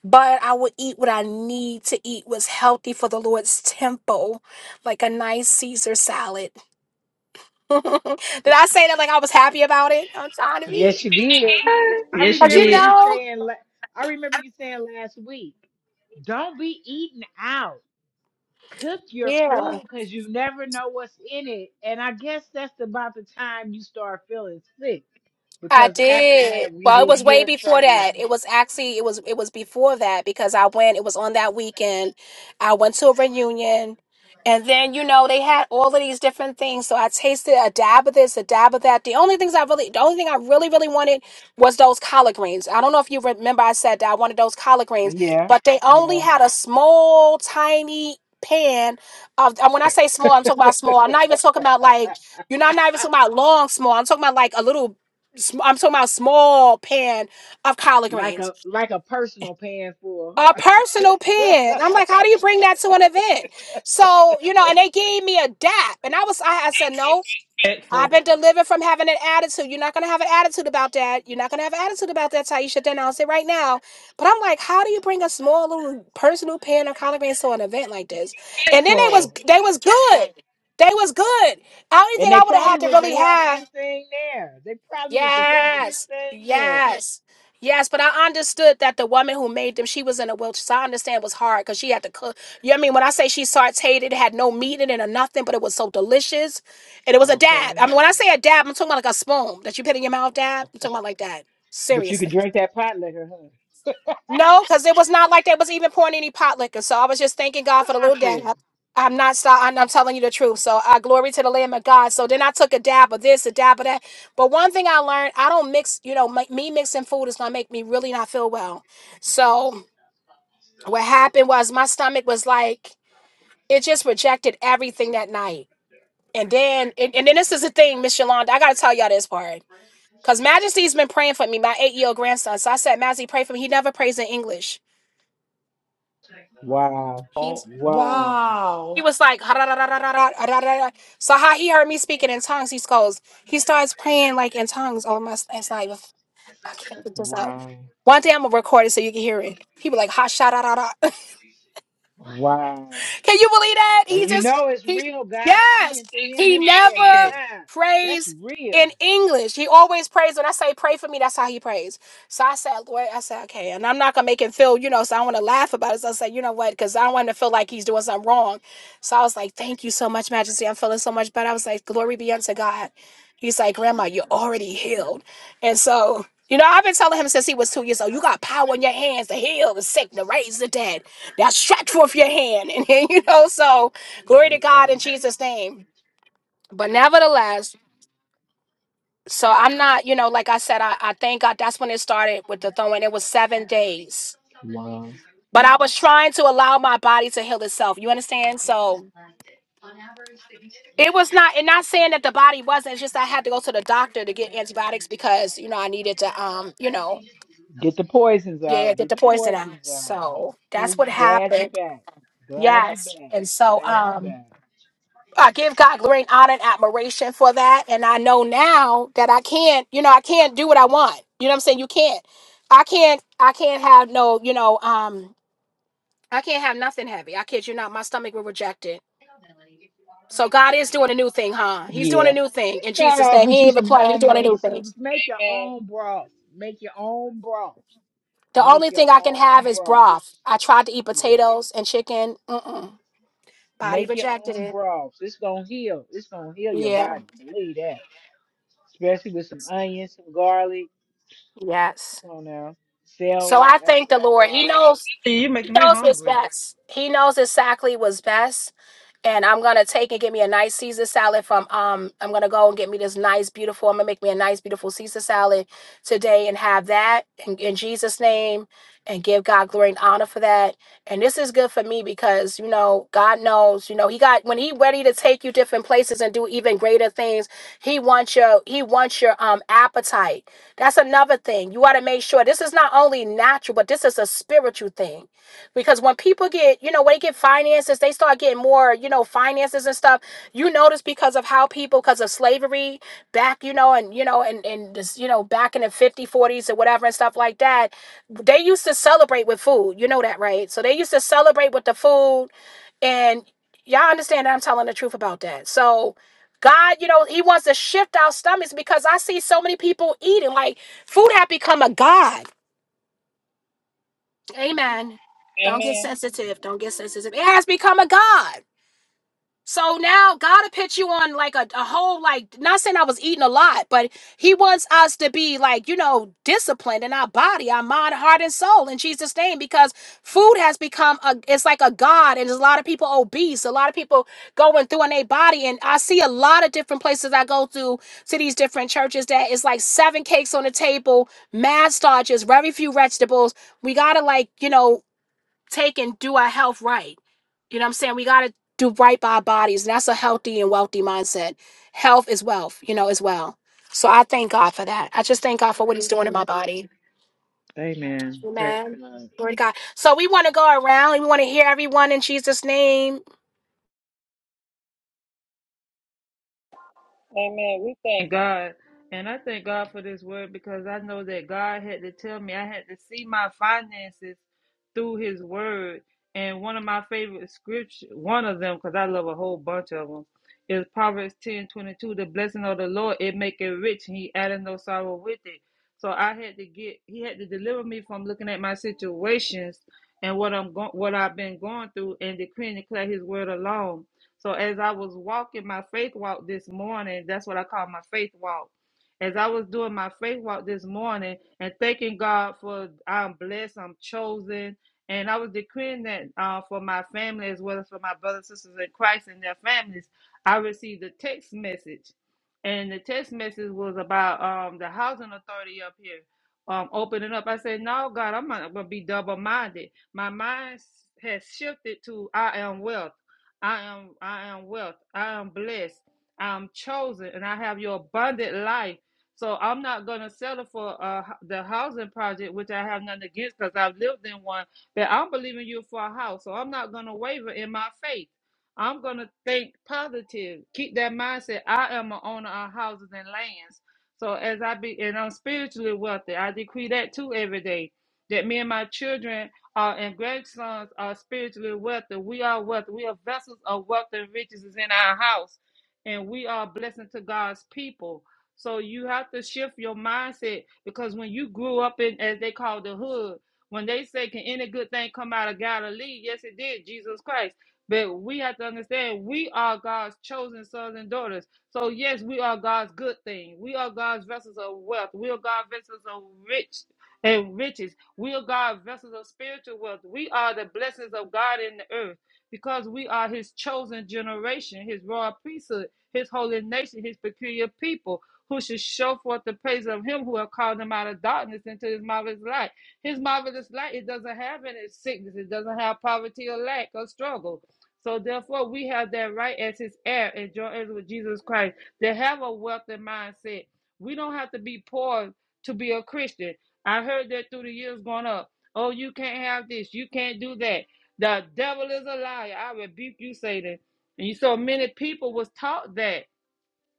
Speaker 1: but I will eat what I need to eat, what's healthy for the Lord's temple, like a nice Caesar salad. Did I say that like I was happy about it? I'm trying to eat.
Speaker 4: Yes, you did.
Speaker 3: Ah,
Speaker 4: I
Speaker 3: Yes, you
Speaker 1: But you
Speaker 4: remember
Speaker 3: did.
Speaker 4: you
Speaker 1: know.
Speaker 4: saying. la- I remember you saying last week, "Don't be eating out." cook your
Speaker 1: Yeah.
Speaker 4: food because you never know what's in it. And I guess that's about the time you start feeling sick
Speaker 1: I
Speaker 4: because after
Speaker 1: did.
Speaker 4: that we
Speaker 1: Well, it
Speaker 4: didn't
Speaker 1: was way
Speaker 4: hear
Speaker 1: before
Speaker 4: from you.
Speaker 1: that. It was actually it was it was before that because I went. It was on that weekend. I went to a reunion, and then you know they had all of these different things. So I tasted a dab of this, a dab of that. The only things I really, the only thing I really really wanted was those collard greens. I don't know if you remember I said that I wanted those collard greens,
Speaker 4: Yeah,
Speaker 1: but they only
Speaker 4: yeah.
Speaker 1: had a small, tiny pan of. And when I say small, I'm talking about small. I'm not even talking about like. You know, I'm not even talking about long, small. I'm talking about like a little sm- I'm talking about small pan of collard
Speaker 4: Like
Speaker 1: greens,
Speaker 4: a like a personal pan full,
Speaker 1: a
Speaker 4: huh?
Speaker 1: personal pan. I'm like, how do you bring that to an event? So you know, and they gave me a dap, and I was, I, I said, no, I've
Speaker 3: Disrespectful.
Speaker 1: been delivered from having an attitude. You're not gonna have an attitude about that. You're not gonna have an attitude about that. Taisha, then I'll say right now. But I'm like, how do you bring a small little personal pan of collard greens to an event like this? And then they was,
Speaker 3: Respectful.
Speaker 1: they was good. They was good. I only thing
Speaker 4: and they
Speaker 1: I would have had
Speaker 4: probably
Speaker 1: to
Speaker 4: was the
Speaker 1: really have.
Speaker 4: healthiest thing there. They probably was the healthiest
Speaker 1: Yes.
Speaker 4: thing there.
Speaker 1: Yes. Yes, but I understood that the woman who made them, she was in a wheelchair. So I understand it was hard because she had to cook. You know what I mean? When I say she sauteed it, had no meat in it or nothing, but it was so delicious. And it was a dab.
Speaker 4: Okay,
Speaker 1: I mean, when I say a dab, I'm talking about like a spoon that you put in your mouth, dab. I'm talking about like that.
Speaker 4: but you could
Speaker 1: Seriously.
Speaker 4: drink that pot liquor, huh?
Speaker 1: No, because it was not like they was even pouring any pot liquor. So I was just thanking God for the little
Speaker 4: Stop it!
Speaker 1: dab. I'm not so I'm, I'm telling you the truth. So I glory to the Lamb of God. So then I took a dab of this, a dab of that. But one thing I learned, I don't mix. You know, my, me mixing food is gonna make me really not feel well. So what happened was my stomach was like it just rejected everything that night. And then and, and then this is the thing, Miss Yolanda. I gotta tell y'all this part because Majesty's been praying for me, my eight year old grandson. So I said, Majesty, pray for me. He never prays in English.
Speaker 4: Wow,
Speaker 5: Oh,
Speaker 4: wow,
Speaker 1: He
Speaker 5: wow.
Speaker 1: was like, "Ha, da, da, da, da, da, da, da, da, da." so how he heard me speaking in tongues, he goes, he starts praying like in tongues over my, it's like, I can't look this up.
Speaker 4: wow.
Speaker 1: One day I'm gonna record it so you can hear it. He be like, ha, sha, da, da, da.
Speaker 4: Wow.
Speaker 1: Can you believe that? He
Speaker 4: And you
Speaker 1: just
Speaker 4: know it's
Speaker 1: he
Speaker 4: real. God
Speaker 1: yes.
Speaker 4: speaking through him
Speaker 1: He
Speaker 4: and praying to
Speaker 1: never
Speaker 4: God. That's
Speaker 1: prays
Speaker 4: real.
Speaker 1: in English. He always prays when I say pray for me, that's how he prays. So I said, Lord, I said, okay. And I'm not gonna make him feel, you know, so I want to laugh about it. So I said, you know what? Because I don't want him to feel like he's doing something wrong. So I was like, Thank you so much, Majesty. I'm feeling so much better. I was like, Glory be unto God. He's like, Grandma, you're already healed. And so you know, I've been telling him since he was two years old, you got power in your hands to heal the sick, to raise the dead. That stretch forth your hand. And then, you know, so glory to God in
Speaker 4: Okay.
Speaker 1: Jesus' name. But nevertheless, so I'm not, you know, like I said, I, I thank God that's when it started with the throwing. It was seven days. But I was trying to allow my body to heal itself. You understand? So it was not, and not saying that the body wasn't, it's just I had to go to the doctor to get antibiotics because, you know, I needed to um, you know,
Speaker 4: Get the poisons
Speaker 1: yeah,
Speaker 4: out.
Speaker 1: get
Speaker 4: Get
Speaker 1: the
Speaker 4: the
Speaker 1: poison out.
Speaker 4: poisons out.
Speaker 1: So that's
Speaker 4: Well,
Speaker 1: what
Speaker 4: glad you
Speaker 1: happened.
Speaker 4: back. Glad you
Speaker 1: Yes.
Speaker 4: back.
Speaker 1: And so
Speaker 4: Glad you
Speaker 1: um
Speaker 4: back.
Speaker 1: I give God glory and honor and admiration for that. And I know now that I can't, you know, I can't do what I want. You know what I'm saying? You can't. I can't I can't have no, you know, um, I can't have nothing heavy. I kid you not, my stomach will reject it. So God is doing a new thing, huh? He's doing a
Speaker 4: Yeah.
Speaker 1: new thing
Speaker 4: Just
Speaker 1: in
Speaker 4: start
Speaker 1: Jesus'
Speaker 4: off
Speaker 1: name.
Speaker 4: with
Speaker 1: He
Speaker 4: you
Speaker 1: ain't even
Speaker 4: some
Speaker 1: playing, he's doing a new
Speaker 4: homemade
Speaker 1: thing.
Speaker 4: soups. Make your
Speaker 3: Amen.
Speaker 4: own broth. Make your own broth.
Speaker 1: The only
Speaker 4: Make your
Speaker 1: thing I can
Speaker 4: own
Speaker 1: have is
Speaker 4: broth.
Speaker 1: broth. I tried to eat
Speaker 4: Yeah.
Speaker 1: potatoes and chicken. Mm-mm. Body
Speaker 4: Make your
Speaker 1: rejected
Speaker 4: own
Speaker 1: it.
Speaker 4: broth. It's gonna heal. It's gonna heal your
Speaker 1: Yeah.
Speaker 4: body. Believe that. Especially with some onions, some garlic.
Speaker 1: Yes.
Speaker 4: Come on now.
Speaker 1: So I
Speaker 4: Celery,
Speaker 1: thank the
Speaker 4: onion,
Speaker 1: Lord. He
Speaker 4: garlic.
Speaker 1: knows
Speaker 3: You
Speaker 1: he
Speaker 3: making me
Speaker 1: knows what's
Speaker 3: hungry.
Speaker 1: best. He knows exactly what's best. And I'm gonna take and get me a nice Caesar salad from um I'm gonna go and get me this nice beautiful I'm gonna make me a nice beautiful Caesar salad today and have that in, in Jesus' name and give God glory and honor for that. And this is good for me because you know God knows, you know, he got when he ready to take you different places and do even greater things, he wants your he wants your um appetite. That's another thing. You got to make sure this is not only natural, but this is a spiritual thing. Because when people get, you know, when they get finances, they start getting more, you know, finances and stuff. You notice because of how people, because of slavery back, you know, and, you know, and, and this, you know, back in the 50, 40s or whatever and stuff like that, they used to celebrate with food. You know that, right? So they used to celebrate with the food and y'all understand that I'm telling the truth about that. So God, you know, he wants to shift our stomachs because I see so many people eating like food have become a god. Amen. Don't get
Speaker 3: Amen.
Speaker 1: sensitive. Don't get sensitive. It has become a god. So now God will put you on like a, a whole like not saying I was eating a lot, but He wants us to be like, you know, disciplined in our body, our mind, heart, and soul in Jesus' name, because food has become a it's like a God, and there's a lot of people obese, a lot of people going through in their body. And I see a lot of different places I go through to these different churches that it's like seven cakes on the table, mad starches, very few vegetables. We gotta like, you know, take and do our health right. You know what I'm saying? We got to do right by our bodies. And that's a healthy and wealthy mindset. Health is wealth, you know, as well. So I thank God for that. I just thank God for what He's doing in my body.
Speaker 4: Amen. Praise
Speaker 1: Amen.
Speaker 4: God.
Speaker 1: Glory to God. So we want to go around and we want to hear everyone in Jesus' name.
Speaker 3: Amen. We thank God. And I thank God for this word because I know that God had to tell me I had to see my finances through his word. And one of my favorite scripture, one of them, because I love a whole bunch of them, is Proverbs ten twenty two. The blessing of the Lord, it make it rich, and he added no sorrow with it. So I had to get, he had to deliver me from looking at my situations and what I'm going, what I've been going through and decree and declare his word alone. So as I was walking my faith walk this morning, that's what I call my faith walk. As I was doing my faith walk this morning and thanking God for I'm blessed, I'm chosen, and I was decreeing that uh, for my family as well as for my brothers and sisters in Christ and their families, I received a text message. And the text message was about um, the housing authority up here um, opening up. I said, No, God, I'm not going to be double minded. My mind has shifted to I am wealth. I am I am wealth. I am blessed. I am chosen and I have your abundant life. So I'm not going to settle for uh, the housing project, which I have nothing against because I've lived in one, but I'm believing you for a house. So I'm not going to waver in my faith. I'm going to think positive. Keep that mindset. I am a owner of houses and lands. So as I be, and I'm spiritually wealthy, I decree that too every day that me and my children uh, and great sons are spiritually wealthy. We are wealthy. We are vessels of wealth and riches is in our house, and we are a blessing to God's people. So you have to shift your mindset because when you grew up in, as they call the hood, when they say, "Can any good thing come out of Galilee?" Yes, it did, Jesus Christ. But we have to understand we are God's chosen sons and daughters. So yes, we are God's good thing. We are God's vessels of wealth. We are God's vessels of rich and riches. We are God's vessels of spiritual wealth. We are the blessings of God in the earth because we are His chosen generation, His royal priesthood, His holy nation, His peculiar people. Who should show forth the praise of him who have called them out of darkness into his marvelous light? His marvelous light, it doesn't have any sickness, it doesn't have poverty or lack or struggle. So therefore, we have that right as his heir and joint heirs with Jesus Christ. They have a wealthy mindset. We don't have to be poor to be a Christian. I heard that through the years going up. Oh, you can't have this. You can't do that. The devil is a liar. I rebuke you, Satan. And you, so many people was taught that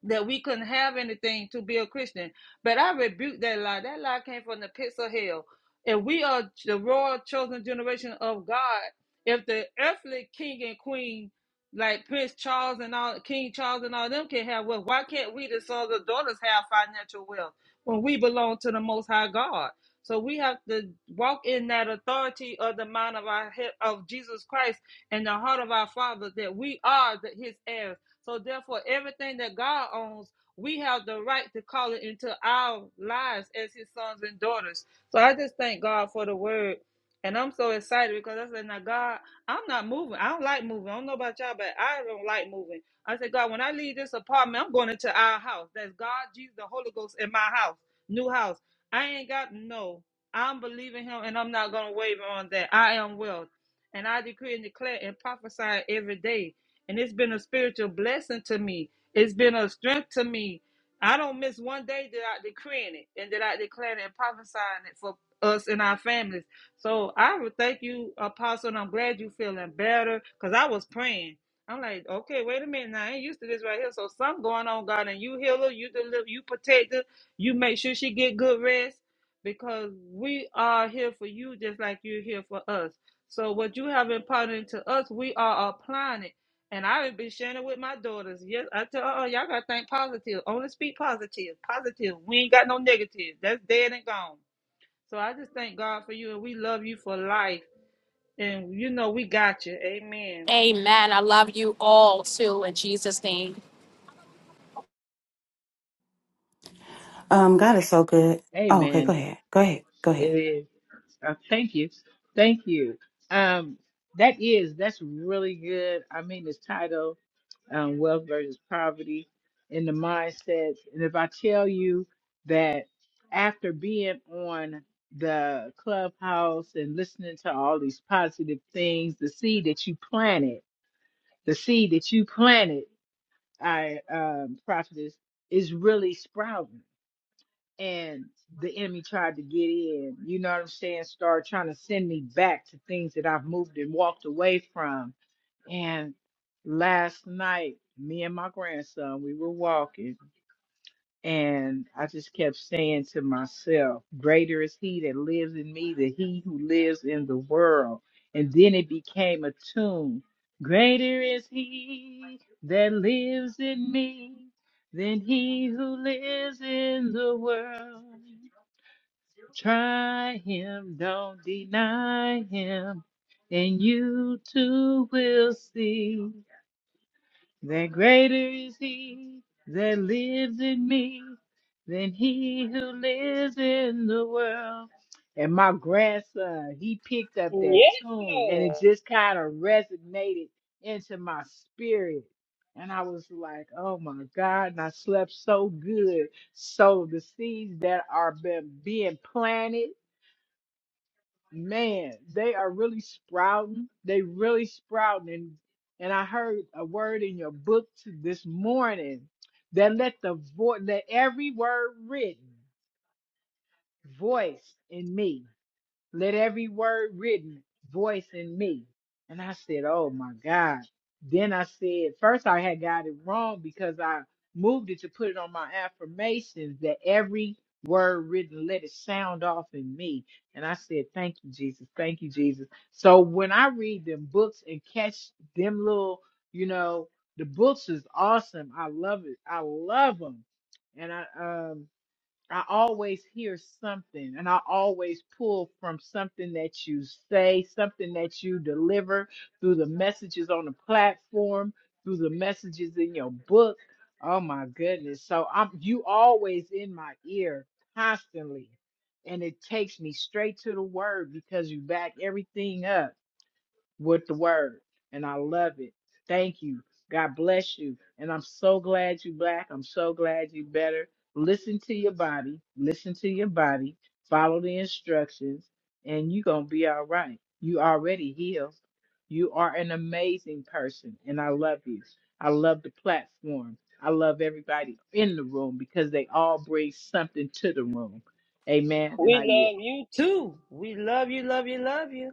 Speaker 3: that we couldn't have anything to be a Christian. But I rebuke that lie. That lie came from the pits of hell. If we are the royal chosen generation of God, if the earthly king and queen, like Prince Charles and all King Charles and all them can have wealth, why can't we the sons and daughters have financial wealth when we belong to the most high God? So we have to walk in that authority of the mind of our head of Jesus Christ and the heart of our Father that we are the, his heirs so therefore, everything that God owns, we have the right to call it into our lives as his sons and daughters. So I just thank God for the word. And I'm so excited because I said, now God, I'm not moving. I don't like moving. I don't know about y'all, but I don't like moving. I said, God, when I leave this apartment, I'm going into our house. That's God, Jesus, the Holy Ghost in my house, new house. I ain't got no. I'm believing him and I'm not going to waver on that. I am well. And I decree and declare and prophesy every day and it's been a spiritual blessing to me. It's been a strength to me. I don't miss one day that I decreeing it and that I declaring and prophesying it for us and our families. So I would thank you, Apostle, and I'm glad you feeling better because I was praying. I'm like, okay, wait a minute. Now, I ain't used to this right here. So something going on, God, and you heal her, you deliver, you protect her, you make sure she get good rest because we are here for you just like you're here for us. So what you have imparted to us, we are applying it and I've been sharing it with my daughters. Yes, I tell her, oh, y'all gotta think positive. Only speak positive. Positive. We ain't got no negative. That's dead and gone. So I just thank God for you and we love you for life. And you know we got you. Amen.
Speaker 1: Amen. I love you all too in Jesus' name.
Speaker 2: Um, God is so good. Oh, okay, go
Speaker 4: Amen.
Speaker 2: ahead. Go ahead. Go
Speaker 4: It
Speaker 2: ahead.
Speaker 4: is. Uh, thank you. Thank you. Um, that is, that's really good. I mean, this title. um, wealth versus poverty and the mindsets. And if I tell you that after being on the clubhouse and listening to all these positive things, the seed that you planted, the seed that you planted, I um, prophetess, is really sprouting. And the enemy tried to get in, you know what I'm saying? Start trying to send me back to things that I've moved and walked away from and last night, me and my grandson, we were walking, and I just kept saying to myself, Greater is he that lives in me than he who lives in the world. And then it became a tune. Greater is he that lives in me than he who lives in the world. Try him, don't deny him, and you too will see that greater is he that lives in me than he who lives in the world. And my grandson, he picked up that
Speaker 3: Yes,
Speaker 4: tune and
Speaker 3: Lord.
Speaker 4: it just kind of resonated into my spirit. And I was like, oh my God, and I slept so good. So the seeds that are been, being planted man, they are really sprouting. They really sprouting. And, and I heard a word in your book t- this morning that let the voice, let every word written voice in me. Let every word written voice in me. And I said, Oh my God. Then I said, first I had got it wrong because I moved it to put it on my affirmations that every word written, let it sound off in me. And I said, Thank you, Jesus. Thank you, Jesus. So when I read them books and catch them little, you know, the books is awesome. I love it. I love them. And I um I always hear something, and I always pull from something that you say, something that you deliver through the messages on the platform, through the messages in your book. Oh my goodness. So I'm you always in my ear constantly. And it takes me straight to the word because you back everything up with the word, and I love it. Thank you. God bless you. And I'm so glad you black. I'm so glad you better. Listen to your body. Listen to your body. Follow the instructions, and you're gonna be all right. You already healed. You are an amazing person, and I love you. I love the platform. I love everybody in the room because they all bring something to the room. Amen. And I
Speaker 3: We
Speaker 4: yield.
Speaker 3: love you too. We love you, love you, love you.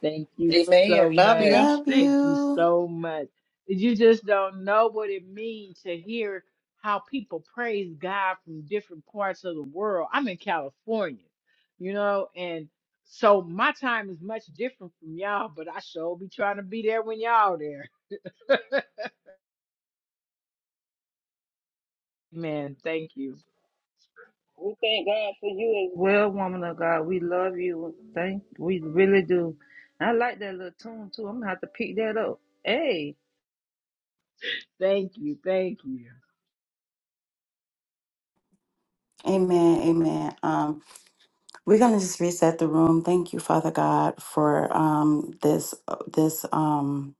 Speaker 4: Thank you
Speaker 5: Amen.
Speaker 4: so
Speaker 5: Love you.
Speaker 4: much.
Speaker 2: Love
Speaker 4: Thank you
Speaker 2: you.
Speaker 4: so much. You just don't know what it means to hear how people praise God from different parts of the world. I'm in California, you know, and so my time is much different from y'all, but I sure be trying to be there when y'all there. Man, thank you.
Speaker 3: Well, woman of God, we love you. Thank we really do. I like that little tune too. I'm gonna have to pick that up. Hey.
Speaker 4: Thank you. Thank you.
Speaker 2: Amen. Amen. Um. We're going to just reset the room. Thank you, Father God, for um, this uh, this um,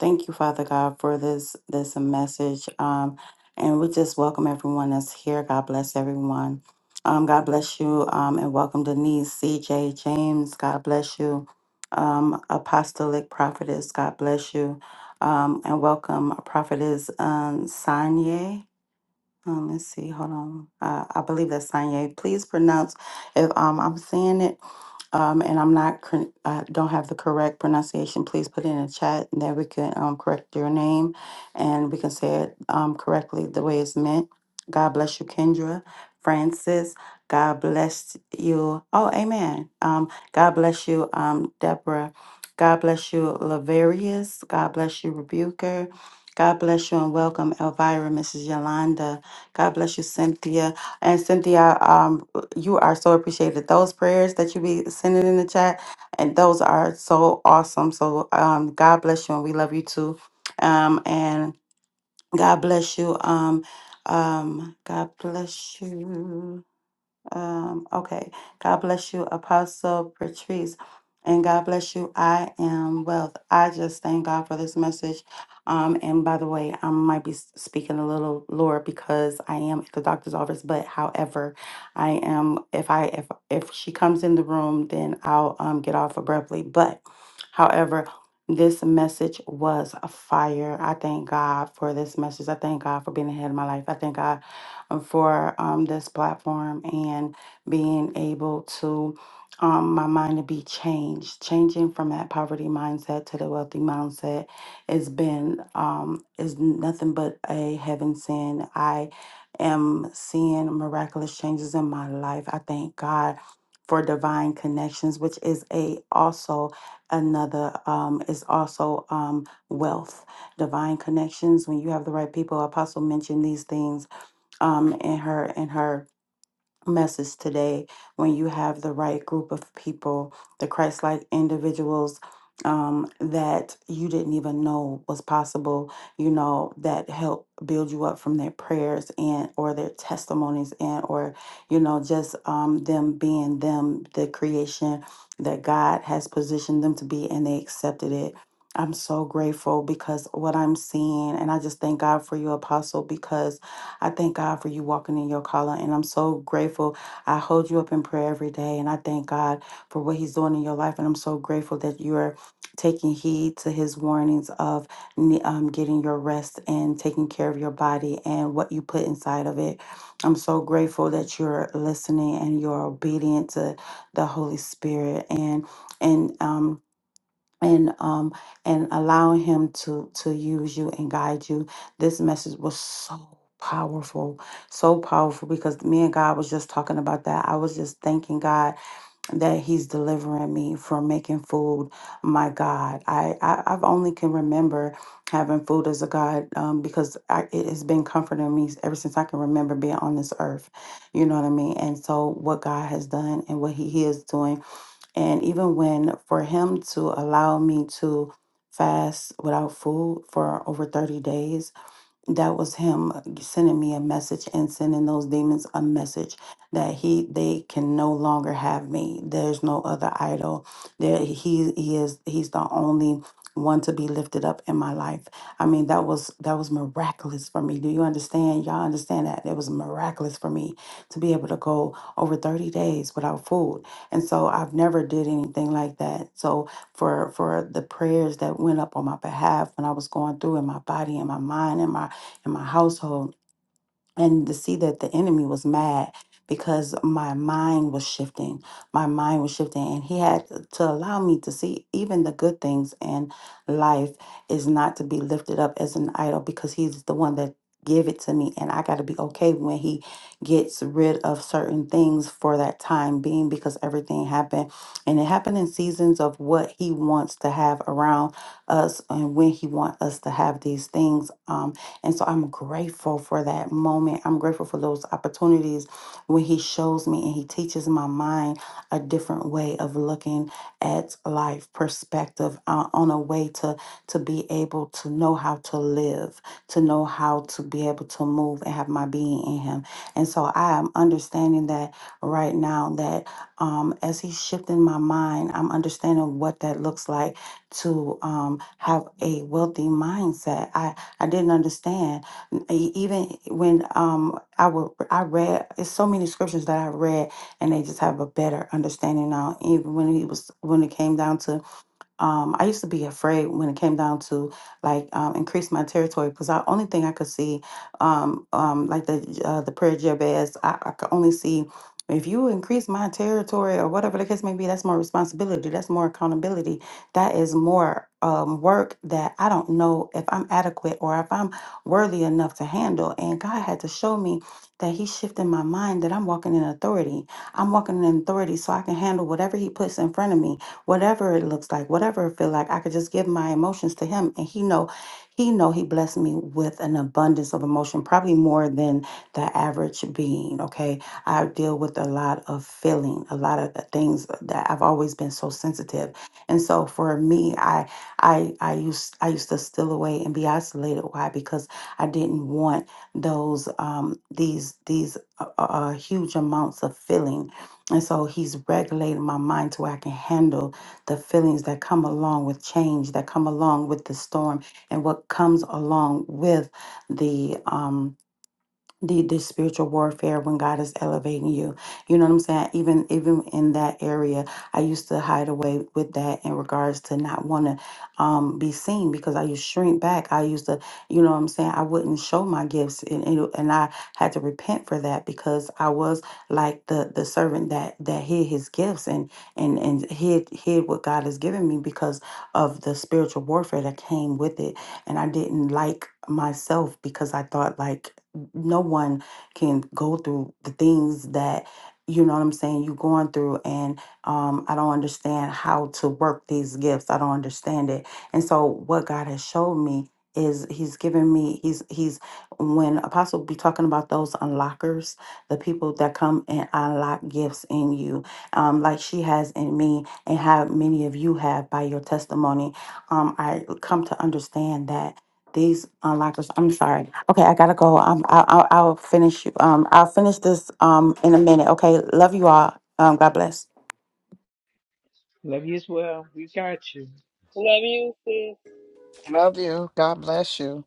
Speaker 2: thank you, Father God, for this this message. Um, and we just welcome everyone that's here. God bless everyone. Um, God bless you, um, and welcome Denise, CJ, James. God bless you, um, Apostolic Prophetess. God bless you, um, and welcome Prophetess um, Sanye. Um, let's see. Hold on. Uh, I believe that's Sanye. Please pronounce if um I'm saying it um and I'm not cor- uh, don't have the correct pronunciation. Please put it in the chat and that we can um correct your name and we can say it um correctly the way it's meant. God bless you, Kendra, Francis. God bless you. Oh, Amen. Um, God bless you, um, Deborah. God bless you, Laverius. God bless you, Rebuker. God bless you and welcome, Elvira, Mrs. Yolanda. God bless you, Cynthia. And Cynthia, um, you are so appreciated. Those prayers that you be sending in the chat, and those are so awesome. So um, God bless you, and we love you too. Um, and God bless you. Um, um, God bless you. Um, okay. God bless you, Apostle Patrice. And God bless you. I am wealth. I just thank God for this message. Um, and by the way, I might be s- speaking a little lower because I am at the doctor's office. But however, I am if I if if she comes in the room, then I'll um get off abruptly. But however, this message was a fire. I thank God for this message. I thank God for being ahead of my life. I thank God uh, for um, this platform and being able to um, my mind to be changed, changing from that poverty mindset to the wealthy mindset has been um, is nothing but a heaven send. I am seeing miraculous changes in my life. I thank God for divine connections, which is a also another um, is also um, wealth. Divine connections when you have the right people. Apostle mentioned these things um, in her in her message today when you have the right group of people the christ-like individuals um, that you didn't even know was possible you know that help build you up from their prayers and or their testimonies and or you know just um, them being them the creation that god has positioned them to be and they accepted it i'm so grateful because what i'm seeing and i just thank god for you apostle because I thank God for you walking in your calling, and I'm so grateful. I hold you up in prayer every day, and I thank God for what He's doing in your life, and I'm so grateful that you are taking heed to His warnings of ne- um, getting your rest and taking care of your body and what you put inside of it. I'm so grateful that you're listening and you're obedient to the Holy Spirit, and and um, and um and allowing him to to use you and guide you this message was so powerful so powerful because me and god was just talking about that i was just thanking god that he's delivering me from making food my god i, I i've only can remember having food as a god um, because I, it has been comforting me ever since i can remember being on this earth you know what i mean and so what god has done and what he, he is doing and even when for him to allow me to fast without food for over 30 days, that was him sending me a message and sending those demons a message that he they can no longer have me there's no other idol there he he is he's the only one to be lifted up in my life i mean that was that was miraculous for me do you understand y'all understand that it was miraculous for me to be able to go over 30 days without food and so i've never did anything like that so for for the prayers that went up on my behalf when i was going through in my body and my mind and my in my household and to see that the enemy was mad because my mind was shifting my mind was shifting and he had to allow me to see even the good things in life is not to be lifted up as an idol because he's the one that give it to me and i got to be okay when he gets rid of certain things for that time being because everything happened and it happened in seasons of what he wants to have around us and when he wants us to have these things Um. And so I'm grateful for that moment. I'm grateful for those opportunities when He shows me and He teaches my mind a different way of looking at life, perspective uh, on a way to to be able to know how to live, to know how to be able to move and have my being in Him. And so I am understanding that right now that um, as He's shifting my mind, I'm understanding what that looks like to um, have a wealthy mindset. I. I didn't understand. N- e- Even when um I would I read it's so many scriptures that I read and they just have a better understanding now. Even when he was when it came down to um, I used to be afraid when it came down to like um, increase my territory because the only thing I could see, um, um, like the uh, the prayer Jabez, I, I could only see if you increase my territory or whatever the case may be. That's more responsibility. That's more accountability. That is more um, work that I don't know if I'm adequate or if I'm worthy enough to handle. And God had to show me that He shifted my mind that I'm walking in authority. I'm walking in authority so I can handle whatever He puts in front of me whatever it looks like, whatever it feel like, I could just give my emotions to him and he know he know he blessed me with an abundance of emotion, probably more than the average being, okay? I deal with a lot of feeling, a lot of uh, things that I've always been so sensitive. And so for me, I I I used I used to steal away and be isolated. Why? Because I didn't want those um these these uh, uh, uh, huge amounts of feeling. And so he's regulating my mind to where I can handle the feelings that come along with change, that come along with the storm, and what comes along with the. um need this spiritual warfare when God is elevating you. You know what I'm saying? Even even in that area, I used to hide away with that in regards to not want to um, be seen because I used to shrink back. I used to, you know what I'm saying? I wouldn't show my gifts, and and, and I had to repent for that because I was like the the servant that that hid his gifts and and and hid hid what God has given me because of the spiritual warfare that came with it, and I didn't like myself because I thought like no one can go through the things that you know what I'm saying you're going through and um I don't understand how to work these gifts. I don't understand it. And so what God has showed me is he's given me he's he's when apostle be talking about those unlockers the people that come and unlock gifts in you um like she has in me and how many of you have by your testimony um i come to understand that these unlockers. I'm sorry. Okay, I gotta go. Um, I'll, i I'll finish. you- Um, I'll finish this. Um, in a minute. Okay. Love you all. Um, God bless.
Speaker 4: Love you as well. We got you.
Speaker 3: Love you, sis.
Speaker 5: Love you. God bless you.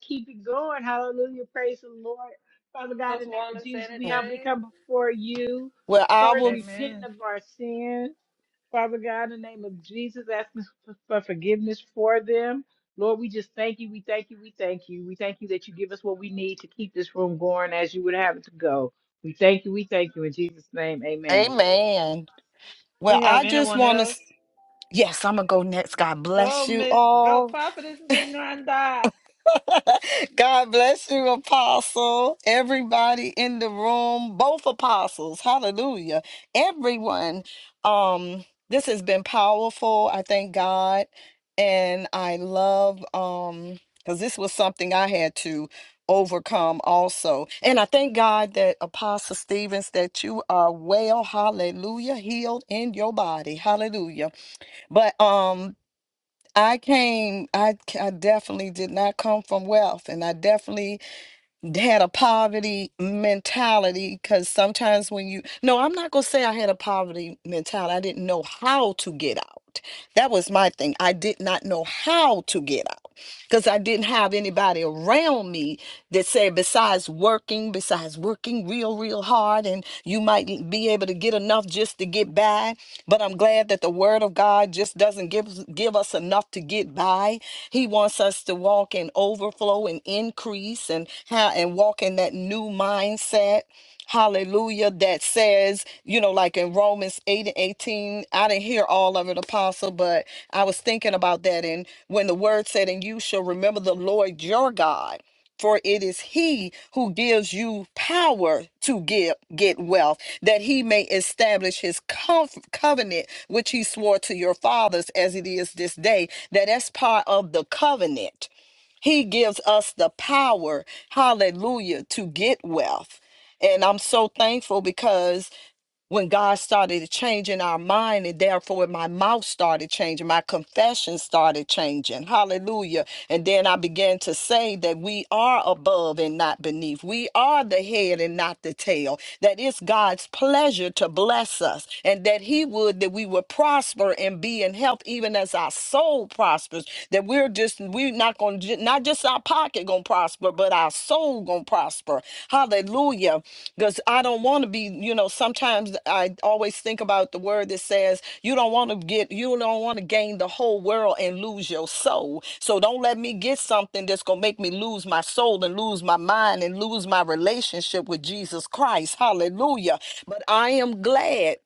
Speaker 4: keep it going. Hallelujah. Praise the Lord. Father God,
Speaker 3: Else
Speaker 4: in the name
Speaker 3: wanna
Speaker 4: of
Speaker 3: say
Speaker 4: Jesus, we humbly
Speaker 3: anything?
Speaker 4: come before you.
Speaker 5: Well, I
Speaker 4: First,
Speaker 5: will.
Speaker 3: Amen.
Speaker 4: repenting of our sins. Father God, in the name of Jesus, asking for for forgiveness for them. Lord, we just thank you. We thank you. We thank you. We thank you that you give us what we need to keep this room going as you would have it to go. We thank you. We thank you. In Jesus' name, amen.
Speaker 5: Amen. Well,
Speaker 3: We have
Speaker 5: I just
Speaker 3: anyone
Speaker 5: want
Speaker 3: else?
Speaker 5: to. Yes, I'm going to go next. God
Speaker 3: Go,
Speaker 5: bless you
Speaker 3: Miss. Go,
Speaker 5: all.
Speaker 3: Prophetess Yolanda.
Speaker 5: God bless you, Apostle. Everybody in the room, both apostles. Hallelujah. Everyone. Um, this has been powerful. I thank God. And I love um because this was something I had to overcome also. And I thank God that Apostle Stevens, that you are well, hallelujah, healed in your body. Hallelujah. But um I came, I, c- I definitely did not come from wealth, and I definitely d- had a poverty mentality because sometimes when you, no, I'm not going to say I had a poverty mentality. I didn't know how to get out. That was my thing. I did not know how to get out because I didn't have anybody around me that said, besides working, besides working real, real hard, and you might be able to get enough just to get by. But I'm glad that the Word of God just doesn't give, give us enough to get by. He wants us to walk in overflow and increase and, ha- and walk in that new mindset hallelujah, that says, you know, like in Romans 8 and 18, I didn't hear all of it, Apostle, but I was thinking about that. And when the word said, and you shall remember the Lord your God. For it is he who gives you power to give, get wealth, that he may establish his conf- covenant, which he swore to your fathers as it is this day. That that's part of the covenant he gives us the power, hallelujah, to get wealth. And I'm so thankful because when God started changing our mind, and therefore my mouth started changing, my confession started changing. Hallelujah. And then I began to say that we are above and not beneath, we are the head and not the tail, that it's God's pleasure to bless us, and that He would that we would prosper and be in health, even as our soul prospers. That we're just, we're not going to pocket, not just our pocket gonna prosper, but our soul gonna prosper. Hallelujah. Because I don't want to be, you know, sometimes I always think about the word that says you don't want to get, you don't want to gain the whole world and lose your soul. So don't let me get something that's gonna make me lose my soul and lose my mind and lose my relationship with Jesus Christ. Hallelujah. But I am glad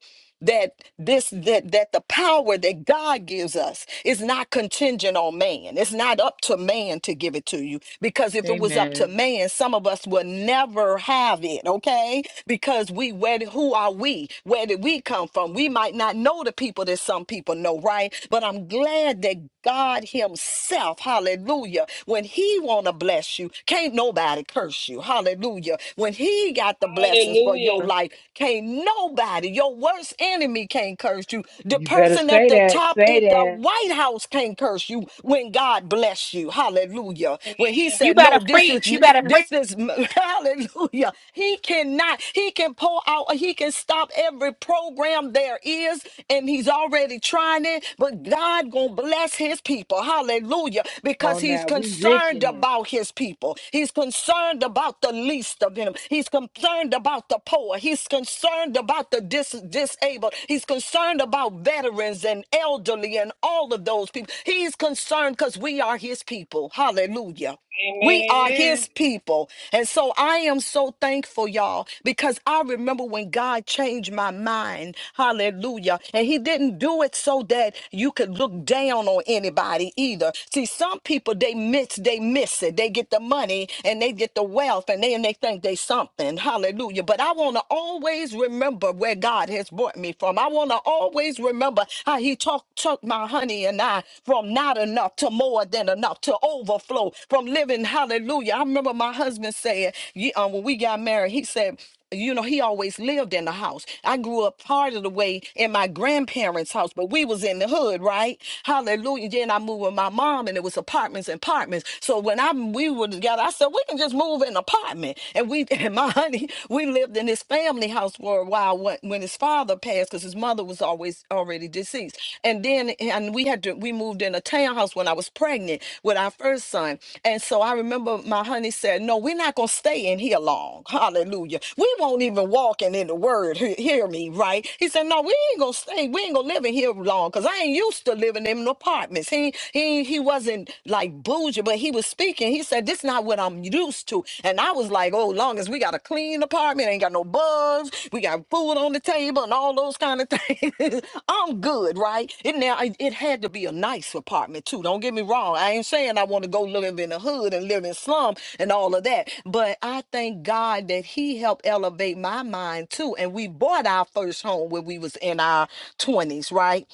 Speaker 5: that this that that the power that God gives us is not contingent on man. It's not up to man to give it to you because if it was up to
Speaker 4: Amen.
Speaker 5: man, some of us would never have it, okay? Because we where did- who are we? Where did we come from? We might not know the people that some people know, right? But I'm glad that God himself, hallelujah, when he want to bless you, can't nobody curse you. Hallelujah. When he got the blessings for your
Speaker 3: Hallelujah.
Speaker 5: life, can't nobody, your worst enemy can't curse you. The
Speaker 4: You better
Speaker 5: person at
Speaker 4: say
Speaker 5: the
Speaker 4: that.
Speaker 5: top
Speaker 4: Say
Speaker 5: at the
Speaker 4: that.
Speaker 5: White House can't curse you when God bless you. Hallelujah. When he
Speaker 1: You
Speaker 5: said, No,
Speaker 1: better
Speaker 5: this is
Speaker 1: preach. You better preach.
Speaker 5: this is hallelujah. He cannot, he can pull out, he can stop every program there is, and he's already trying it, but God gonna bless his people. Hallelujah.
Speaker 4: Come
Speaker 5: Because
Speaker 4: on
Speaker 5: he's
Speaker 4: now. We rich
Speaker 5: concerned
Speaker 4: in it.
Speaker 5: about his people. He's concerned about the least of them in him. He's concerned about the poor. He's concerned about the dis- disabled. He's concerned about veterans and elderly and all of those people. He's concerned because we are his people. Hallelujah. We
Speaker 3: Amen.
Speaker 5: are
Speaker 3: Amen.
Speaker 5: his people. And so I am so thankful, y'all, because I remember when God changed my mind. Hallelujah. And he didn't do it so that you could look down on anybody either. See, some people they miss, they miss it. They get the money money and they get the wealth and they and they think they something. Hallelujah. But I want to always remember where God has brought me from. I want to always remember how he took took my honey and I from not enough to more than enough to overflow from living hallelujah. I remember my husband saying, you, um, when we got married, he said you know he always lived in the house i grew up part of the way in my grandparents house but we was in the hood right hallelujah then i moved with my mom and it was apartments and apartments so when i we were together i said we can just move in an apartment and we and my honey we lived in his family house for a while when, when his father passed because his mother was always already deceased and then and we had do, we moved in a townhouse when I was pregnant with our first son. And so I remember my honey said, No, we're not going to stay in here long. Hallelujah. We won't even walking in in the word. He- Hear me, right? He said, No, we ain't going to stay. We ain't going to live in here long because I ain't used to living in apartments. He, he, he wasn't like bougie, but he was speaking. He said, This is not what I'm used to. And I was like, Oh, oh, long as we got a clean apartment, ain't got no bugs, we got food on the table and all those kind of things, I'm good, right? It now it, it had to be a nice apartment too. Don't get me wrong. I ain't saying I want to go live in the hood and live in slum and all of that, but I thank God that He helped elevate my mind too. And we bought our first home when we was in our twenties, right?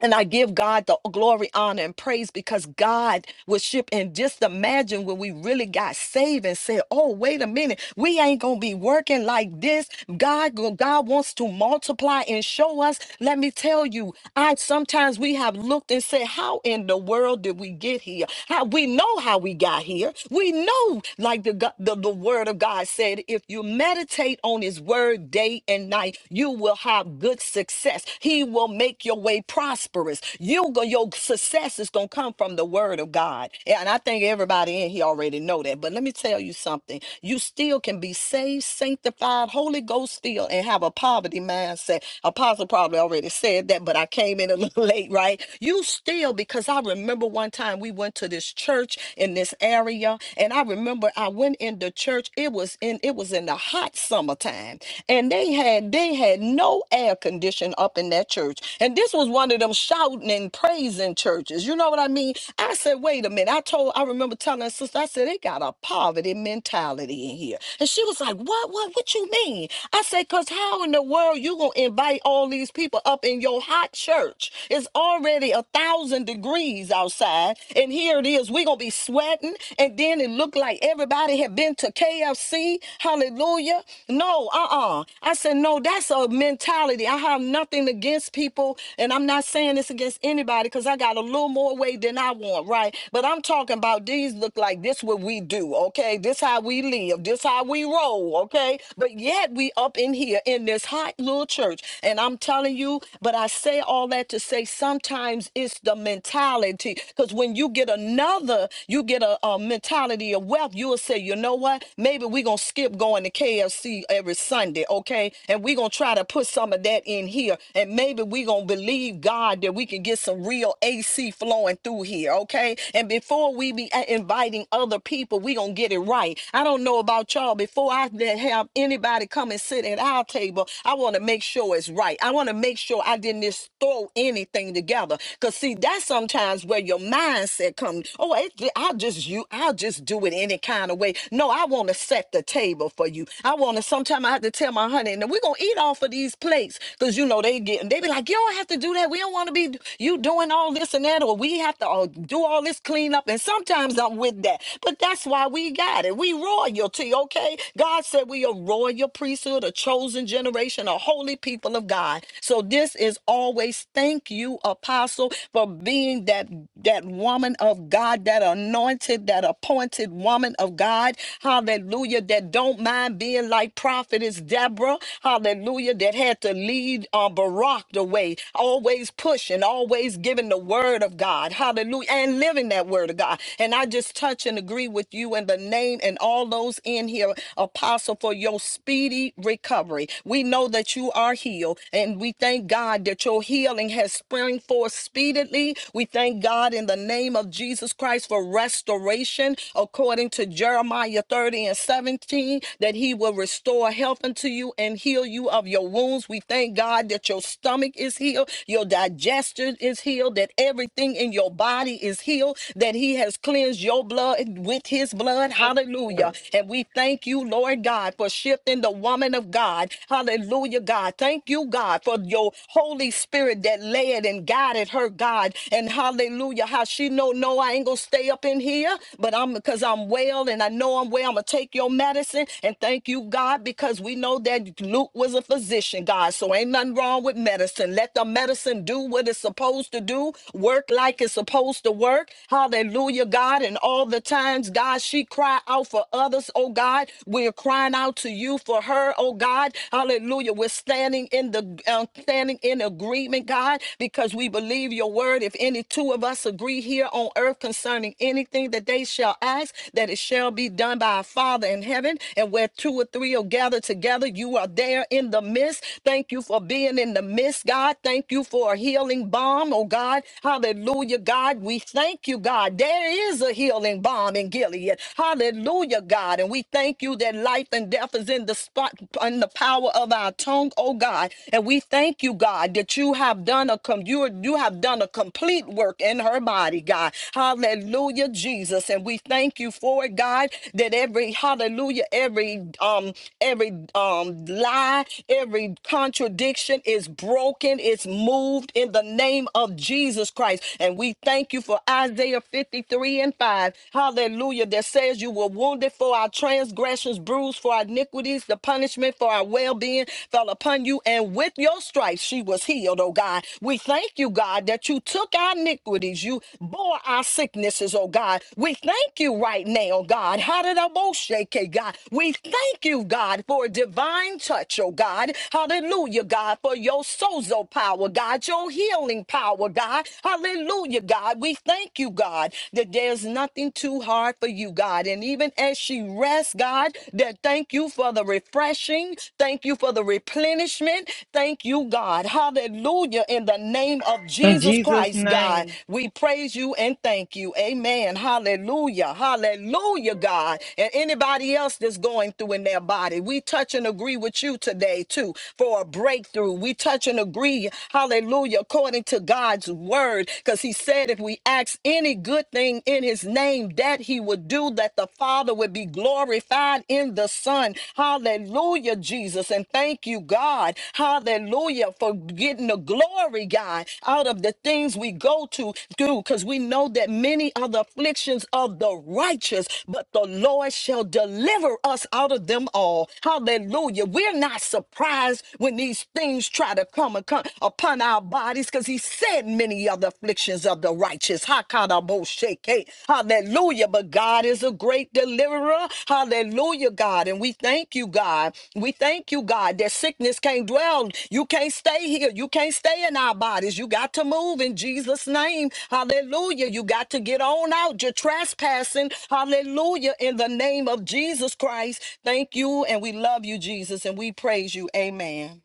Speaker 5: And I give God the glory, honor, and praise because God was shipped. And just imagine when we really got saved and said, Oh, wait a minute, we ain't gonna be working like this. God, God wants to multiply and show us. Let me tell you, I sometimes we have looked and said, How in the world did we get here? How we know how we got here. We know, like the, go- the, the word of God said, if you meditate on his word day and night, you will have good success. He will make your way prosperous prosperous. You go, your success is gonna come from the word of God. Yeah, And I think everybody in here already know that. But let me tell you something. You still can be saved, sanctified, Holy Ghost filled, and have a poverty mindset. Apostle probably already said that, but I came in a little late, right? You still, because I remember one time we went to this church in this area, and I remember I went in the church. It was in it was in the hot summertime, and they had they had no air condition up in that church. And this was one one of them shouting and praising churches. You know what I mean? I said, wait a minute. I told, I remember telling her sister, I said, they got a poverty mentality in here. And she was like, what, what, what you mean? I said, cause how in the world you gonna invite all these people up in your hot church? It's already a thousand degrees outside. And here it is. We're gonna be sweating. And then it looked like everybody had been to KFC. Hallelujah. No, uh-uh. I said, no, that's a mentality. I have nothing against people and I'm not saying this against anybody because I got a little more weight than I want, right? But I'm talking about these look like this what we do, okay? This how we live, this how we roll, okay? But yet we up in here in this hot little church. And I'm telling you, but I say all that to say sometimes it's the mentality. Because when you get another, you get a, a mentality of wealth, you'll say, you know what? Maybe we're gonna skip going to KFC every Sunday, okay? And we're gonna try to put some of that in here. And maybe we're gonna believe God that we can get some real AC flowing through here, okay? And before we be uh, inviting other people, we gonna get it right. I don't know about y'all. Before I let- have anybody come and sit at our table, I want to make sure it's right. I want to make sure I didn't just throw anything together. Cause see, that's sometimes where your mindset comes. Oh, it, I'll just you, I'll just do it any kind of way. No, I want to set the table for you. I want to. Sometimes I have to tell my honey, and we're gonna eat off of these plates, cause you know they get. They be like, yo, don't have to do that. We don't want to be you doing all this and that, or we have to uh, do all this cleanup. And sometimes I'm with that. But that's why we got it. We royalty, okay? God said we are royal priesthood, a chosen generation, a holy people of God. So this is always thank you, apostle, for being that that woman of God, that anointed, that appointed woman of God. Hallelujah. That don't mind being like prophetess Deborah. Hallelujah. That had to lead uh, Barack the your way, always pushing, always giving the word of God. Hallelujah. And living that word of God. And I just touch and agree with you in the name and all those in here, Apostle, for your speedy recovery. We know that you are healed, and we thank God that your healing has sprung forth speedily. We thank God in the name of Jesus Christ for restoration, according to Jeremiah 30 and 17, that he will restore health unto you and heal you of your wounds. We thank God that your stomach stomach is healed, your digestion is healed, that everything in your body is healed, that He has cleansed your blood with His blood. Hallelujah. And we thank you, Lord God, for shifting the woman of God. Hallelujah, God. Thank you, God, for your Holy Spirit that led and guided her, God. And hallelujah, how she know, no, I ain't gonna stay up in here, but I'm because I'm well and I know I'm well. I'm gonna take your medicine. And thank you, God, because we know that Luke was a physician, God. So ain't nothing wrong with medicine medicine. Let the medicine do what it's supposed to do, work like it's supposed to work. Hallelujah, God. And all the times, God, she cried out for others, oh God. We're crying out to you for her, oh God. Hallelujah. We're standing in the uh, standing in agreement, God, because we believe your word. If any two of us agree here on earth concerning anything that they shall ask, that it shall be done by our Father in heaven. And where two or three are gathered together, you are there in the midst. Thank you for being in the in the midst, God. Thank you for a healing balm, oh God. Hallelujah, God. We thank you, God. There is a healing balm in Gilead. Hallelujah, God. And we thank you that life and death is in the spot in the power of our tongue, oh God. And we thank you, God, that you have done a com- you, you have done a complete work in her body, God. Hallelujah, Jesus. And we thank you for it, God, that every hallelujah, every um every um lie, every contradiction. Depression is broken, it's moved in the name of Jesus Christ. And we thank you for Isaiah 53 and 5. Hallelujah. That says, You were wounded for our transgressions, bruised for our iniquities, the punishment for our well being fell upon you. And with your stripes, she was healed, oh God. We thank you, God, that you took our iniquities, you bore our sicknesses, oh God. We thank you right now, God. How did I shake, God? We thank you, God, for a divine touch, oh God. Hallelujah, God. God, for your sozo power, God, your healing power, God. Hallelujah, God. We thank you, God, that there's nothing too hard for you, God. And even as she rests, God, that thank you for the refreshing. Thank you for the replenishment. Thank you, God. Hallelujah. In the name of
Speaker 3: In
Speaker 5: Jesus
Speaker 3: Jesus'
Speaker 5: Christ, God,
Speaker 3: name.
Speaker 5: we praise you and thank you. Amen. Hallelujah. Hallelujah, God. And anybody else that's going through in their body, we touch and agree with you today, too, for a breakthrough breakthrough. We touch and agree, hallelujah, according to God's word, because he said if we ask any good thing in his name, that he would do, that the Father would be glorified in the Son. Hallelujah, Jesus. And thank you, God. Hallelujah, for getting the glory, God, out of the things we go to do, because we know that many are the afflictions of the righteous, but the Lord shall deliver us out of them all. Hallelujah. We're not surprised when these these things try to come and come upon our bodies because he said many other afflictions of the righteous. Hakadaboshake. Hallelujah. But God is a great deliverer. Hallelujah, God. And we thank you, God. We thank you, God, that sickness can't dwell. You can't stay here. You can't stay in our bodies. You got to move in Jesus' name. Hallelujah. You got to get on out. You're trespassing. Hallelujah. In the name of Jesus Christ. Thank you. And we love you, Jesus. And we praise you. Amen.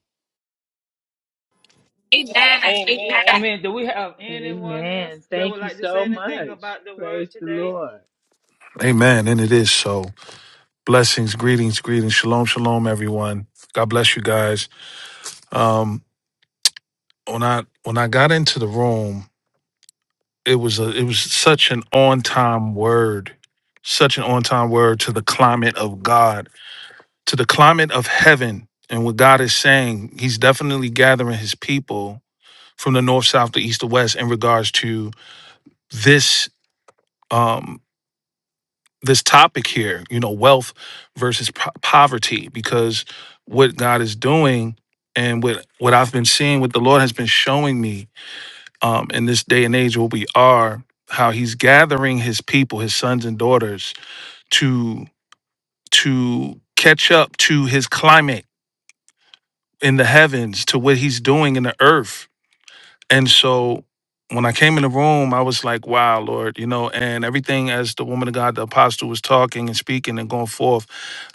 Speaker 3: Amen. Amen. Do we have anyone else
Speaker 4: Amen.
Speaker 3: that would
Speaker 4: Thank you
Speaker 3: like to say
Speaker 4: so
Speaker 3: anything
Speaker 4: much.
Speaker 3: about the word
Speaker 4: Praise the
Speaker 3: today?
Speaker 4: Lord.
Speaker 6: Amen. And it is so. Blessings, greetings, greetings. Shalom, shalom, everyone. God bless you guys. Um, when I when I got into the room, it was a it was such an on time word, such an on time word to the climate of God, to the climate of heaven, and what God is saying. He's definitely gathering His people from the north, south, the east, the west in regards to this. Um, this topic here, you know, wealth versus po- poverty, because what God is doing and what what I've been seeing, what the Lord has been showing me um, in this day and age where we are, how He's gathering His people, His sons and daughters, to to catch up to His climate in the heavens, to what He's doing in the earth And so when I came in the room, I was like, wow, Lord, you know, and everything as the woman of God, the apostle was talking and speaking and going forth,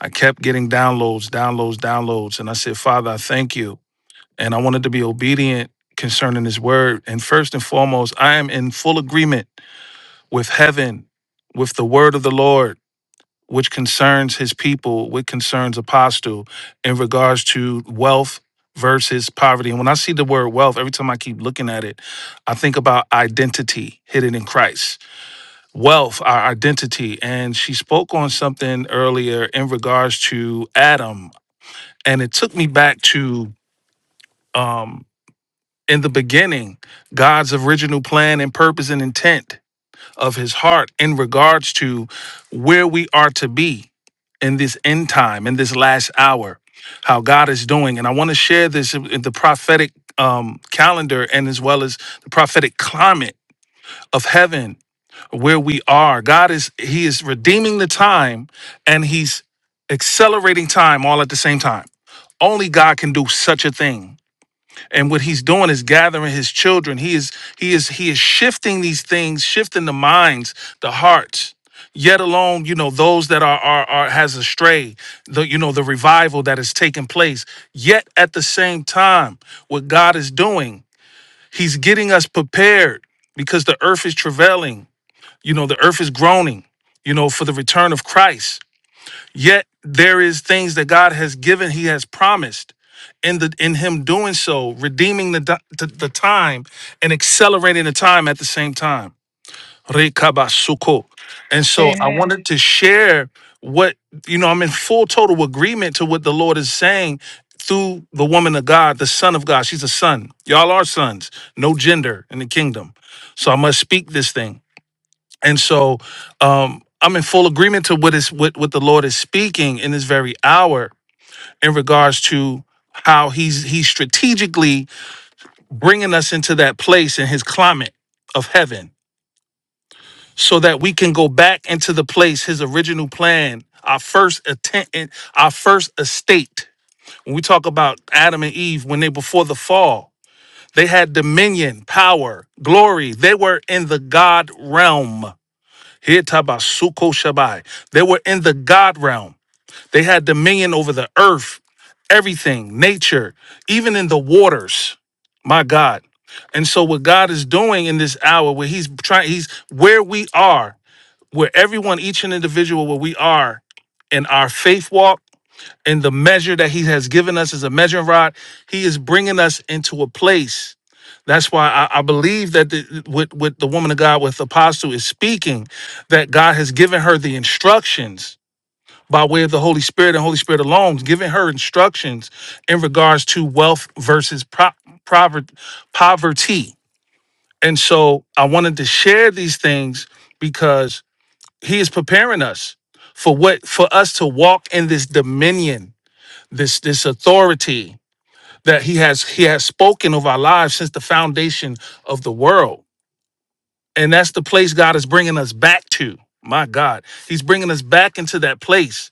Speaker 6: I kept getting downloads, downloads, downloads. And I said, Father, I thank you. And I wanted to be obedient concerning his word. And first and foremost, I am in full agreement with heaven, with the word of the Lord which concerns his people, which concerns apostle in regards to wealth versus poverty. And when I see the word wealth, every time I keep looking at it, I think about identity hidden in Christ. Wealth, our identity. And she spoke on something earlier in regards to Adam. And it took me back to um in the beginning, God's original plan and purpose and intent of his heart in regards to where we are to be in this end time, in this last hour, how God is doing. And I want to share this in the prophetic um, calendar and as well as the prophetic climate of heaven where we are. God is, He is redeeming the time and He's accelerating time all at the same time. Only God can do such a thing and what he's doing is gathering his children he is he is he is shifting these things shifting the minds the hearts yet alone you know those that are are, are has astray the you know the revival that is taking place yet at the same time what god is doing he's getting us prepared because the earth is travailing you know the earth is groaning you know for the return of christ Yet there is things that God has given, He has promised in the in Him doing so, redeeming the di- the, the time and accelerating the time at the same time. Rekabasuko. And so I
Speaker 3: Amen.
Speaker 6: wanted to share what you know, I'm in full total agreement to what the Lord is saying through the woman of God, the son of God. She's a son. Y'all are sons, no gender in the kingdom. So I must speak this thing. And so um, I'm in full agreement to what is what, what the Lord is speaking in this very hour in regards to how he's he's strategically bringing us into that place in his climate of heaven so that we can go back into the place his original plan our first attempt our first estate when we talk about adam and eve when they before the fall they had dominion power glory they were in the god realm Hitabasuko Shabai. They were in the God realm. They had dominion over the earth, everything, nature, even in the waters. My God. And so what God is doing in this hour where he's trying he's where we are, where everyone each and individual where we are in our faith walk and the measure that he has given us is a measuring rod. He is bringing us into a place. That's why I, I believe that the, with, with the woman of God, with Apostle, is speaking, that God has given her the instructions by way of the Holy Spirit and Holy Spirit alone, giving her instructions in regards to wealth versus pro- prover- poverty. And so I wanted to share these things because he is preparing us for what for us to walk in this dominion this this authority that he has he has spoken of our lives since the foundation of the world and that's the place god is bringing us back to my god he's bringing us back into that place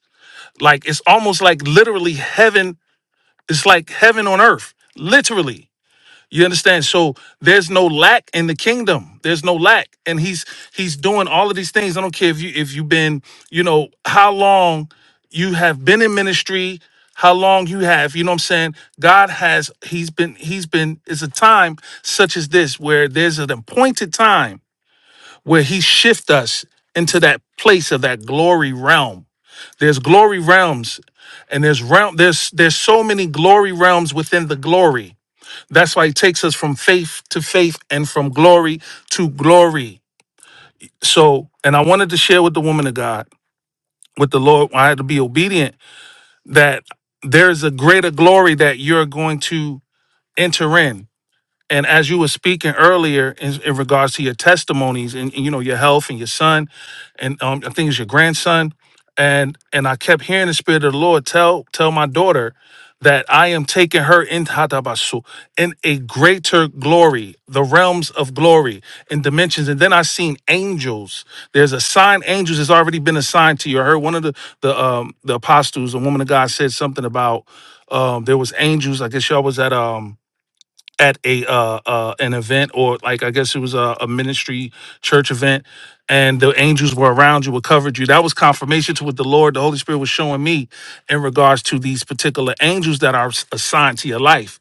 Speaker 6: like it's almost like literally heaven it's like heaven on earth literally you understand? So there's no lack in the kingdom. There's no lack, and he's he's doing all of these things. I don't care if you if you've been, you know, how long you have been in ministry, how long you have, you know what I'm saying? God has he's been he's been it's a time such as this where there's an appointed time where he shift us into that place of that glory realm. There's glory realms and there's realm there's there's so many glory realms within the glory that's why it takes us from faith to faith and from glory to glory. So, and I wanted to share with the woman of God, with the Lord, I had to be obedient that there's a greater glory that you're going to enter in. And as you were speaking earlier in, in regards to your testimonies and, and, you know your health and your son, and um, I think it's your grandson, and and I kept hearing the spirit of the Lord tell tell my daughter that I am taking her in Hatabasu in a greater glory, the realms of glory and dimensions. And then I seen angels. There's a sign. Angels has already been assigned to you. I heard one of the the um the apostles, a woman of God, said something about um there was angels. I guess y'all was at um at a uh, uh an event or like I guess it was a, a ministry church event and the angels were around you were covered you. That was confirmation to what the Lord, the Holy Spirit was showing me in regards to these particular angels that are s- assigned to your life.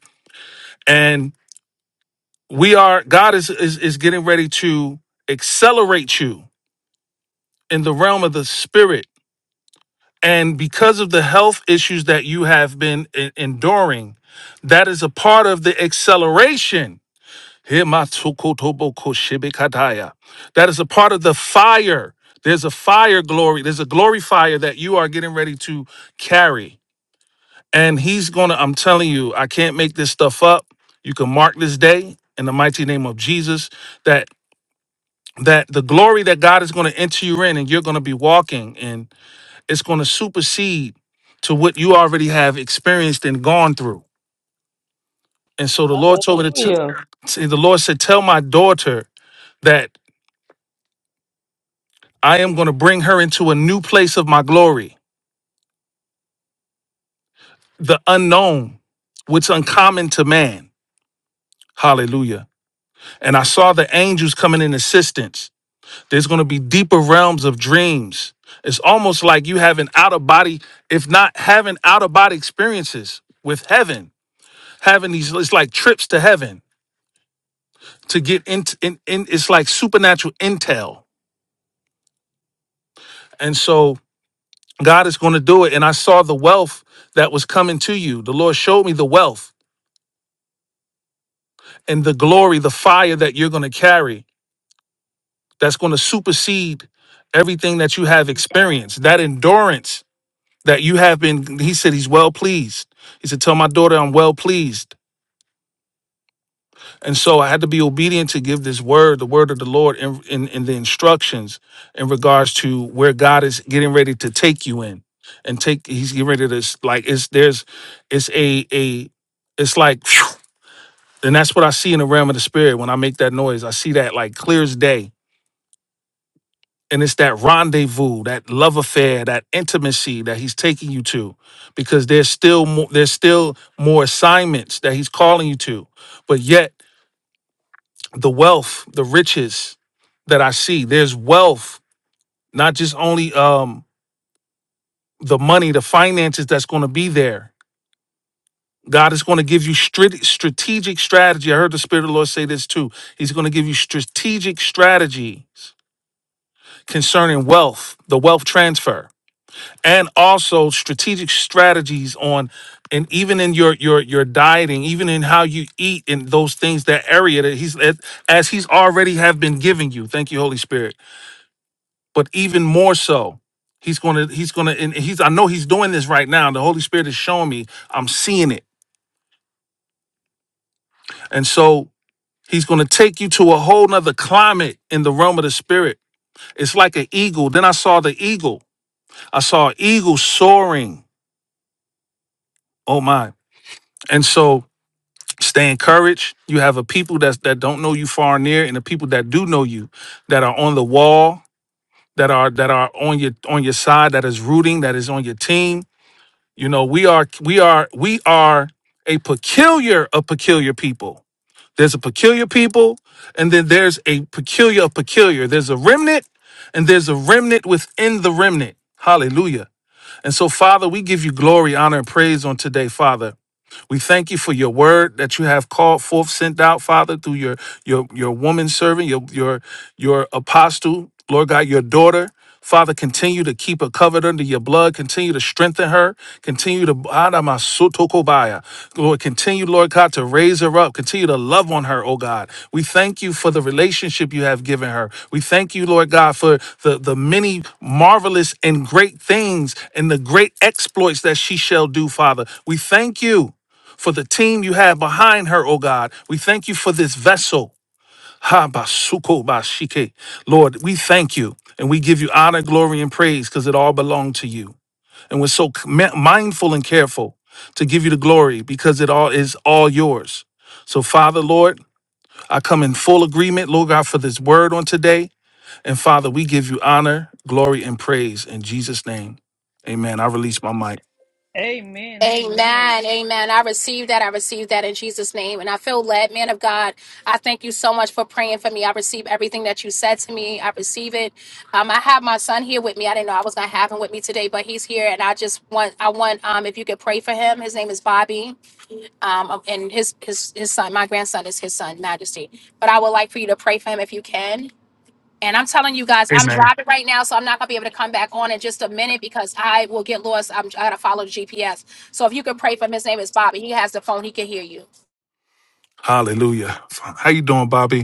Speaker 6: And we are God is is, is getting ready to accelerate you in the realm of the spirit. And because of the health issues that you have been e- enduring, that is a part of the acceleration Himatsukotoboko-shibikataya. That is a part of the fire. There's a fire glory. There's a glory fire that you are getting ready to carry. And he's going to, I'm telling you, I can't make this stuff up. You can mark this day in the mighty name of Jesus that that the glory that God is going to enter you in and you're going to be walking and it's going to supersede to what you already have experienced and gone through. And so the Lord told me to,
Speaker 3: Hallelujah.
Speaker 6: t- the Lord said, tell my daughter that I am going to bring her into a new place of my glory, the unknown, what's uncommon to man. Hallelujah. And I saw the angels coming in assistance. There's going to be deeper realms of dreams. It's almost like you having out of body, if not having out of body experiences with heaven, having these, it's like trips to heaven to get into, in, in, it's like supernatural intel. And so God is going to do it. And I saw the wealth that was coming to you. The Lord showed me the wealth and the glory, the fire that you're going to carry that's going to supersede everything that you have experienced. That endurance that you have been, he said, he's well pleased. He said, Tell my daughter I'm well pleased. And so I had to be obedient to give this word, the word of the Lord, in, in, in the instructions in regards to where God is getting ready to take you in. And take he's getting ready to like it's there's it's a a it's like phew. and that's what I see in the realm of the spirit when I make that noise. I see that like clear as day and it's that rendezvous, that love affair, that intimacy that he's taking you to, because there's still more, there's still more assignments that he's calling you to, but yet the wealth, the riches that I see, there's wealth, not just only um, the money, the finances that's going to be there. God is going to give you strate- strategic strategy. I heard the Spirit of the Lord say this too. He's going to give you strategic strategies concerning wealth, the wealth transfer and also strategic strategies on and even in your your your dieting even in how you eat in those things that area that he's that- as he's already have been giving you thank you holy spirit but even more so he's gonna he's gonna and he's i know he's doing this right now the holy spirit is showing me i'm seeing it and so he's gonna take you to a whole nother climate in the realm of the spirit it's like an eagle then i saw the eagle i saw an eagle soaring oh my and so Stay encouraged. You have a people that that don't know you far and near, and the people that do know you, that are on the wall, that are that are on your on your side, that is rooting, that is on your team. You know, we are we are we are a peculiar of peculiar people. There's a peculiar people, and then there's a peculiar of peculiar. There's a remnant, and there's a remnant within the remnant. Hallelujah. And so, Father, we give you glory, honor, and praise on today, Father. We thank you for your word that you have called forth, sent out, Father, through your your your woman servant, your your your apostle, Lord God, your daughter. Father, continue to keep her covered under your blood. Continue to strengthen her. Continue to Adamasutokobaya. Lord, continue, Lord God, to raise her up. Continue to love on her, oh God. We thank you for the relationship you have given her. We thank you, Lord God, for the, the many marvelous and great things and the great exploits that she shall do, Father. We thank you for the team you have behind her, oh God. We thank you for this vessel. Ha basuko bashike. Lord, we thank you and we give you honor, glory, and praise because it all belonged to you. And we're so mi- mindful and careful to give you the glory because it all is all yours. So, Father, Lord, I come in full agreement, Lord God, for this word on today. And Father, we give you honor, glory, and praise in Jesus' name. Amen. I release my mic.
Speaker 3: Amen. Amen.
Speaker 1: Amen. Amen. I receive that. I receive that in Jesus' name. And I feel led, man of God. I thank you so much for praying for me. I receive everything that you said to me. I receive it. Um, I have my son here with me. I didn't know I was gonna have him with me today, but he's here and I just want I want um if you could pray for him. His name is Bobby. Um and his his his son, my grandson is his son, Majesty. But I would like for you to pray for him if you can. And I'm telling you guys, I'm
Speaker 6: Amen.
Speaker 1: driving right now, so I'm not gonna be able to come back on in just a minute because I will get lost. I'm, I gotta follow the GPS. So if you could pray for him, his name is Bobby. He has the phone. He can hear you.
Speaker 6: Hallelujah. How you doing, Bobby?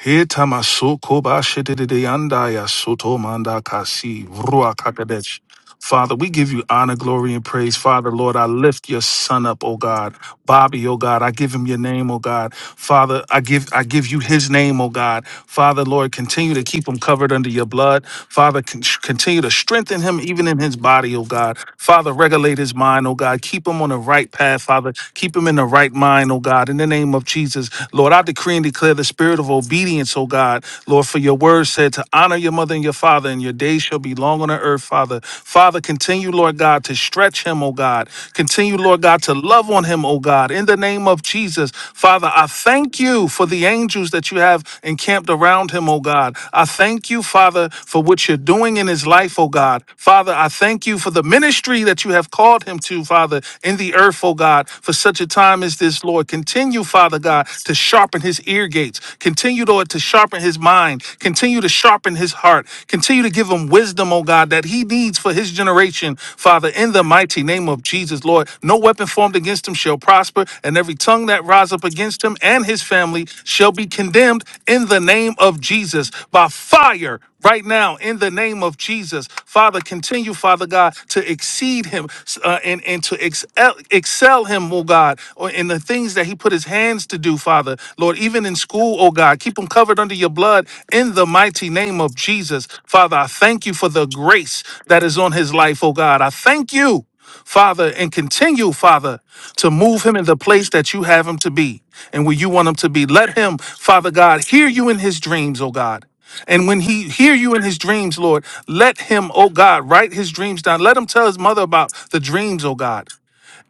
Speaker 6: Heta maso koba shedede yanda ya soto manda kasi vrua kakadesh. Father, we give you honor, glory, and praise. Father, Lord, I lift your son up, oh God. Bobby, oh God, I give him your name, oh God. Father, I give I give you his name, oh God. Father, Lord, continue to keep him covered under your blood. Father, con- continue to strengthen him even in his body, oh God. Father, regulate his mind, oh God. Keep him on the right path, Father. Keep him in the right mind, oh God. In the name of Jesus, Lord, I decree and declare the spirit of obedience, oh God. Lord, for your word said to honor your mother your mother and your father, and your days shall be long on the earth, Father. Father, continue, Lord God, to stretch him, oh God. Continue, Lord God, to love on him, oh God. In the name of Jesus, Father, I thank you for the angels that you have encamped around him, oh God. I thank you, Father, for what you're doing in his life, oh God. Father, I thank you for the ministry that you have called him to, Father, in the earth, oh God, for such a time as this, Lord. Continue, Father God, to sharpen his ear gates. Continue Continue, Lord, to sharpen his mind. Continue to sharpen his heart. Continue to give him wisdom, oh God, that he needs for his generation, Father, in the mighty name of Jesus, Lord. No weapon formed against him shall prosper, and every tongue that rise up against him and his family shall be condemned in the name of Jesus by fire right now in the name of Jesus. Father, continue, Father God, to exceed him uh, and, and to excel, excel him, oh God, or in the things that he put his hands to do, Father. Lord, even in school, oh God, keep him covered under your blood in the mighty name of Jesus. Father, I thank you for the grace that is on his life, oh God. I thank you. Father, and continue, Father, to move him in the place that you have him to be and where you want him to be. Let him, Father God, hear you in his dreams, oh God. And when he hear you in his dreams, Lord, let him, oh God, write his dreams down. Let him tell his mother about the dreams, oh God.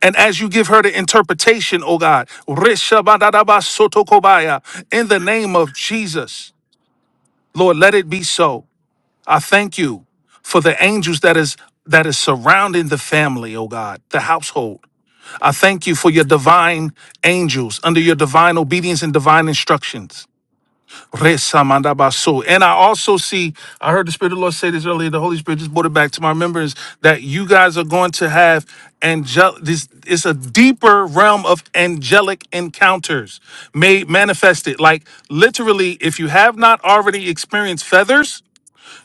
Speaker 6: And as you give her the interpretation, oh God, Rishabadadabasotokobaya, in the name of Jesus, Lord, let it be so. I thank you for the angels that is that is surrounding the family, oh God, the household. I thank you for your divine angels under your divine obedience and divine instructions. Resamadabaso. And I also see, I heard the Spirit of the Lord say this earlier. The Holy Spirit just brought it back to my remembrance that you guys are going to have angel this it's a deeper realm of angelic encounters made manifested. Like literally, if you have not already experienced feathers,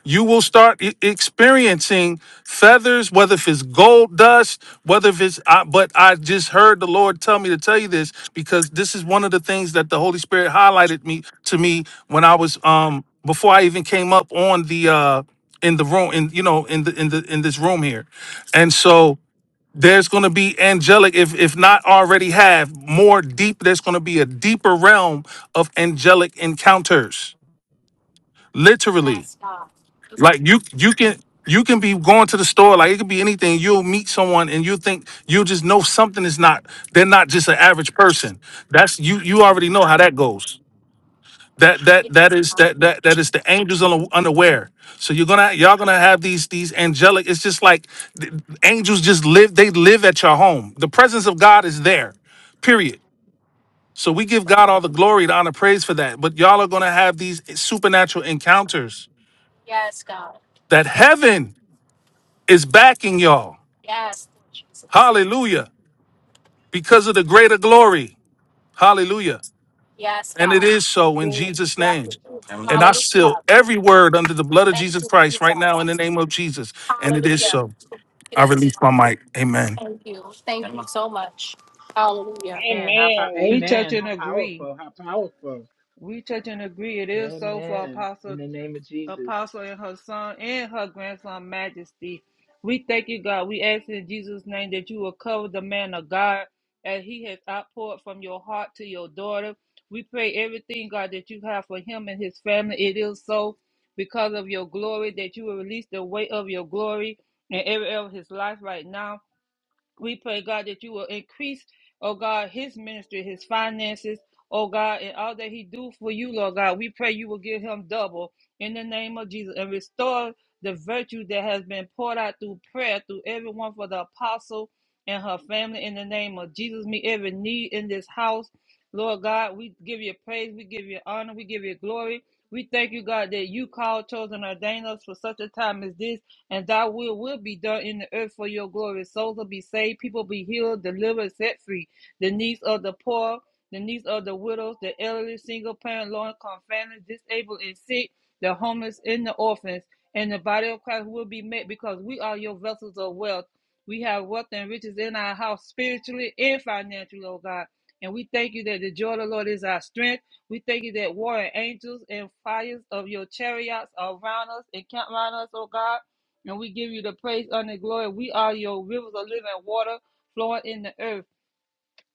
Speaker 6: you will start e- experiencing feathers whether if it's gold dust whether if it's I, but i just heard the lord tell me to tell you this because this is one of the things that the holy spirit highlighted me to me when i was um before i even came up on the uh in the room in you know in the in the in this room here and so there's going to be angelic if if not already have more deep there's going to be a deeper realm of angelic encounters literally
Speaker 1: Yes, God.
Speaker 6: like you you can you can be going to the store, like it could be anything. You'll meet someone and you think you'll just know something is not they're not just an average person. That's you you already know how that goes. That that
Speaker 1: Yes,
Speaker 6: that is
Speaker 1: God.
Speaker 6: that that that is the angels un- unaware. So you're gonna y'all gonna have these these angelic. It's just like th- angels just live. They live at your home. The presence of God is there.
Speaker 1: Thank you.
Speaker 6: Period. So we give God all the glory, the honor, praise for that. But y'all are gonna have these supernatural encounters
Speaker 1: Yes, God.
Speaker 6: that
Speaker 1: Thank
Speaker 6: heaven is backing y'all.
Speaker 1: you. Yes, Lord Jesus.
Speaker 6: Hallelujah. Because of the greater glory. Hallelujah.
Speaker 1: Yes,
Speaker 6: And it
Speaker 1: God.
Speaker 6: is so in
Speaker 3: Okay.
Speaker 6: Jesus'
Speaker 1: Yes,
Speaker 6: name.
Speaker 1: it is.
Speaker 6: And I
Speaker 1: Hallelujah.
Speaker 6: seal every word under the blood of
Speaker 1: Thank
Speaker 6: Jesus
Speaker 1: you,
Speaker 6: Christ right now in the
Speaker 1: Jesus.
Speaker 6: name of Jesus. And it is
Speaker 1: Hallelujah.
Speaker 6: so.
Speaker 1: It
Speaker 6: I
Speaker 1: is.
Speaker 6: release my mic. Amen.
Speaker 1: Thank you. Thank you so much. Hallelujah.
Speaker 4: And how pow-
Speaker 3: Amen. We touch
Speaker 4: amen.
Speaker 3: and
Speaker 4: How
Speaker 3: agree.
Speaker 4: powerful. How powerful.
Speaker 3: We touch and agree. It is so for
Speaker 4: Amen. In
Speaker 3: Apostle
Speaker 4: the name of Jesus.
Speaker 3: apostle and her son and her grandson majesty. We thank you, God. We ask in Jesus' name that you will cover the man of God as he has outpoured from your heart to your daughter. We pray everything, God, that you have for him and his family. It is so because of your glory that you will release the weight of your glory in every area of his life right now. We pray, God, that you will increase, oh God, his ministry, his finances, oh God, and all that he do for you, Lord God. We pray you will give him double in the name of Jesus and restore the virtue that has been poured out through prayer through everyone for the apostle and her family in the name of Jesus. Meet every need in this house. Lord God, we give you praise, we give you honor, we give you glory. We thank you, God, that you called, chosen, ordained us for such a time as this and thy will will be done in the earth for your glory. Souls will be saved, people be healed, delivered, set free. The needs of the poor, the needs of the widows, the elderly, single parent, low income families, disabled and sick, the homeless and the orphans, and the body of Christ will be met because we are your vessels of wealth. We have wealth and riches in our house spiritually and financially, oh God. And we thank you that the joy of the Lord is our strength. We thank you that warring angels and fires of your chariots are around us and camp around us, oh God. And we give you the praise, honor, and glory. We are your rivers of living water flowing in the earth.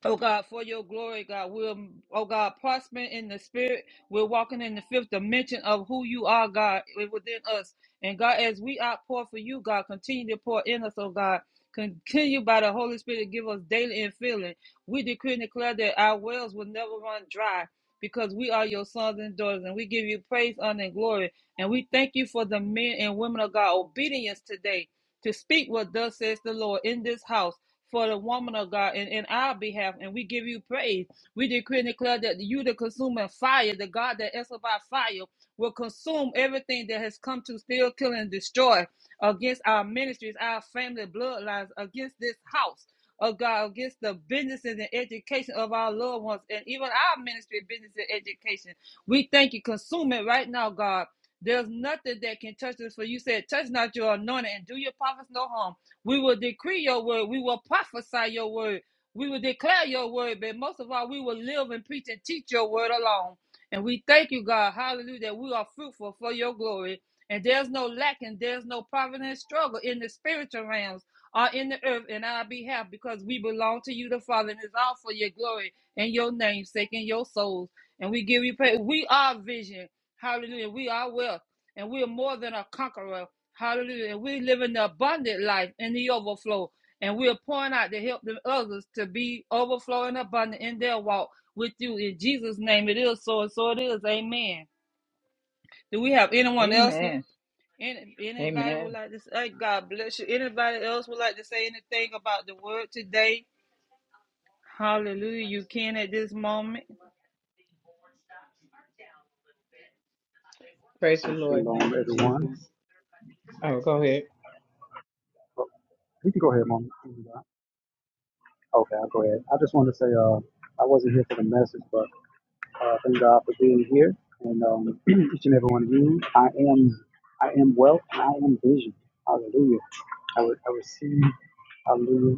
Speaker 3: Oh God, for your glory, God, we're oh God, prospering in the spirit. We're walking in the fifth dimension of who you are, God, within us. And God, as we outpour for you, God, continue to pour in us, oh God. Continue by the Holy Spirit to give us daily and filling. We decree and declare that our wells will never run dry because we are your sons and daughters, and we give you praise, honor, and glory. And we thank you for the men and women of God obedience today to speak what thus says the Lord in this house for the woman of God and in our behalf, and we give you praise. We decree and declare that you, the consuming fire, the God that answers by fire, will consume everything that has come to steal, kill, and destroy against our ministries, our family bloodlines, against this house. Of God, against the businesses and education of our loved ones, and even our ministry, business and education. We thank you, consume it right now, God. There's nothing that can touch this, for you said, Touch not your anointing and do your prophets no harm. We will decree your word. We will prophesy your word. We will declare your word. But most of all, we will live and preach and teach your word alone. And we thank you, God, hallelujah, that we are fruitful for your glory. And there's no lack and there's no poverty and struggle in the spiritual realms or in the earth in our behalf because we belong to you, the Father, and it's all for your glory and your namesake and your souls. And we give you praise. We are vision. Hallelujah. We are wealth. And we are more than a conqueror. Hallelujah. And we live in the abundant life in the overflow. And we are pouring out to help the others to be overflowing abundant in their walk with you. In Jesus' name it is so and so it is. Amen. Do we have anyone else?
Speaker 4: Amen.
Speaker 3: Any, anybody would
Speaker 4: Amen.
Speaker 3: like to say, "Hey, God bless you. Anybody else would like to say anything about the word today? Hallelujah. You can at this moment.
Speaker 4: Praise the
Speaker 7: And
Speaker 4: Lord.
Speaker 7: Shalom,
Speaker 4: Thank you,
Speaker 7: everyone.
Speaker 4: Jesus. Oh, go ahead.
Speaker 7: Oh, You can go ahead, Mom. Okay, I'll go ahead. I just wanted to say, uh, I wasn't here for the message, but uh, thank God for being here and um, each and every one of you. I am, I am wealth and I am vision. Hallelujah. I would, I receive. Hallelujah.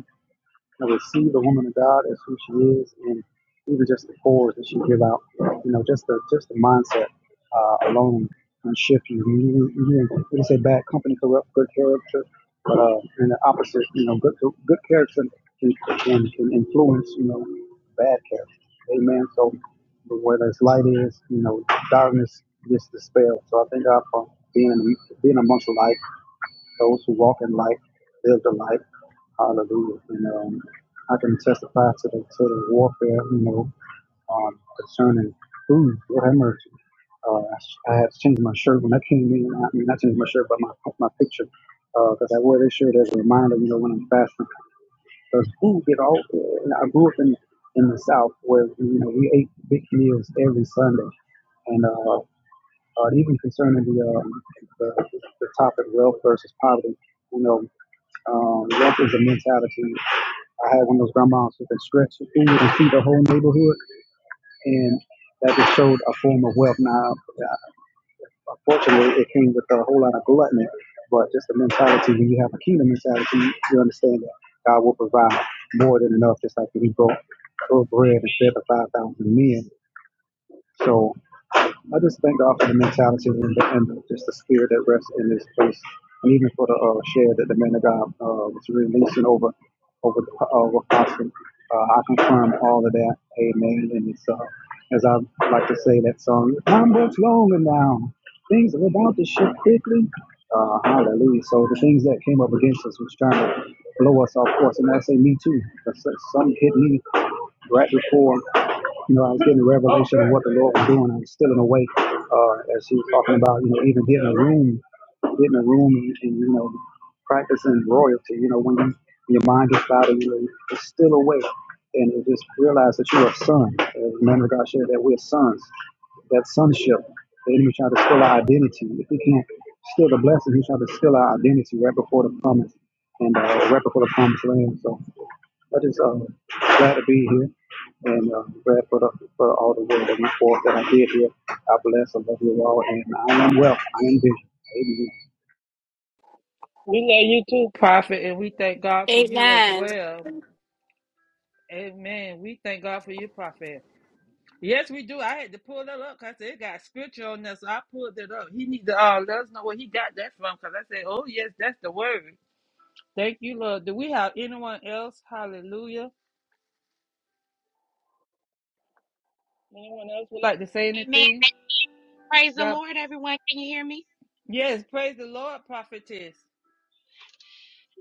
Speaker 7: I would see the woman of God as who she is, and even just the chords that she give out, you know, just the just the mindset uh, alone can shift you. When you, when you what do say? Bad company corrupt good character, but uh, and the opposite, you know, good good character can, can, can influence, you know, bad character. Amen. So where there's light is, you know, darkness gets dispelled. So I thank God for being being amongst the light, those who walk in light, live the light. Hallelujah. You know, I can testify to the to the warfare, you know, um, concerning food. Lord have mercy. Uh, I, sh- I had to change my shirt when I came in. I mean, I changed my shirt, but my my picture, because I wear this shirt as a reminder, you know, when I'm fasting. Because food get all. And I grew up in in the South where you know we ate big meals every Sunday, and uh, uh, even concerning the, um, the the topic wealth versus poverty, you know, um, wealth is a mentality, I had one of those grandmas who could stretch her food and feed the whole neighborhood, and that just showed a form of wealth. Now, uh, unfortunately, it came with a whole lot of gluttony, but just the mentality when you have a kingdom mentality, you understand that God will provide more than enough, just like when He broke, broke bread and fed the 5,000 men. So I just thank God for the mentality and, the, and just the spirit that rests in this place, and even for the uh, share that the man of God uh, was releasing over over the uh, over Austin. Uh, I confirm all of that. Amen. And it's uh, as I like to say that song, time works longer now. Things are about to shift quickly. Uh, hallelujah. So the things that came up against us was trying to blow us off course, and I say me too. Some hit me right before. You know, I was getting a revelation of what the Lord was doing. I was still in a way, uh, as he was talking about, you know, even getting a room, getting a room and, and you know, practicing royalty. You know, when you, your mind gets clouded, you know, it's still a way, And you just realize that you are a son. As the man of God shared that we're sons. That sonship, the enemy tried to steal our identity. If he can't steal the blessing, he tried to steal our identity right before the promise and uh, right before the promised land. So. I just um glad to be here and uh, glad for the for all the work that went forth that I did here. I bless and love you all, and I am well. I am busy. Amen.
Speaker 3: We love you too, prophet, and we thank God for you as
Speaker 1: Amen.
Speaker 3: well. Amen. We thank God for you, prophet. Yes, we do. I had to pull that up because it got scripture on there, so I pulled it up. He need to uh, let us know where he got that from because I said, oh, yes, that's the word. Thank you, Lord. Do we have anyone else? Hallelujah. Anyone else would like to say
Speaker 8: Amen.
Speaker 3: anything?
Speaker 8: Praise the
Speaker 3: God,
Speaker 8: Lord, everyone. Can you hear me?
Speaker 3: yes, praise the Lord, prophetess.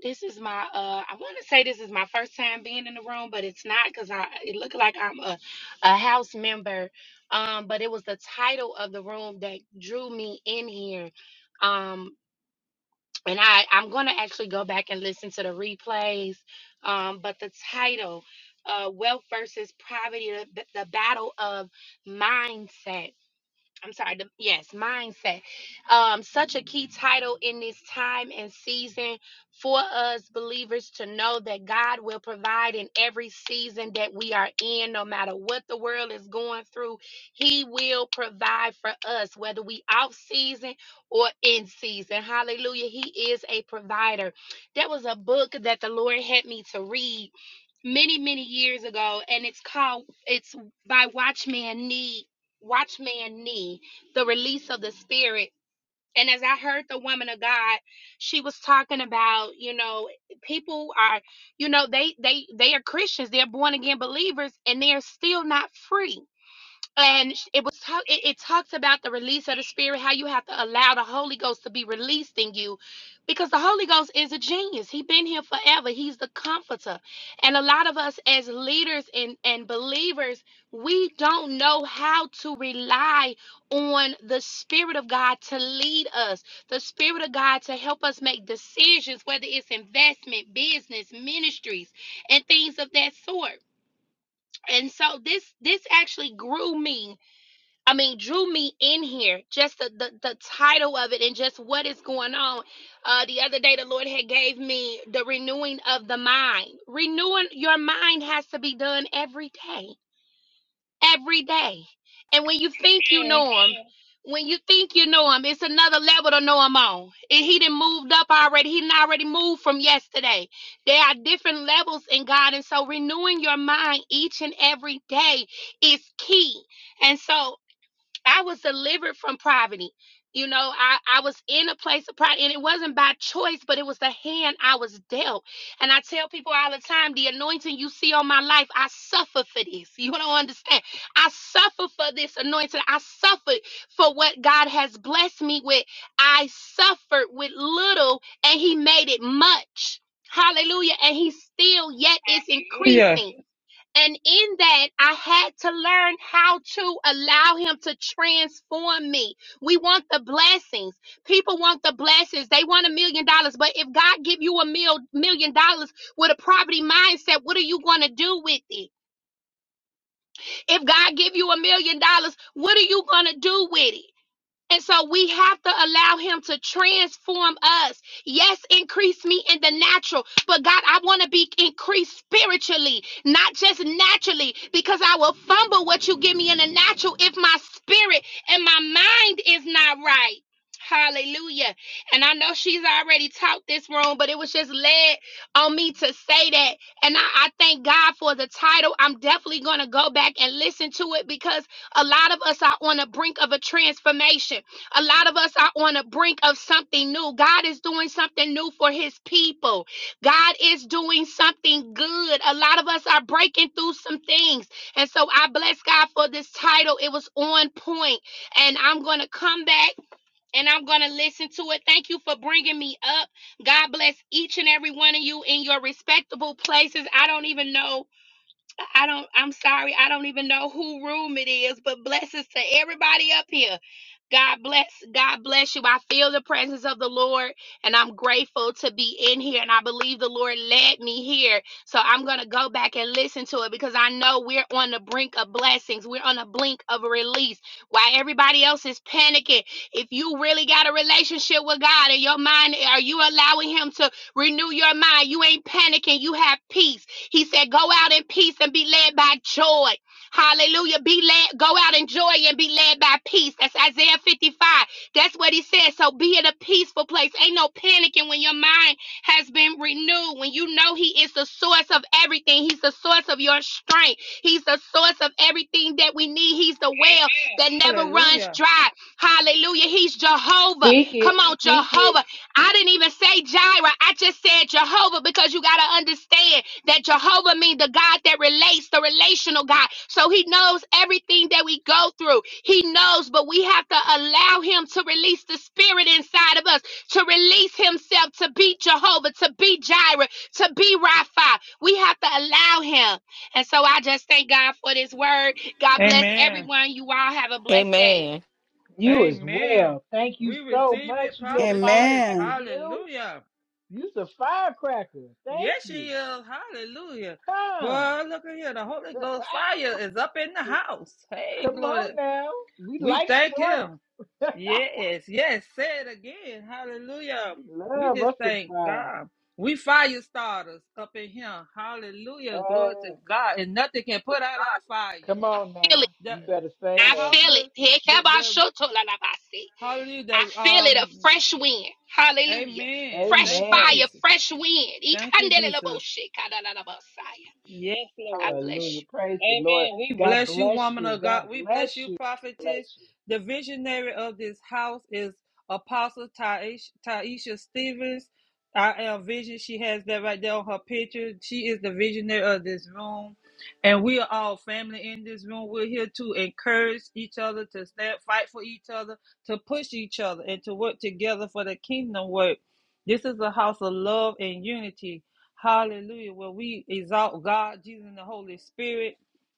Speaker 8: This is my uh I want to say this is my first time being in the room, but it's not because I it looked like I'm a, a house member. Um, but it was the title of the room that drew me in here. Um and I, I'm gonna actually go back and listen to the replays. Um, but the title, uh, wealth versus poverty, the, the battle of mindset I'm sorry, the, yes, mindset. Um, such a key title in this time and season for us believers to know that God will provide in every season that we are in, no matter what the world is going through. He will provide for us, whether we off season or in season. Hallelujah. He is a provider. There was a book that the Lord had me to read many, many years ago, and it's called It's by Watchman Nee Watchman Nee, the release of the spirit. And as I heard the woman of God, she was talking about, you know, people are, you know, they they they are Christians, they're born again believers, and they're still not free and sh- it was talk, it, it talks about the release of the spirit how you have to allow the holy ghost to be released in you because the holy ghost is a genius he's been here forever he's the comforter and a lot of us as leaders and, and believers we don't know how to rely on the spirit of god to lead us the spirit of god to help us make decisions whether it's investment business ministries and things of that sort and so this this actually grew me I mean, drew me in here. Just the, the the title of it and just what is going on. Uh, the other day, the Lord had gave me the renewing of the mind. Renewing your mind has to be done every day, every day. And when you think you know Him, when you think you know Him, it's another level to know Him on. And He didn't moved up already. He did already moved from yesterday. There are different levels in God, and so renewing your mind each and every day is key. And so I was delivered from poverty. You know, I, I was in a place of pride, and it wasn't by choice, but it was the hand I was dealt. And I tell people all the time the anointing you see on my life, I suffer for this. You don't understand. I suffer for this anointing. I suffered for what God has blessed me with. I suffered with little, and He made it much. Hallelujah. And He still yet is
Speaker 3: Hallelujah.
Speaker 8: increasing. And in that, I had to learn how to allow him to transform me. We want the blessings. People want the blessings. They want a million dollars. But if God give you a mil- million dollars with a poverty mindset, what are you going to do with it? If God give you a million dollars, what are you going to do with it? And so we have to allow him to transform us. Yes, increase me in the natural, but God, I want to be increased spiritually, not just naturally, because I will fumble what you give me in the natural if my spirit and my mind is not right. Hallelujah. And I know she's already taught this room, but it was just led on me to say that. And I, I thank God for the title. I'm definitely going to go back and listen to it because. A lot of us are on the brink of a transformation. A lot of us are on the brink of something new. God is doing something new for his people. God is doing something good. A lot of us are breaking through some things. And so I bless God for this title. It was on point. And I'm going to come back and I'm going to listen to it. Thank you for bringing me up. God bless each and every one of you in your respectable places. I don't even know I don't, I'm sorry, I don't even know who room it is, but blessings to everybody up here. God bless, God bless you. I feel the presence of the Lord and I'm grateful to be in here. And I believe the Lord led me here. So I'm going to go back and listen to it because I know we're on the brink of blessings. We're on the blink of a release. While everybody else is panicking, if you really got a relationship with God in your mind, are you allowing Him to renew your mind? You ain't panicking, you have peace. He said, Go out in peace and be led by joy. Hallelujah. Be led, go out in joy and be led by peace. That's Isaiah 55. That's what he said. So be in a peaceful place. Ain't no panicking when your mind has been renewed. When you know he is the source of everything. He's the source of your strength. He's the source of everything that we need. He's the well that never runs
Speaker 3: Hallelujah.
Speaker 8: dry. Hallelujah. He's Jehovah.
Speaker 4: Speak it.
Speaker 8: Come on,
Speaker 4: Speak it.
Speaker 8: Jehovah. I didn't even say Jireh. I just said Jehovah because you got to understand that Jehovah means the God that relates, the relational God. So he knows everything that we go through. He knows, but we have to allow him to release the spirit inside of us, to release himself, to be Jehovah, to be Jireh, to be Rapha. We have to allow him. And so I just thank God for this word. God bless
Speaker 3: Amen.
Speaker 8: everyone. You all have a blessed day.
Speaker 5: Amen.
Speaker 4: You as
Speaker 3: Amen.
Speaker 4: well. Thank you
Speaker 3: We
Speaker 4: so
Speaker 3: receive
Speaker 4: much,
Speaker 3: it,
Speaker 4: you little
Speaker 3: prophetess.
Speaker 4: firecracker.
Speaker 2: Amen.
Speaker 4: You.
Speaker 3: Hallelujah.
Speaker 4: You's a firecracker. Thank
Speaker 3: Yes, she
Speaker 4: you.
Speaker 3: is. Hallelujah.
Speaker 4: Come.
Speaker 3: Boy, look at here. The Holy Ghost fire is up in the house. Hey,
Speaker 4: Come on
Speaker 3: glory.
Speaker 4: now. We
Speaker 3: We
Speaker 4: like
Speaker 3: thank
Speaker 4: sparks.
Speaker 3: him. Yes, yes. Say it again. Hallelujah. We
Speaker 4: Love
Speaker 3: just
Speaker 4: us some
Speaker 3: thank
Speaker 4: fire.
Speaker 3: God. We fire starters up in here. Hallelujah. Glory to
Speaker 4: Uh,
Speaker 3: God. And nothing can put out our fire.
Speaker 4: come on
Speaker 8: I feel it.
Speaker 4: now.
Speaker 3: The
Speaker 4: You better say
Speaker 3: the
Speaker 8: I
Speaker 4: that.
Speaker 3: house
Speaker 8: feel
Speaker 3: be-
Speaker 8: it. Hey,
Speaker 3: the the hallelujah.
Speaker 8: I
Speaker 3: The,
Speaker 8: feel it a
Speaker 3: um
Speaker 8: fresh wind. Hallelujah.
Speaker 3: Amen.
Speaker 8: Fresh
Speaker 3: Thank you,
Speaker 4: Amen.
Speaker 8: fire,
Speaker 3: Jesus.
Speaker 8: fresh wind.
Speaker 3: Thank you, Jesus.
Speaker 8: Ikandeleleboshe, kadalelebosaya.
Speaker 3: Yes,
Speaker 8: God
Speaker 3: Lord.
Speaker 8: bless
Speaker 4: Hallelujah. Praise the Lord.
Speaker 3: Amen. We
Speaker 4: God
Speaker 3: bless you,
Speaker 4: bless
Speaker 3: woman
Speaker 4: you.
Speaker 3: of
Speaker 4: God
Speaker 3: God. We bless
Speaker 4: bless
Speaker 3: you,
Speaker 4: you.
Speaker 3: prophetess.
Speaker 4: Bless you.
Speaker 3: The visionary of this house is Apostle Taisha, Taisha Stevens. I am vision. She has that right there on her picture. She is the visionary of this room. And we are all family in this room. We're here to encourage each other, to stand, fight for each other, to push each other, and to work together for the kingdom work. This is a house of love and unity. Hallelujah. Where we exalt God, Jesus, and the Holy Spirit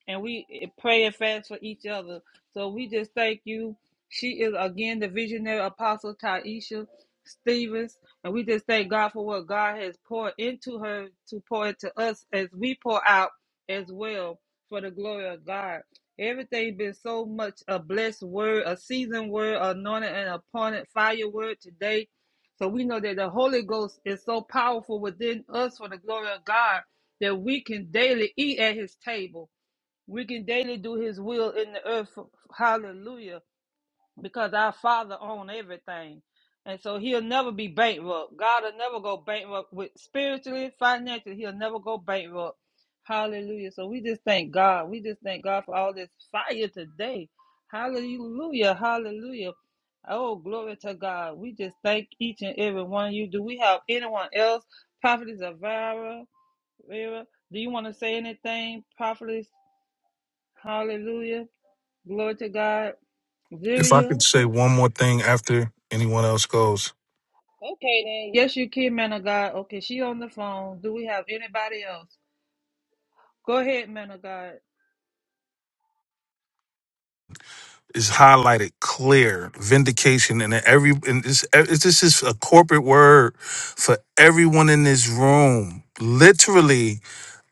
Speaker 3: and we pray and fast for each other. So we just thank you. She is again the visionary apostle Taisha Stevens, and we just thank God for what God has poured into her to pour into us as we pour out as well for the glory of God. Everything been so much a blessed word, a seasoned word, anointed and appointed fire word today. So we know that the Holy Ghost is so powerful within us for the glory of God that we can daily eat at his table we can daily do his will in the earth. Hallelujah. Because our Father owns everything. And so he'll never be bankrupt. God will never go bankrupt with spiritually, financially. He'll never go bankrupt. Hallelujah. So we just thank God. We just thank God for all this fire today. Hallelujah. Hallelujah. Oh, glory to God. We just thank each and every one of you. Do we have anyone else? Prophetess Avira, Vera, do you want to say anything? Prophetess, hallelujah. Glory to God.
Speaker 6: If I
Speaker 3: Viria.
Speaker 6: could say one more thing after anyone else goes.
Speaker 3: Okay then. Yes, you can, man of God. Okay, she on the phone. Do we have anybody else? Go ahead, man of God.
Speaker 6: is highlighted clear vindication and every and this this is a corporate word for everyone in this room literally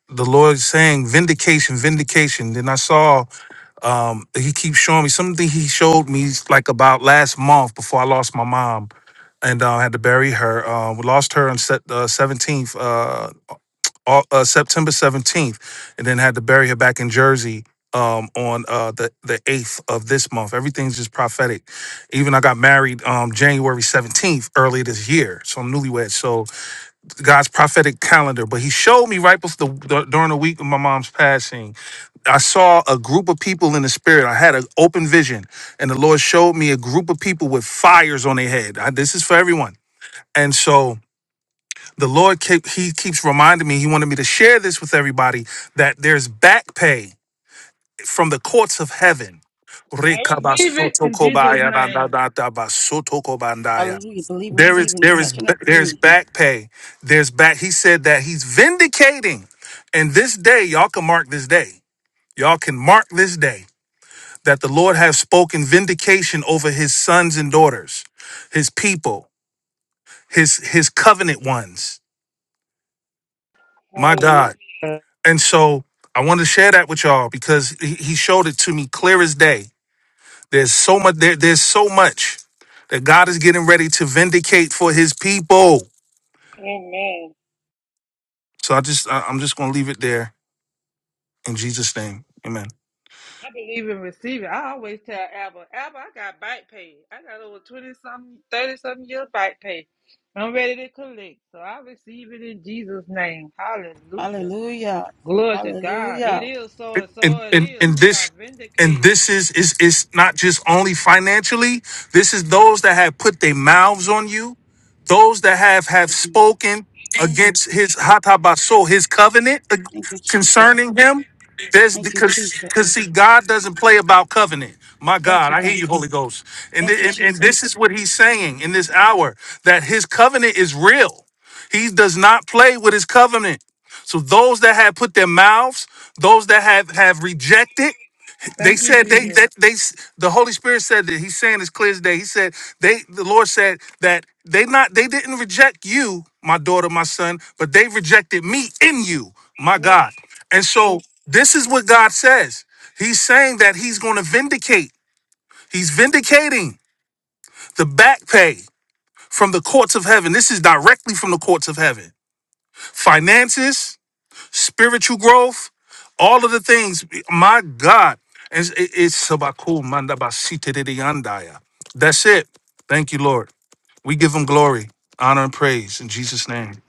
Speaker 6: the lord is saying vindication vindication then i saw um he keeps showing me something he showed me like about last month before i lost my mom and uh, had to bury her. Uh, we lost her on set, uh, 17th au- uh, September 17th, and then had to bury her back in Jersey um, on uh, the the 8th of this month. Everything's just prophetic. Even I got married um, January 17th earlier this year, so I'm newlywed. So God's prophetic calendar. But He showed me right before the, the- during the week of my mom's passing. I saw a group of people in the spirit. I had an open vision, and the Lord showed me a group of people with fires on their head. I, this is for everyone. And so the Lord kept, he keeps reminding me, he wanted me to share this with everybody that there's back pay from the courts of heaven.
Speaker 3: I receive it in Jesus' name.
Speaker 6: Rekabasotokobayaradadadabasotokobandaya.
Speaker 2: Hallelujah. Believe,
Speaker 6: There
Speaker 2: receive,
Speaker 6: is
Speaker 2: and
Speaker 6: there is
Speaker 2: touch and
Speaker 6: there's
Speaker 2: agree.
Speaker 6: back pay. There's back he said that he's vindicating. And this day, y'all can mark this day. Y'all can mark this day that the Lord has spoken vindication over his sons and daughters, his people, his his covenant ones. My God.
Speaker 3: Hallelujah.
Speaker 6: And so I wanted to share that with y'all because he, he showed it to me clear as day. There's so much there, there's so much that God is getting ready to vindicate for his people.
Speaker 3: Amen.
Speaker 6: So I just I- I'm just gonna leave it there in Jesus' name. Amen.
Speaker 3: I believe in receiving. I always tell Abba, Abba, I got back pay. I got over 20 something, 30 something years back pay. I'm ready to collect. So I receive it in Jesus' name. Hallelujah.
Speaker 2: Hallelujah.
Speaker 3: Glory to God. It
Speaker 2: Hallelujah.
Speaker 3: is so and so
Speaker 6: and
Speaker 3: it
Speaker 6: and
Speaker 3: is.
Speaker 6: and
Speaker 3: We are
Speaker 6: this and
Speaker 3: vindicated.
Speaker 6: this is is is not just only financially this is those that have put their mouths on you those that have have spoken against his hatabaso his covenant uh,
Speaker 2: Thank you, Jesus.
Speaker 6: concerning him there's
Speaker 2: Thank you,
Speaker 6: because
Speaker 2: Jesus.
Speaker 6: because see god doesn't play about covenant my
Speaker 2: Thank
Speaker 6: god
Speaker 2: you,
Speaker 6: i hear you holy ghost and,
Speaker 2: thank you,
Speaker 6: thi- and and this
Speaker 2: Jesus.
Speaker 6: is what he's saying in this hour that his covenant is real he does not play with his covenant so those that had put their mouths, those that have have rejected, they
Speaker 3: Thank you,
Speaker 6: said they
Speaker 3: Jesus.
Speaker 6: that they the Holy Spirit said that He's saying as clear as day. He said they the Lord said that they not they didn't reject you, my daughter, my son, but they rejected me in you, my
Speaker 3: Amen.
Speaker 6: God. And so this is what God says. He's saying that He's going to vindicate. He's vindicating the back pay from the courts of heaven. This is directly from the courts of heaven. Finances, spiritual growth, all of the things. My God, it's, it- it's sabaku mandabasite de yandaya. That's it. Thank you, Lord. We give Him glory, honor, and praise in Jesus' name.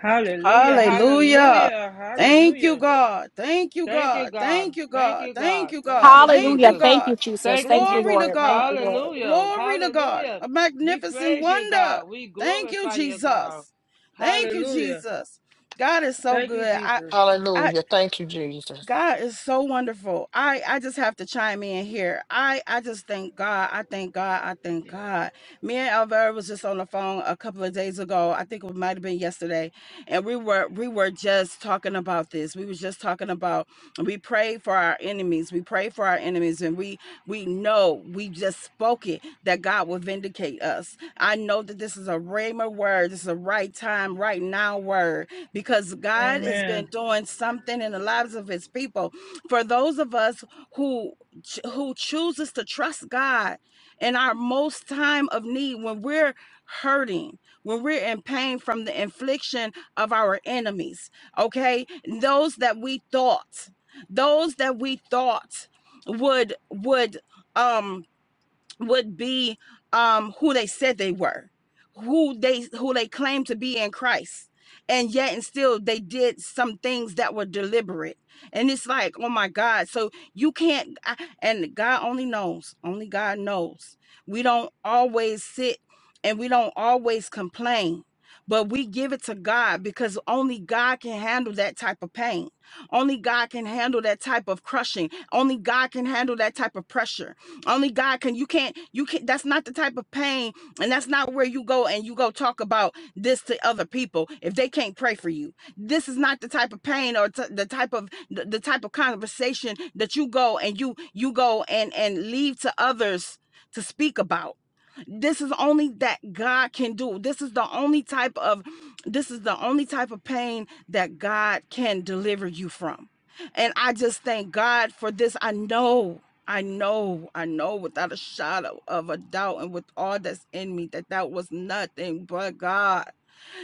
Speaker 3: Hallelujah.
Speaker 2: Hallelujah.
Speaker 3: Hallelujah.
Speaker 2: Thank you,
Speaker 3: Hallelujah.
Speaker 2: God. Thank you,
Speaker 3: Thank you,
Speaker 2: God.
Speaker 3: God.
Speaker 2: Thank you,
Speaker 3: Thank
Speaker 2: God.
Speaker 3: you,
Speaker 2: Thank
Speaker 3: God.
Speaker 2: you,
Speaker 3: Thank
Speaker 2: God.
Speaker 3: you,
Speaker 2: Thank
Speaker 1: Hallelujah.
Speaker 2: you,
Speaker 3: Jesus.
Speaker 1: Thank
Speaker 2: God.
Speaker 1: you, Jesus.
Speaker 3: Thank you,
Speaker 1: Thank you,
Speaker 2: Glory
Speaker 3: Jesus.
Speaker 2: to
Speaker 1: Lord. Thank
Speaker 2: God.
Speaker 1: you, Lord.
Speaker 3: Hallelujah.
Speaker 2: Glory to God.
Speaker 3: Hallelujah.
Speaker 2: A
Speaker 3: We
Speaker 2: magnificent
Speaker 3: praise you,
Speaker 2: wonder.
Speaker 3: God. We
Speaker 2: Thank you,
Speaker 3: glorify you, God.
Speaker 2: Jesus. Thank you,
Speaker 3: Hallelujah.
Speaker 2: Jesus. God is so
Speaker 3: Thank you,
Speaker 2: good. I,
Speaker 3: Jesus.
Speaker 2: I
Speaker 5: Hallelujah. Thank you, Jesus.
Speaker 2: God is so wonderful. I I just have to chime in here. I I just thank God. I thank God. I thank God. Me and Alvera was just on the phone a couple of days ago. I think it might have been yesterday, and we were we were just talking about this. We were just talking about we pray for our enemies. We pray for our enemies, and we we know we just spoke it that God will vindicate us. I know that this is a rhema word. This is a right time, right now word because God has been
Speaker 3: Amen.
Speaker 2: doing something in the lives of his people. For those of us who who chooses to trust God in our most time of need when we're hurting, when we're in pain from the infliction of our enemies, okay? Those that we thought those that we thought would would um would be um, who they said they were, who they who they claimed to be in Christ, and yet and still they did some things that were deliberate. And it's like, oh my God! So you can't, I, and God only knows, only God knows. We don't always sit and we don't always complain. But we give it to God because only God can handle that type of pain. Only God can handle that type of crushing. Only God can handle that type of pressure. Only God can. You can't. You can't. That's not the type of pain, and that's not where you go and you go talk about this to other people if they can't pray for you. This is not the type of pain or t- the type of the, the type of conversation that you go and you you go and and leave to others to speak about this is only that God can do. This is the only type of this is the only type of pain that God can deliver you from. And I just thank God for this. I know I know, I know without a shadow of a doubt and with all that's in me that that was nothing but God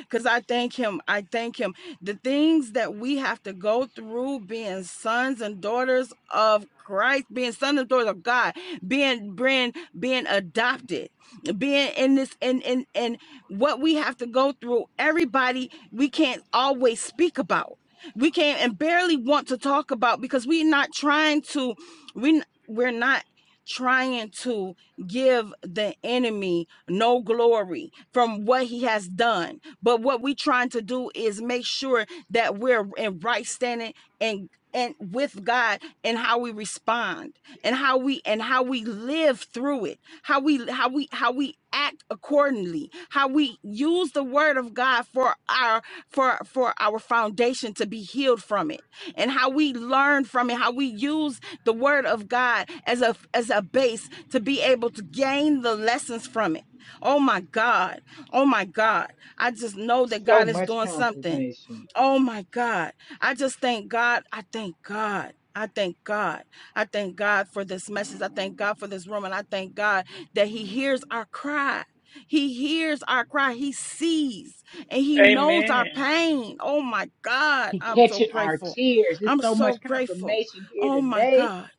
Speaker 2: because I thank him. I thank him. The things that we have to go through being sons and daughters of Christ, being sons and daughters of God, being being being adopted, being in this and and and what we have to go through, everybody we can't always speak about. We can't and barely want to talk about because we're not trying to we we're not trying to give the enemy no glory from what he has done but what we're trying to do is make sure that we're in right standing and and with God and how we respond and how we and how we live through it, how we how we how we act accordingly, how we use the word of God for our for for our foundation to be healed from it, and how we learn from it, how we use the word of God as a as a base to be able to gain the lessons from it. Oh my God. Oh my God. I just know that
Speaker 4: So
Speaker 2: God is
Speaker 4: much
Speaker 2: doing something.
Speaker 4: confirmation.
Speaker 2: Oh my God. I just thank God. I thank God. I thank God. I thank God for this message. I thank God for this room. And I thank God that He hears our cry. He hears our cry. He sees and He knows
Speaker 3: Amen.
Speaker 2: our pain. Oh my God.
Speaker 4: He
Speaker 2: I'm so
Speaker 4: catching our
Speaker 2: grateful.
Speaker 4: tears. There's
Speaker 2: I'm
Speaker 4: so much
Speaker 2: so grateful.
Speaker 4: confirmation here
Speaker 2: Oh my
Speaker 4: today.
Speaker 2: God.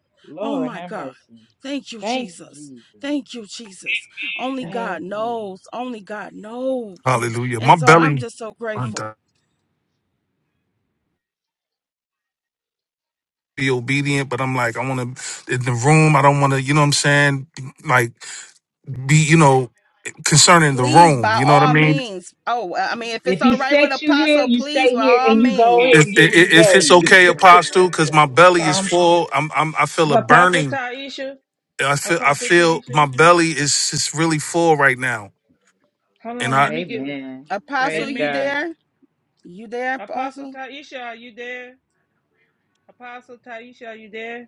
Speaker 2: Oh
Speaker 4: Lord
Speaker 2: my
Speaker 4: have
Speaker 2: God.
Speaker 4: mercy.
Speaker 2: Thank you,
Speaker 4: Thank you,
Speaker 2: Jesus.
Speaker 4: Jesus.
Speaker 2: Thank you, Jesus. Only
Speaker 4: Thank
Speaker 2: God
Speaker 4: you.
Speaker 2: knows. Only God knows.
Speaker 6: Hallelujah.
Speaker 2: And
Speaker 6: My
Speaker 2: so I'm
Speaker 6: belly.
Speaker 2: just so
Speaker 6: my
Speaker 2: grateful.
Speaker 6: God, Be obedient, but I'm like, I want to in the room. I don't want to, you know what I'm saying? Like, be, you know, concerning the
Speaker 2: Please, by
Speaker 6: room. You know what I
Speaker 2: all
Speaker 6: mean?
Speaker 2: means. Oh, well, I mean, if
Speaker 4: If
Speaker 2: it's all
Speaker 4: he
Speaker 2: right with
Speaker 4: set you here,
Speaker 2: Apostle,
Speaker 4: you
Speaker 2: please,
Speaker 4: stay
Speaker 2: by
Speaker 4: here
Speaker 2: all
Speaker 4: and you go ahead
Speaker 6: If,
Speaker 4: and
Speaker 2: means.
Speaker 4: get what he
Speaker 6: if, if
Speaker 4: gave
Speaker 6: it's
Speaker 4: you.
Speaker 6: okay, Apostle, because my belly is
Speaker 3: Um,
Speaker 6: full, I'm, I'm I feel a
Speaker 3: Apostle
Speaker 6: burning.
Speaker 3: Taisha,
Speaker 6: I feel I
Speaker 3: Apostle
Speaker 6: feel my
Speaker 3: Taisha,
Speaker 6: belly is is really full right now,
Speaker 3: hold
Speaker 6: and
Speaker 3: on,
Speaker 6: I
Speaker 3: let me get.
Speaker 4: Amen.
Speaker 2: Apostle,
Speaker 4: Praise
Speaker 2: you
Speaker 4: God.
Speaker 3: Amen.
Speaker 2: there? You there,
Speaker 3: Apostle
Speaker 2: Apostle?
Speaker 3: Taisha, are you there? Apostle Taisha, are you there?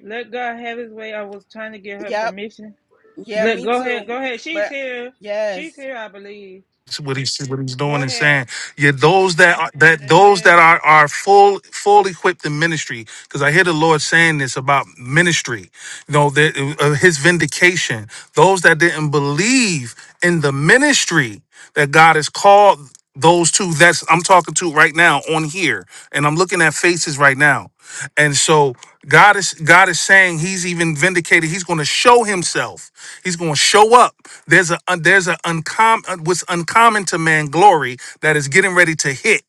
Speaker 3: Let God have his way. I was trying to get her
Speaker 2: Yep.
Speaker 3: permission.
Speaker 2: Yeah,
Speaker 3: Look,
Speaker 2: me
Speaker 3: go ahead.
Speaker 2: too.
Speaker 3: Go ahead. She's
Speaker 2: But
Speaker 3: here. She's
Speaker 2: yes.
Speaker 3: here, I believe.
Speaker 6: it's what he's what he's
Speaker 3: Go
Speaker 6: doing and
Speaker 3: ahead.
Speaker 6: saying. Yeah, those that are, that those that
Speaker 3: Amen.
Speaker 6: are are full full equipped in ministry, because I hear the Lord saying this about ministry. No, that uh, his vindication. Those that didn't believe in the ministry that God has called those two that's I'm talking to right now on here, and I'm looking at faces right now. And so God is God is saying He's even vindicated. He's going to show Himself. He's going to show up. There's a uh, there's a uncommon what's uncommon to man glory that is getting ready to hit.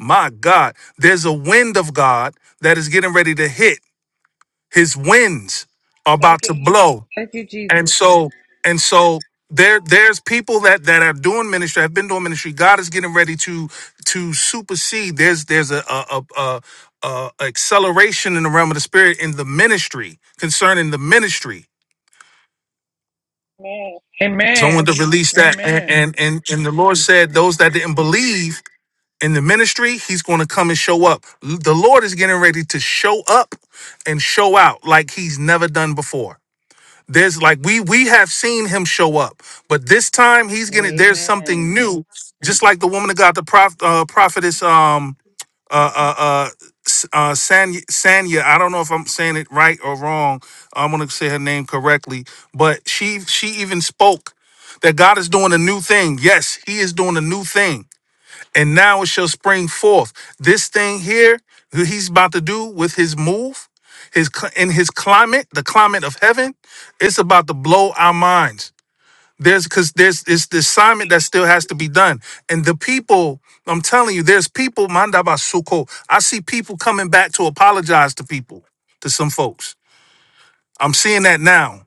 Speaker 6: My God, there's a wind of God that is getting ready to hit his winds are
Speaker 3: Thank
Speaker 6: about
Speaker 3: you.
Speaker 6: to blow
Speaker 3: Thank you,
Speaker 6: and
Speaker 3: Jesus.
Speaker 6: so and so there there's people that that are doing ministry have been doing ministry god is getting ready to to supersede there's there's a a, a, a, a acceleration in the realm of the spirit in the ministry concerning the ministry
Speaker 3: Amen.
Speaker 6: so i
Speaker 3: Amen.
Speaker 6: wanted to release that and
Speaker 3: Amen.
Speaker 6: and and, and the lord said those that didn't believe in the ministry, he's going to come and show up. The Lord is getting ready to show up and show out like he's never done before. There's like we we have seen him show up, but this time he's gonna. There's
Speaker 4: Amen.
Speaker 6: something new, just like the woman that got the prof, uh, prophetess um uh uh uh, S- uh Sanya, Sanya. I don't know if I'm saying it right or wrong. I'm gonna say her name correctly, but she she even spoke that God is doing a new thing. Yes, He is doing a new thing and now it shall spring forth. This thing here that he's about to do with his move, his cl- in his climate, the climate of heaven, it's about to blow our minds. There's because there's it's the assignment that still has to be done, and the people. I'm telling you, there's people. Mandabasuko. I see people coming back to apologize to people, to some folks. I'm seeing that now.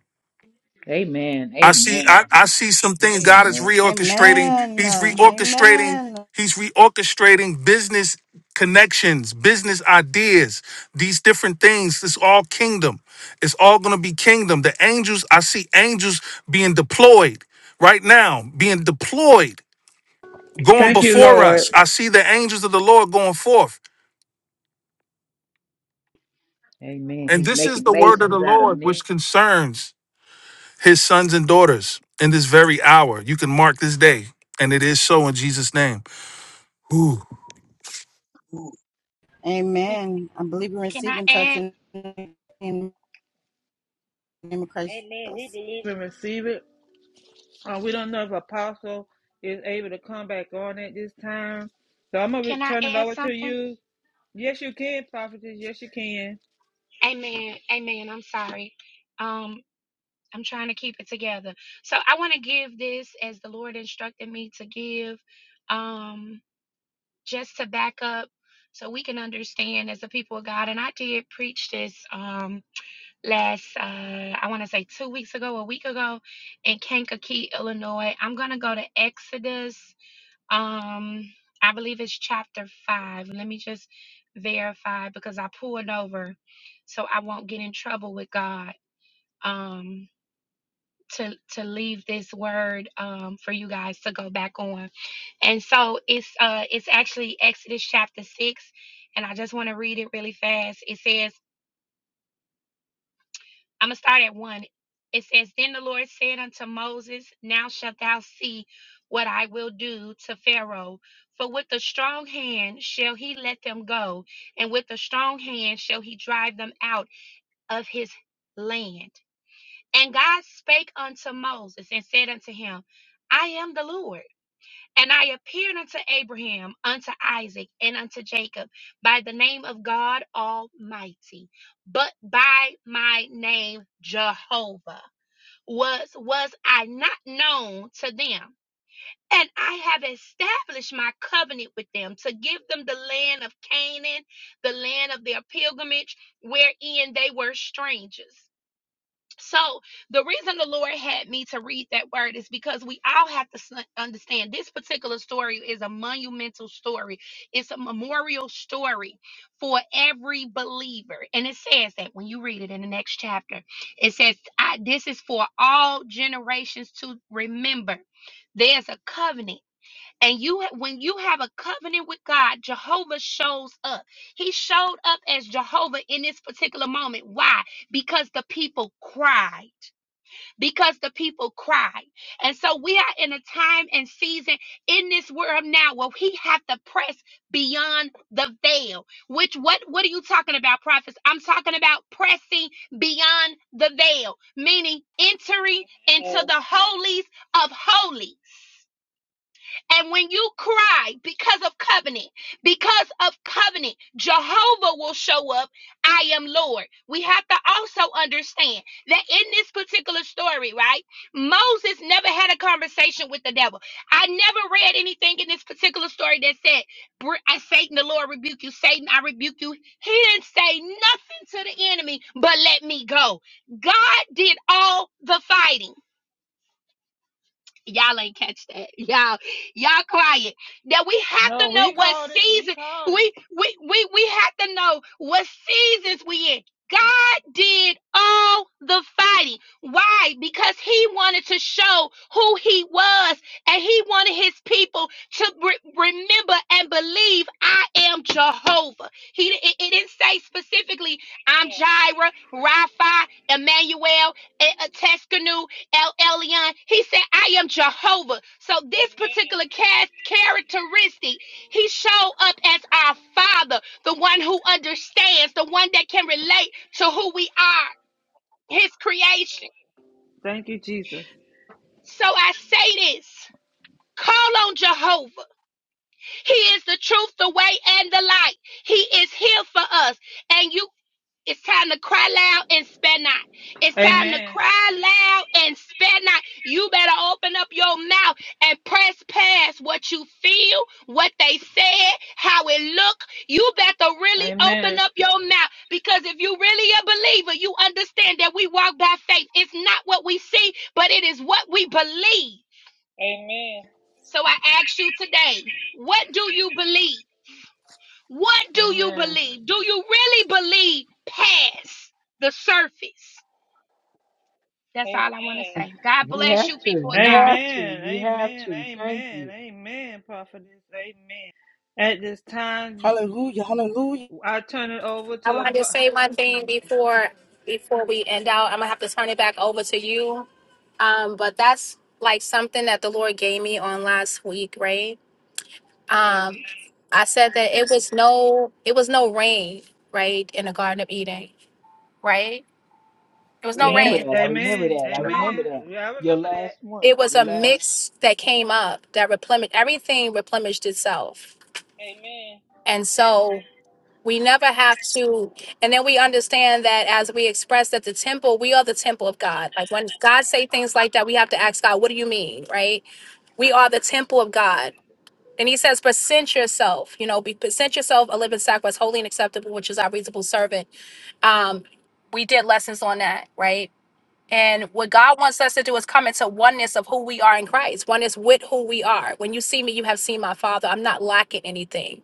Speaker 4: Amen.
Speaker 6: I see I,
Speaker 4: Amen.
Speaker 6: I see some things God is
Speaker 4: Amen.
Speaker 6: reorchestrating.
Speaker 2: Amen.
Speaker 6: He's reorchestrating,
Speaker 2: Amen.
Speaker 6: he's reorchestrating business connections, business ideas, these different things. It's all kingdom. It's all gonna be kingdom. The angels, I see angels being deployed right now, being deployed, going
Speaker 3: Thank you,
Speaker 6: before us.
Speaker 3: Lord.
Speaker 6: I see the angels of the Lord going forth.
Speaker 4: Amen.
Speaker 6: And
Speaker 4: He's
Speaker 6: this is
Speaker 4: making
Speaker 6: the word of the
Speaker 4: masons out of
Speaker 6: Lord
Speaker 4: men.
Speaker 6: which concerns his sons and daughters in this very hour. You can mark this day, and it is so in Jesus' name. Ooh,
Speaker 8: Ooh. you.
Speaker 2: Amen. I believe in
Speaker 8: Can I
Speaker 2: receiving touch
Speaker 8: add?
Speaker 2: in the name of Christ
Speaker 3: We
Speaker 2: Jesus.
Speaker 3: believe and receive it. Uh, we don't know if Apostle is able to come back on at this time. So I'm going to
Speaker 8: Can I
Speaker 3: turn it
Speaker 8: add
Speaker 3: over to
Speaker 8: something?
Speaker 3: you. Yes, you can, prophetess. Yes, you can.
Speaker 8: Amen. Amen. I'm sorry. Um, I'm trying to keep it together. So I want to give this as the Lord instructed me to give. Um, just to back up so we can understand as the people of God. And I did preach this. Um, last uh I want to say 2 weeks ago, a week ago in Kankakee, Illinois. I'm going to go to Exodus um I believe it's chapter 5. Let me just verify because I pulled over so I won't get in trouble with God. Um to to leave this word um for you guys to go back on. And so it's uh it's actually Exodus chapter 6 and I just want to read it really fast. It says I'm gonna start at one. It says, Then the Lord said unto Moses, Now shalt thou see what I will do to Pharaoh, for with a strong hand shall he let them go, and with a strong hand shall he drive them out of his land. And God spake unto Moses and said unto him, I am the Lord and I appeared unto Abraham, unto Isaac, and unto Jacob by the name of God Almighty, but by my name Jehovah was was I not known to them. And I have established my covenant with them to give them the land of Canaan, the land of their pilgrimage, wherein they were strangers. So, the reason the Lord had me to read that word is because we all have to s- understand this particular story is a monumental story. It's a memorial story for every believer. And it says that when you read it in the next chapter, it says, I, This is for all generations to remember. There's a covenant and you, when you have a covenant with God, Jehovah shows up. He showed up as Jehovah in this particular moment. Why? Because the people cried. Because the people cried. And so we are in a time and season in this world now where we have to press beyond the veil. Which what what are you talking about, prophets? I'm talking about pressing beyond the veil, meaning entering into
Speaker 3: Oh.
Speaker 8: the holies of holies and when you cry because of covenant, because of covenant, Jehovah will show up. I am Lord. We have to also understand that in this particular story, right? Moses never had a conversation with the devil. I never read anything in this particular story that said, "Br- I Satan, the Lord rebuke you. Satan, I rebuke you. He didn't say nothing to the enemy, but let me go. God did all the fighting. Y'all ain't catch that. Y'all, y'all quiet. That we have to
Speaker 3: No, we
Speaker 8: know what
Speaker 3: called it. We
Speaker 8: season
Speaker 3: called it.
Speaker 8: we we we we have to know what seasons we in. God did all the fighting. Why? Because he wanted to show who he was and he wanted his people to re- remember and believe I am Jehovah. He it, it didn't say specifically I'm Jireh, Rapha, Emmanuel, Tuscanu. El Elyon. He said, I am Jehovah. So this particular cast characteristic, he showed up as our father, the one who understands, the one that can relate to who we are, his creation.
Speaker 3: Thank you, Jesus.
Speaker 8: So I say this. Call on Jehovah. He is the truth, the way, and the light. He is here for us. And you It's time to cry loud and spare not. It's time to
Speaker 3: Amen.
Speaker 8: cry loud and spare not. You better open up your mouth and press past what you feel, what they said, how it look. You better really open
Speaker 3: Amen.
Speaker 8: up your mouth because if you really a believer, you understand that we walk by faith. It's not what we see, but it is what we believe.
Speaker 3: Amen.
Speaker 8: So I ask you today, what do you believe? What do you
Speaker 3: Amen.
Speaker 8: believe? Do you really believe past the surface? That's
Speaker 3: Amen.
Speaker 8: all I want to say. God
Speaker 4: We
Speaker 8: bless
Speaker 4: have
Speaker 8: you,
Speaker 4: to.
Speaker 8: people of
Speaker 4: We
Speaker 8: God.
Speaker 4: have to.
Speaker 3: Amen.
Speaker 4: We have
Speaker 3: Amen.
Speaker 4: to. Thank
Speaker 3: Amen.
Speaker 4: you.
Speaker 3: Amen. Prophetess. Amen. At this time,
Speaker 2: Hallelujah. Hallelujah.
Speaker 3: I turn it over
Speaker 1: I
Speaker 3: to.
Speaker 1: wanted to
Speaker 3: Apo-
Speaker 1: say one thing before
Speaker 3: Amen.
Speaker 1: before we end out. I'm gonna have to turn it back over to you. Um, but that's like something that the Lord gave me on last week, right? Um, I said that it was no it was no rain, right, in the Garden of Eden, right? It was no
Speaker 3: Yes.
Speaker 4: Remember
Speaker 1: rain.
Speaker 4: that. I remember
Speaker 3: Amen.
Speaker 4: that. I remember
Speaker 3: Amen.
Speaker 4: that.
Speaker 3: Yeah, I
Speaker 4: Your
Speaker 3: remember that.
Speaker 4: last one.
Speaker 1: It was
Speaker 4: Your
Speaker 1: a
Speaker 4: last
Speaker 1: mix that came up that replenished everything replenished itself.
Speaker 3: Amen.
Speaker 1: And so We never have to, and then we understand that as we express that the temple, we are the temple of God. Like when God say things like that, we have to ask God, "What do you mean?" Right? We are the temple of God, and He says, "Present yourself, you know, be present yourself a living sacrifice, holy and acceptable, which is our reasonable servant." Um, we did lessons on that, right? And what God wants us to do is come into oneness of who we are in Christ, oneness with who we are. When you see me, you have seen my Father. I'm not lacking anything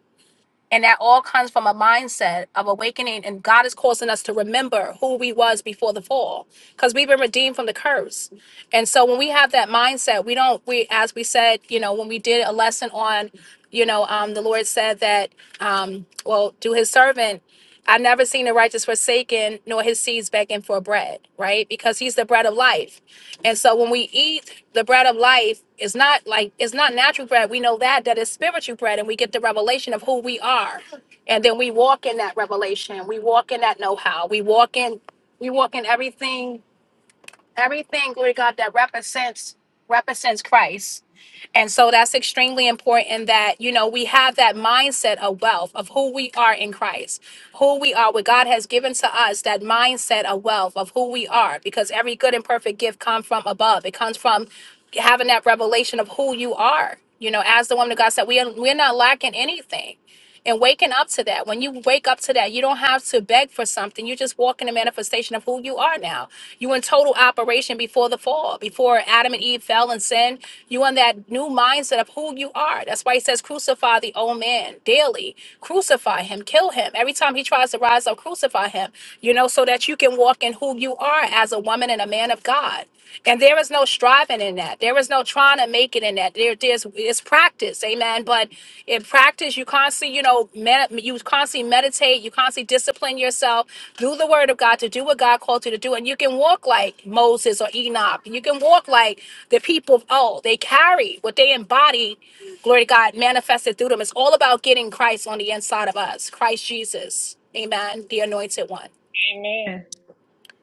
Speaker 1: and that all comes from a mindset of awakening and god is causing us to remember who we was before the fall because we've been redeemed from the curse and so when we have that mindset we don't we as we said you know when we did a lesson on you know um, the lord said that um, well to his servant i've never seen the righteous forsaken nor his seeds begging for bread right because he's the bread of life and so when we eat the bread of life, it's not like it's not natural bread. We know that that is spiritual bread, and we get the revelation of who we are, and then we walk in that revelation. We walk in that know-how. We walk in we walk in everything Everything, glory to God, that represents represents Christ. And so that's extremely important that, you know, we have that mindset of wealth, of who we are in Christ, who we are, what God has given to us, that mindset of wealth, of who we are, because every good and perfect gift comes from above. It comes from having that revelation of who you are. You know, as the woman of God said, we are, we're not lacking anything. And waking up to that, when you wake up to that, you don't have to beg for something. You just walk in the manifestation of who you are now. You in total operation before the fall, before Adam and Eve fell and sinned. You in that new mindset of who you are. That's why he says, crucify the old man daily. Crucify him, kill him. Every time he tries to rise up, crucify him, you know, so that you can walk in who you are as a woman and a man of God. And there is no striving in that. There is no trying to make it in that. There, there's it's practice, amen. But in practice, you constantly, you know, med- you constantly meditate. You constantly discipline yourself. Do the word of God to do what God called you to do, and you can walk like Moses or Enoch. You can walk like the people of old. They carry what they embody. Glory to God, manifested through them. It's all about getting Christ on the inside of us. Christ Jesus, amen. The Anointed One.
Speaker 3: Amen.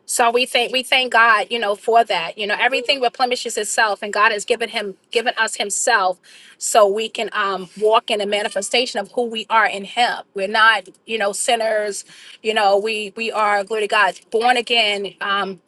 Speaker 1: So we thank we thank God, you know, for that. You know, everything replenishes itself, and God has given him given us Himself, so we can um walk in the manifestation of who we are in Him. We're not, you know, sinners. You know, we we are glory to God, born again. Um,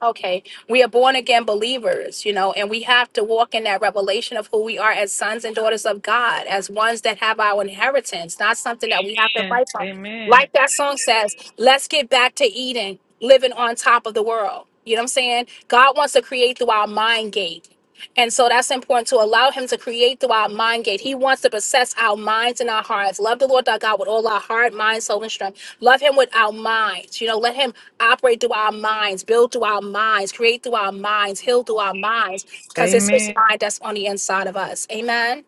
Speaker 1: Okay, we are born again believers, you know, and we have to walk in that revelation of who we are as sons and daughters of God, as ones that have our inheritance, not something that we have to fight for.
Speaker 3: Amen.
Speaker 1: Like that song says, let's get back to Eden, living on top of the world. You know what I'm saying? God wants to create through our mind gate. And so that's important to allow Him to create through our mind gate. He wants to possess our minds and our hearts. Love the Lord our God with all our heart, mind, soul, and strength. Love Him with our minds. You know, let Him operate through our minds, build through our minds, create through our minds, heal through our minds, because it's His
Speaker 3: Amen.
Speaker 1: mind that's on the inside of us. Amen.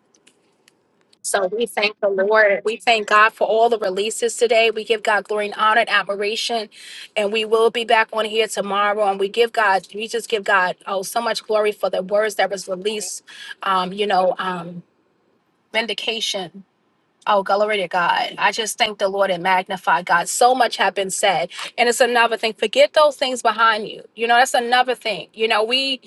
Speaker 1: So we thank the Lord. We thank God for all the releases today. We give God glory and honor and admiration. And we will be back on here tomorrow. And we give God, we just give God, oh, so much glory for the words that was released. Um, you know, um, vindication. Oh, glory to God. I just thank the Lord and magnify God. So much have been said. And it's another thing. Forget those things behind you. You know, that's another thing. You know, we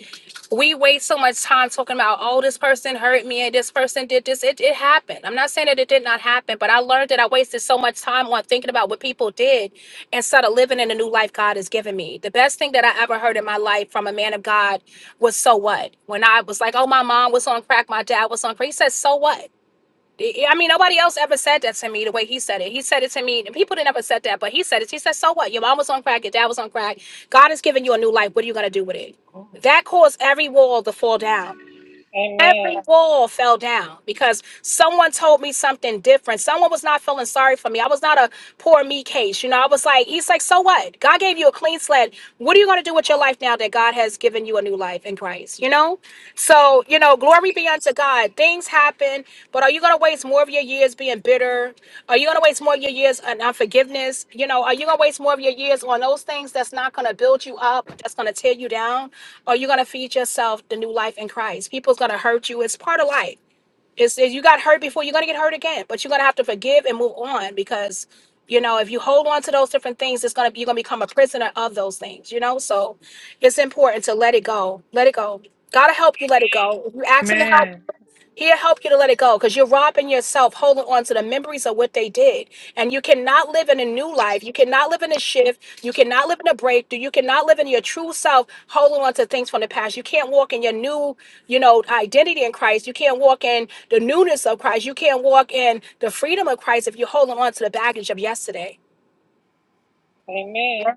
Speaker 1: we waste so much time talking about, oh, this person hurt me and this person did this. It, it happened. I'm not saying that it did not happen, but I learned that I wasted so much time on thinking about what people did instead of living in the new life God has given me. The best thing that I ever heard in my life from a man of God was so what? When I was like, oh, my mom was on crack, my dad was on crack. He said, so what? I mean, nobody else ever said that to me the way he said it. He said it to me, and people didn't ever said that, but he said it. He said, "So what? Your mom was on crack. Your dad was on crack. God has given you a new life. What are you gonna do with it?" That caused every wall to fall down every
Speaker 3: Amen.
Speaker 1: wall fell down because someone told me something different. Someone was not feeling sorry for me. I was not a poor me case. You know, I was like, he's like, so what? God gave you a clean slate. What are you going to do with your life now that God has given you a new life in Christ? You know? So, you know, glory be unto God. Things happen, but are you going to waste more of your years being bitter? Are you going to waste more of your years on unforgiveness? You know, are you going to waste more of your years on those things that's not going to build you up, that's going to tear you down? or you're gonna feed yourself the new life in Christ. People's gonna hurt you. It's part of life. It's if you got hurt before, you're gonna get hurt again. But you're gonna have to forgive and move on because you know if you hold on to those different things, it's gonna you're gonna become a prisoner of those things. You know, so it's important to let it go. Let it go. Gotta help you let it go. If you ask him to help
Speaker 3: Amen.
Speaker 1: He'll help you to let it go because you're robbing yourself, holding on to the memories of what they did. And you cannot live in a new life. You cannot live in a shift. You cannot live in a breakthrough. You cannot live in your true self, holding on to things from the past. You can't walk in your new, you know, identity in Christ. You can't walk in the newness of Christ. You can't walk in the freedom of Christ if you're holding on to the baggage of yesterday.
Speaker 3: Amen.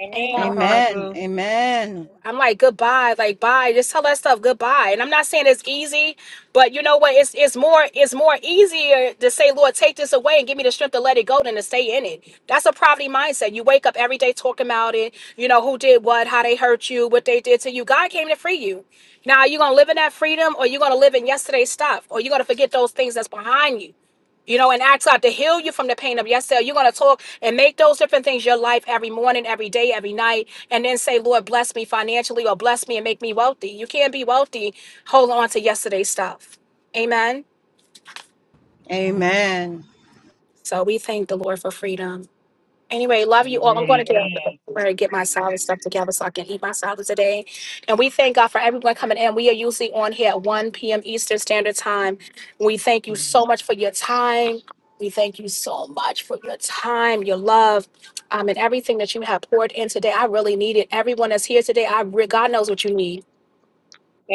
Speaker 3: Amen.
Speaker 1: Amen.
Speaker 2: Amen.
Speaker 3: Apostle.
Speaker 2: Amen.
Speaker 1: I'm like, goodbye, like bye. Just tell that stuff goodbye. And I'm not saying it's easy, but you know what? It's it's more it's more easier to say, Lord, take this away and give me the strength to let it go than to stay in it. That's a poverty mindset. You wake up every day talking about it, you know, who did what, how they hurt you, what they did to you. God came to free you. Now are you gonna live in that freedom or you gonna live in yesterday's stuff, or you gonna forget those things that's behind you. You know, and ask God to heal you from the pain of yesterday. You're going to talk and make those different things your life every morning, every day, every night, and then say, Lord, bless me financially or bless me and make me wealthy. You can't be wealthy holding on to yesterday's stuff. Amen.
Speaker 2: Amen.
Speaker 1: So we thank the Lord for freedom. Anyway, love you all. I'm going
Speaker 4: Amen.
Speaker 1: to get
Speaker 4: Amen.
Speaker 1: where I get my salad stuff together so I can eat my salad today. And we thank God for everyone coming in. We are usually on here at 1 p.m. Eastern Standard Time. We thank you so much for your time. We thank you so much for your time, your love, um, and everything that you have poured in today. I really need it. Everyone that's here today, I re- God knows what you need.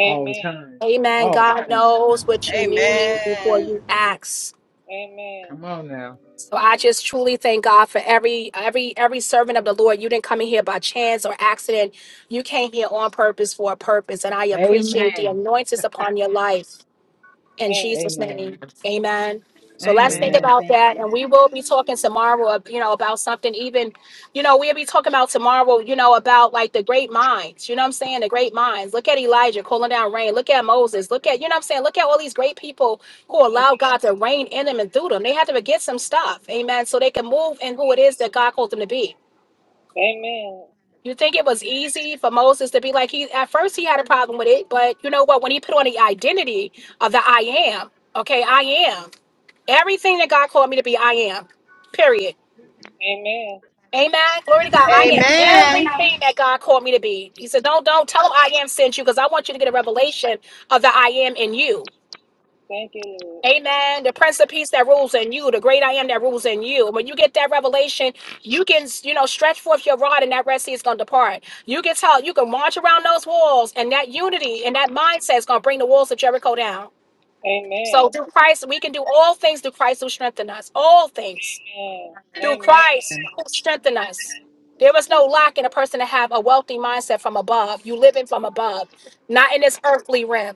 Speaker 4: All the time.
Speaker 1: Amen.
Speaker 4: all
Speaker 1: God
Speaker 4: the time.
Speaker 1: knows what you need before
Speaker 2: Amen.
Speaker 1: you ask.
Speaker 3: Amen.
Speaker 4: Come on now.
Speaker 1: So I just truly thank God for every every every servant of the Lord. You didn't come in here by chance or accident. You came here on purpose for a purpose, and I appreciate the
Speaker 4: Amen.
Speaker 1: anointings upon your life. In
Speaker 3: Amen.
Speaker 1: Jesus' name,
Speaker 4: Amen.
Speaker 1: amen. So let's think
Speaker 3: Amen.
Speaker 4: Amen.
Speaker 1: about
Speaker 4: Thank
Speaker 1: that.
Speaker 4: you.
Speaker 1: And we will be talking tomorrow, uh, you know, about something even, you know, we'll be talking about tomorrow, you know, about like the great minds. You know what I'm saying? The great minds. Look at Elijah calling down rain. Look at Moses. Look at, you know what I'm saying? Look at all these great people who
Speaker 3: Thank
Speaker 1: allow
Speaker 3: you.
Speaker 1: God to reign in them and through them. They had to forget some stuff. Amen. So they can move in who it is that God called them to be.
Speaker 3: Amen.
Speaker 1: You think it was easy for Moses to be like he at first he had a problem with it, but you know what? When he put on the identity of the I am, okay, I am everything that God called me to be, I am. Period.
Speaker 3: Amen.
Speaker 1: Amen. Glory to God. I am
Speaker 2: Amen.
Speaker 1: everything that God called me to be. He said, Don't don't tell him I am sent you because I want you to get a revelation of the I am in you.
Speaker 3: Thank you, Lord.
Speaker 1: Amen. The Prince of Peace that rules in you, the great I am that rules in you. When you get that revelation, you can, you know, stretch forth your rod and that Red Sea is going to depart. You can tell, you can march around those walls and that unity and that mindset is going to bring the walls of Jericho down. So
Speaker 3: Amen.
Speaker 1: through Christ, we can do all things through Christ who strengthen us. All things
Speaker 3: Amen.
Speaker 1: through
Speaker 3: Amen.
Speaker 1: Christ who strengthened us. There was no lack in a person to have a wealthy mindset from above. You living from above, not in this earthly realm,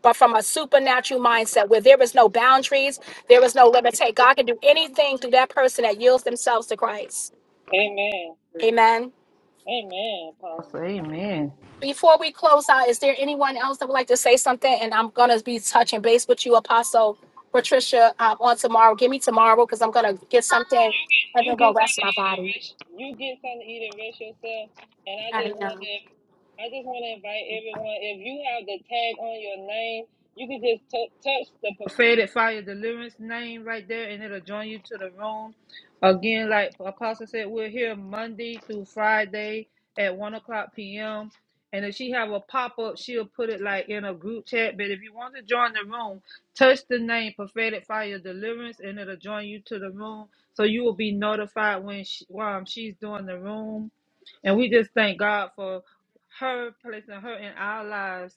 Speaker 1: but from a supernatural mindset where there is no boundaries, there is no limitation. God can do anything through that person that yields themselves to Christ.
Speaker 3: Amen.
Speaker 1: Amen.
Speaker 3: Amen, Apostle. Amen.
Speaker 1: Before we close out, is there anyone else that would like to say something? And I'm gonna be touching base with you, Apostle Patricia, um, on tomorrow. Give me tomorrow because I'm gonna get something
Speaker 3: you get
Speaker 1: and
Speaker 3: you
Speaker 1: then go
Speaker 3: get
Speaker 1: rest
Speaker 3: something to
Speaker 1: my
Speaker 3: eat and
Speaker 1: body.
Speaker 3: rest. You get something to eat and rest yourself. And I just want to, I just want to invite everyone. If you have the tag on your name, you can just t- touch the prophetic fire deliverance name right there, and it'll join you to the room. Again, like Apostle said, we're here Monday through Friday at one o'clock p.m. And if she have a pop up, she'll put it like in a group chat. But if you want to join the room, touch the name prophetic fire deliverance, and it'll join you to the room so you will be notified when she, um, she's doing the room. And we just thank God for her placing her in our lives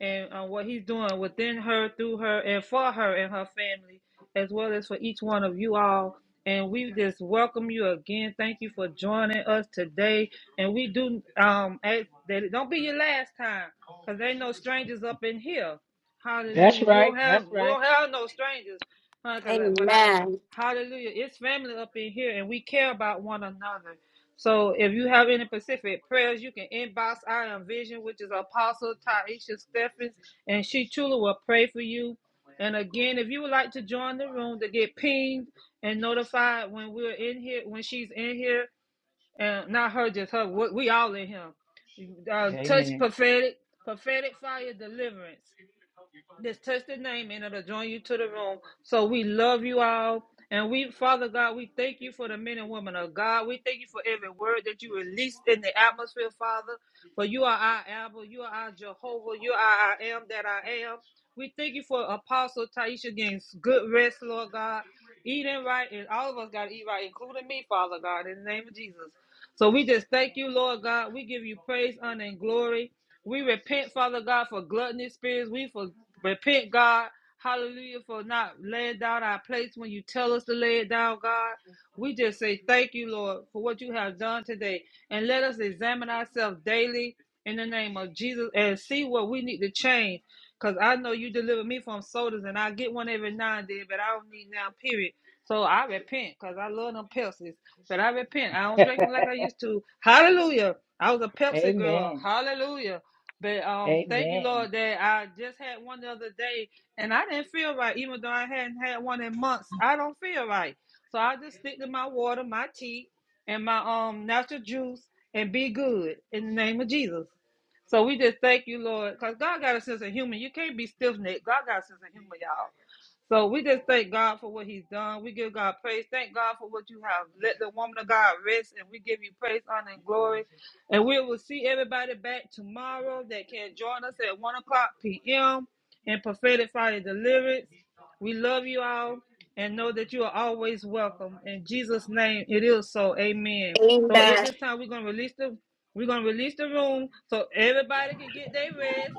Speaker 3: and uh, what He's doing within her, through her, and for her and her family, as well as for each one of you all. And we just welcome you again. Thank you for joining us today. And we do um ask that it don't be your last time, cause ain't no strangers up in here.
Speaker 4: That's
Speaker 3: Hallelujah. We don't
Speaker 4: right.
Speaker 3: have
Speaker 4: That's
Speaker 3: we
Speaker 4: right.
Speaker 3: don't have no strangers. Huh, cause when I
Speaker 1: Amen.
Speaker 3: Hallelujah. It's family up in here and we care about one another. So if you have any specific prayers, you can inbox I am vision, which is Apostle Taisha Stephens, and she truly will pray for you. And again, if you would like to join the room to get pinged and notified when we're in here, when she's in here, and not her, just her, we we all in here. Uh, touch
Speaker 4: Amen.
Speaker 3: prophetic, prophetic fire deliverance. Just touch the name and it'll join you to the room. So we love you all. And we, Father God, we thank you for the men and women of God. We thank you for every word that you released in the atmosphere, Father. For you are our Abba, you are our Jehovah, you are our I am that I am. We thank you for Apostle Taisha getting good rest, Lord God. Eating right, and all of us got to eat right, including me, Father God, in the name of Jesus. So we just thank you, Lord God. We give you praise, honor, and glory. We repent, Father God, for gluttony spirits. We for Repent, God. Hallelujah for not laying down our place when you tell us to lay it down, God. We just say thank you, Lord, for what you have done today. And let us examine ourselves daily in the name of Jesus and see what we need to change. Because I know you deliver me from sodas and I get one every now and then, but I don't need now, period. So I repent because I love them Pepsis. But I repent. I don't drink them like I used to. Hallelujah. I was a Pepsi girl.
Speaker 4: Amen.
Speaker 3: Hallelujah. But um, thank you,
Speaker 4: Amen.
Speaker 3: Lord, that I just had one the other day, and I didn't feel right, even though I hadn't had one in months. I don't feel right, so I just stick to my water, my tea, and my um natural juice, and be good in the name of Jesus. So we just thank you, Lord, because God got a sense of humor. You can't be stiff necked. God got a sense of humor, y'all. So we just thank God for what He's done. We give God praise. Thank God for what you have. Let the woman of God rest, and we give you praise, honor, and glory. And we will see everybody back tomorrow that can join us at 1 o'clock p.m. in Prophetic Friday Deliverance. We love you all and know that you are always welcome. In Jesus' name, it is so. Amen.
Speaker 1: Amen.
Speaker 3: So at this time, we're gonna release the we're gonna release the room so everybody can get their rest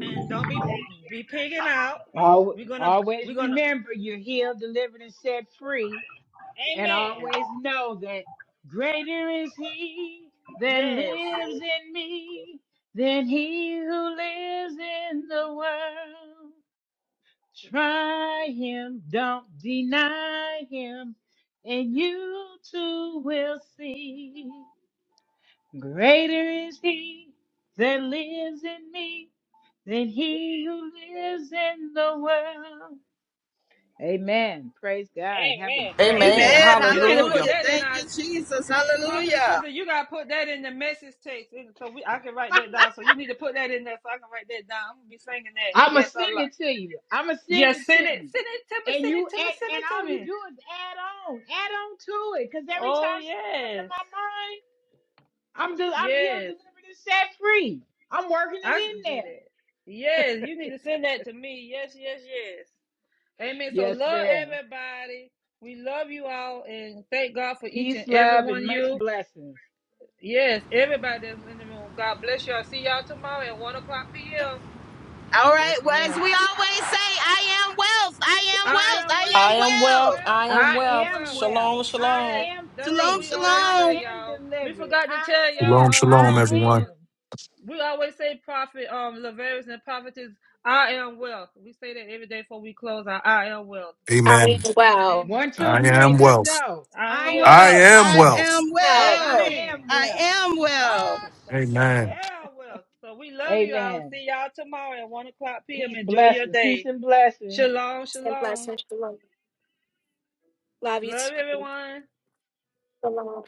Speaker 3: and don't be be pigging out.
Speaker 4: Al-
Speaker 3: We're gonna we're
Speaker 4: Always
Speaker 3: gonna
Speaker 4: remember you're healed, delivered, and set free. And
Speaker 3: Amen.
Speaker 4: always know that greater is He that lives
Speaker 3: Yes.
Speaker 4: in me than He who lives in the world. Try Him, don't deny Him, and you too will see. Greater is He that lives in me than he who lives in the world. Amen. Praise God. Have a
Speaker 3: Amen.
Speaker 4: blessed
Speaker 5: Amen.
Speaker 3: You need
Speaker 4: one.
Speaker 2: Amen.
Speaker 3: you need to put
Speaker 5: Hallelujah.
Speaker 2: Hallelujah.
Speaker 3: that in
Speaker 2: Thank
Speaker 3: our
Speaker 2: you, Jesus.
Speaker 3: Prophetess
Speaker 2: Hallelujah.
Speaker 3: Sister, you gotta put that in the message text, and so we I can write that down. So you need to put that in there, so I can write that down. I'm gonna be singing that.
Speaker 4: I'ma
Speaker 3: Yes, I
Speaker 4: send
Speaker 3: like.
Speaker 4: it to you. I'ma send
Speaker 3: Yes,
Speaker 4: it
Speaker 3: send
Speaker 4: to
Speaker 3: it,
Speaker 4: you.
Speaker 3: send it to me,
Speaker 4: And
Speaker 3: send
Speaker 4: you
Speaker 3: it to
Speaker 4: and,
Speaker 3: me, send
Speaker 4: and
Speaker 3: it to
Speaker 4: all you
Speaker 3: me.
Speaker 4: do is add on, add on to it. Cause every
Speaker 3: Oh
Speaker 4: time something come to
Speaker 3: yes,
Speaker 4: my mind, I'm del- I'm healed,
Speaker 3: yes,
Speaker 4: delivered, and set free. I'm working
Speaker 3: I can
Speaker 4: it in
Speaker 3: do
Speaker 4: there.
Speaker 3: that. Yes, you need to send that to me. Yes, yes, yes. Amen. So
Speaker 4: Yes,
Speaker 3: love
Speaker 4: ma'am.
Speaker 3: everybody. We love you all, and thank God for each and
Speaker 4: Peace,
Speaker 3: every
Speaker 4: love,
Speaker 3: one of
Speaker 4: and much
Speaker 3: you.
Speaker 4: blessings.
Speaker 3: Yes, everybody that's in the room. God bless you. I'll see y'all tomorrow at one o'clock p.m.
Speaker 2: All
Speaker 4: Yes,
Speaker 2: right. Well,
Speaker 4: ma'am.
Speaker 2: as we always say, I am wealth. I am
Speaker 3: I
Speaker 2: wealth.
Speaker 3: am
Speaker 2: I
Speaker 5: I
Speaker 3: wealth.
Speaker 2: am
Speaker 5: am
Speaker 3: I am
Speaker 5: wealth.
Speaker 2: wealth.
Speaker 3: wealth.
Speaker 5: I
Speaker 4: I
Speaker 5: am
Speaker 3: I am
Speaker 5: wealth.
Speaker 4: am
Speaker 3: wealth.
Speaker 4: well.
Speaker 5: Shalom,
Speaker 4: I
Speaker 5: shalom.
Speaker 3: Yes,
Speaker 4: am
Speaker 3: that's what
Speaker 2: Shalom,
Speaker 4: free.
Speaker 3: we always
Speaker 4: I
Speaker 3: say,
Speaker 2: shalom.
Speaker 4: am
Speaker 3: y'all. We
Speaker 4: delivered.
Speaker 3: forgot to
Speaker 4: I
Speaker 3: tell
Speaker 6: shalom,
Speaker 4: am.
Speaker 3: y'all, uh,
Speaker 4: I
Speaker 6: shalom,
Speaker 3: prophet.
Speaker 6: everyone.
Speaker 4: am.
Speaker 3: Lav- We always say prophet, um, Laverius and prophetess. I am wealth. We say that every day before we close our I am wealth.
Speaker 1: I
Speaker 6: Amen.
Speaker 1: am well.
Speaker 3: Amen.
Speaker 4: One, two,
Speaker 6: I
Speaker 3: All right.
Speaker 4: three.
Speaker 6: am
Speaker 4: Let's
Speaker 6: wealth.
Speaker 4: go.
Speaker 3: I
Speaker 4: I
Speaker 3: am
Speaker 2: I'm
Speaker 4: am
Speaker 3: wealth.
Speaker 6: I
Speaker 2: wealth.
Speaker 4: well.
Speaker 6: am
Speaker 2: I
Speaker 6: wealth.
Speaker 2: am
Speaker 1: Well,
Speaker 4: I
Speaker 2: wealth.
Speaker 3: Amen.
Speaker 4: am
Speaker 2: I
Speaker 4: well.
Speaker 2: am wealth.
Speaker 3: Oh, sh-
Speaker 6: Amen.
Speaker 3: I am wealth. So we love you. I'll
Speaker 4: Amen.
Speaker 3: see y'all tomorrow at one o'clock p.m.
Speaker 4: Peace,
Speaker 3: Enjoy your
Speaker 4: blessings. Peace
Speaker 3: day.
Speaker 4: and blessings.
Speaker 3: Shalom,
Speaker 1: and
Speaker 3: shalom.
Speaker 1: blessings. Shalom. Love you
Speaker 3: Love
Speaker 1: too.
Speaker 3: everyone.
Speaker 1: Shalom.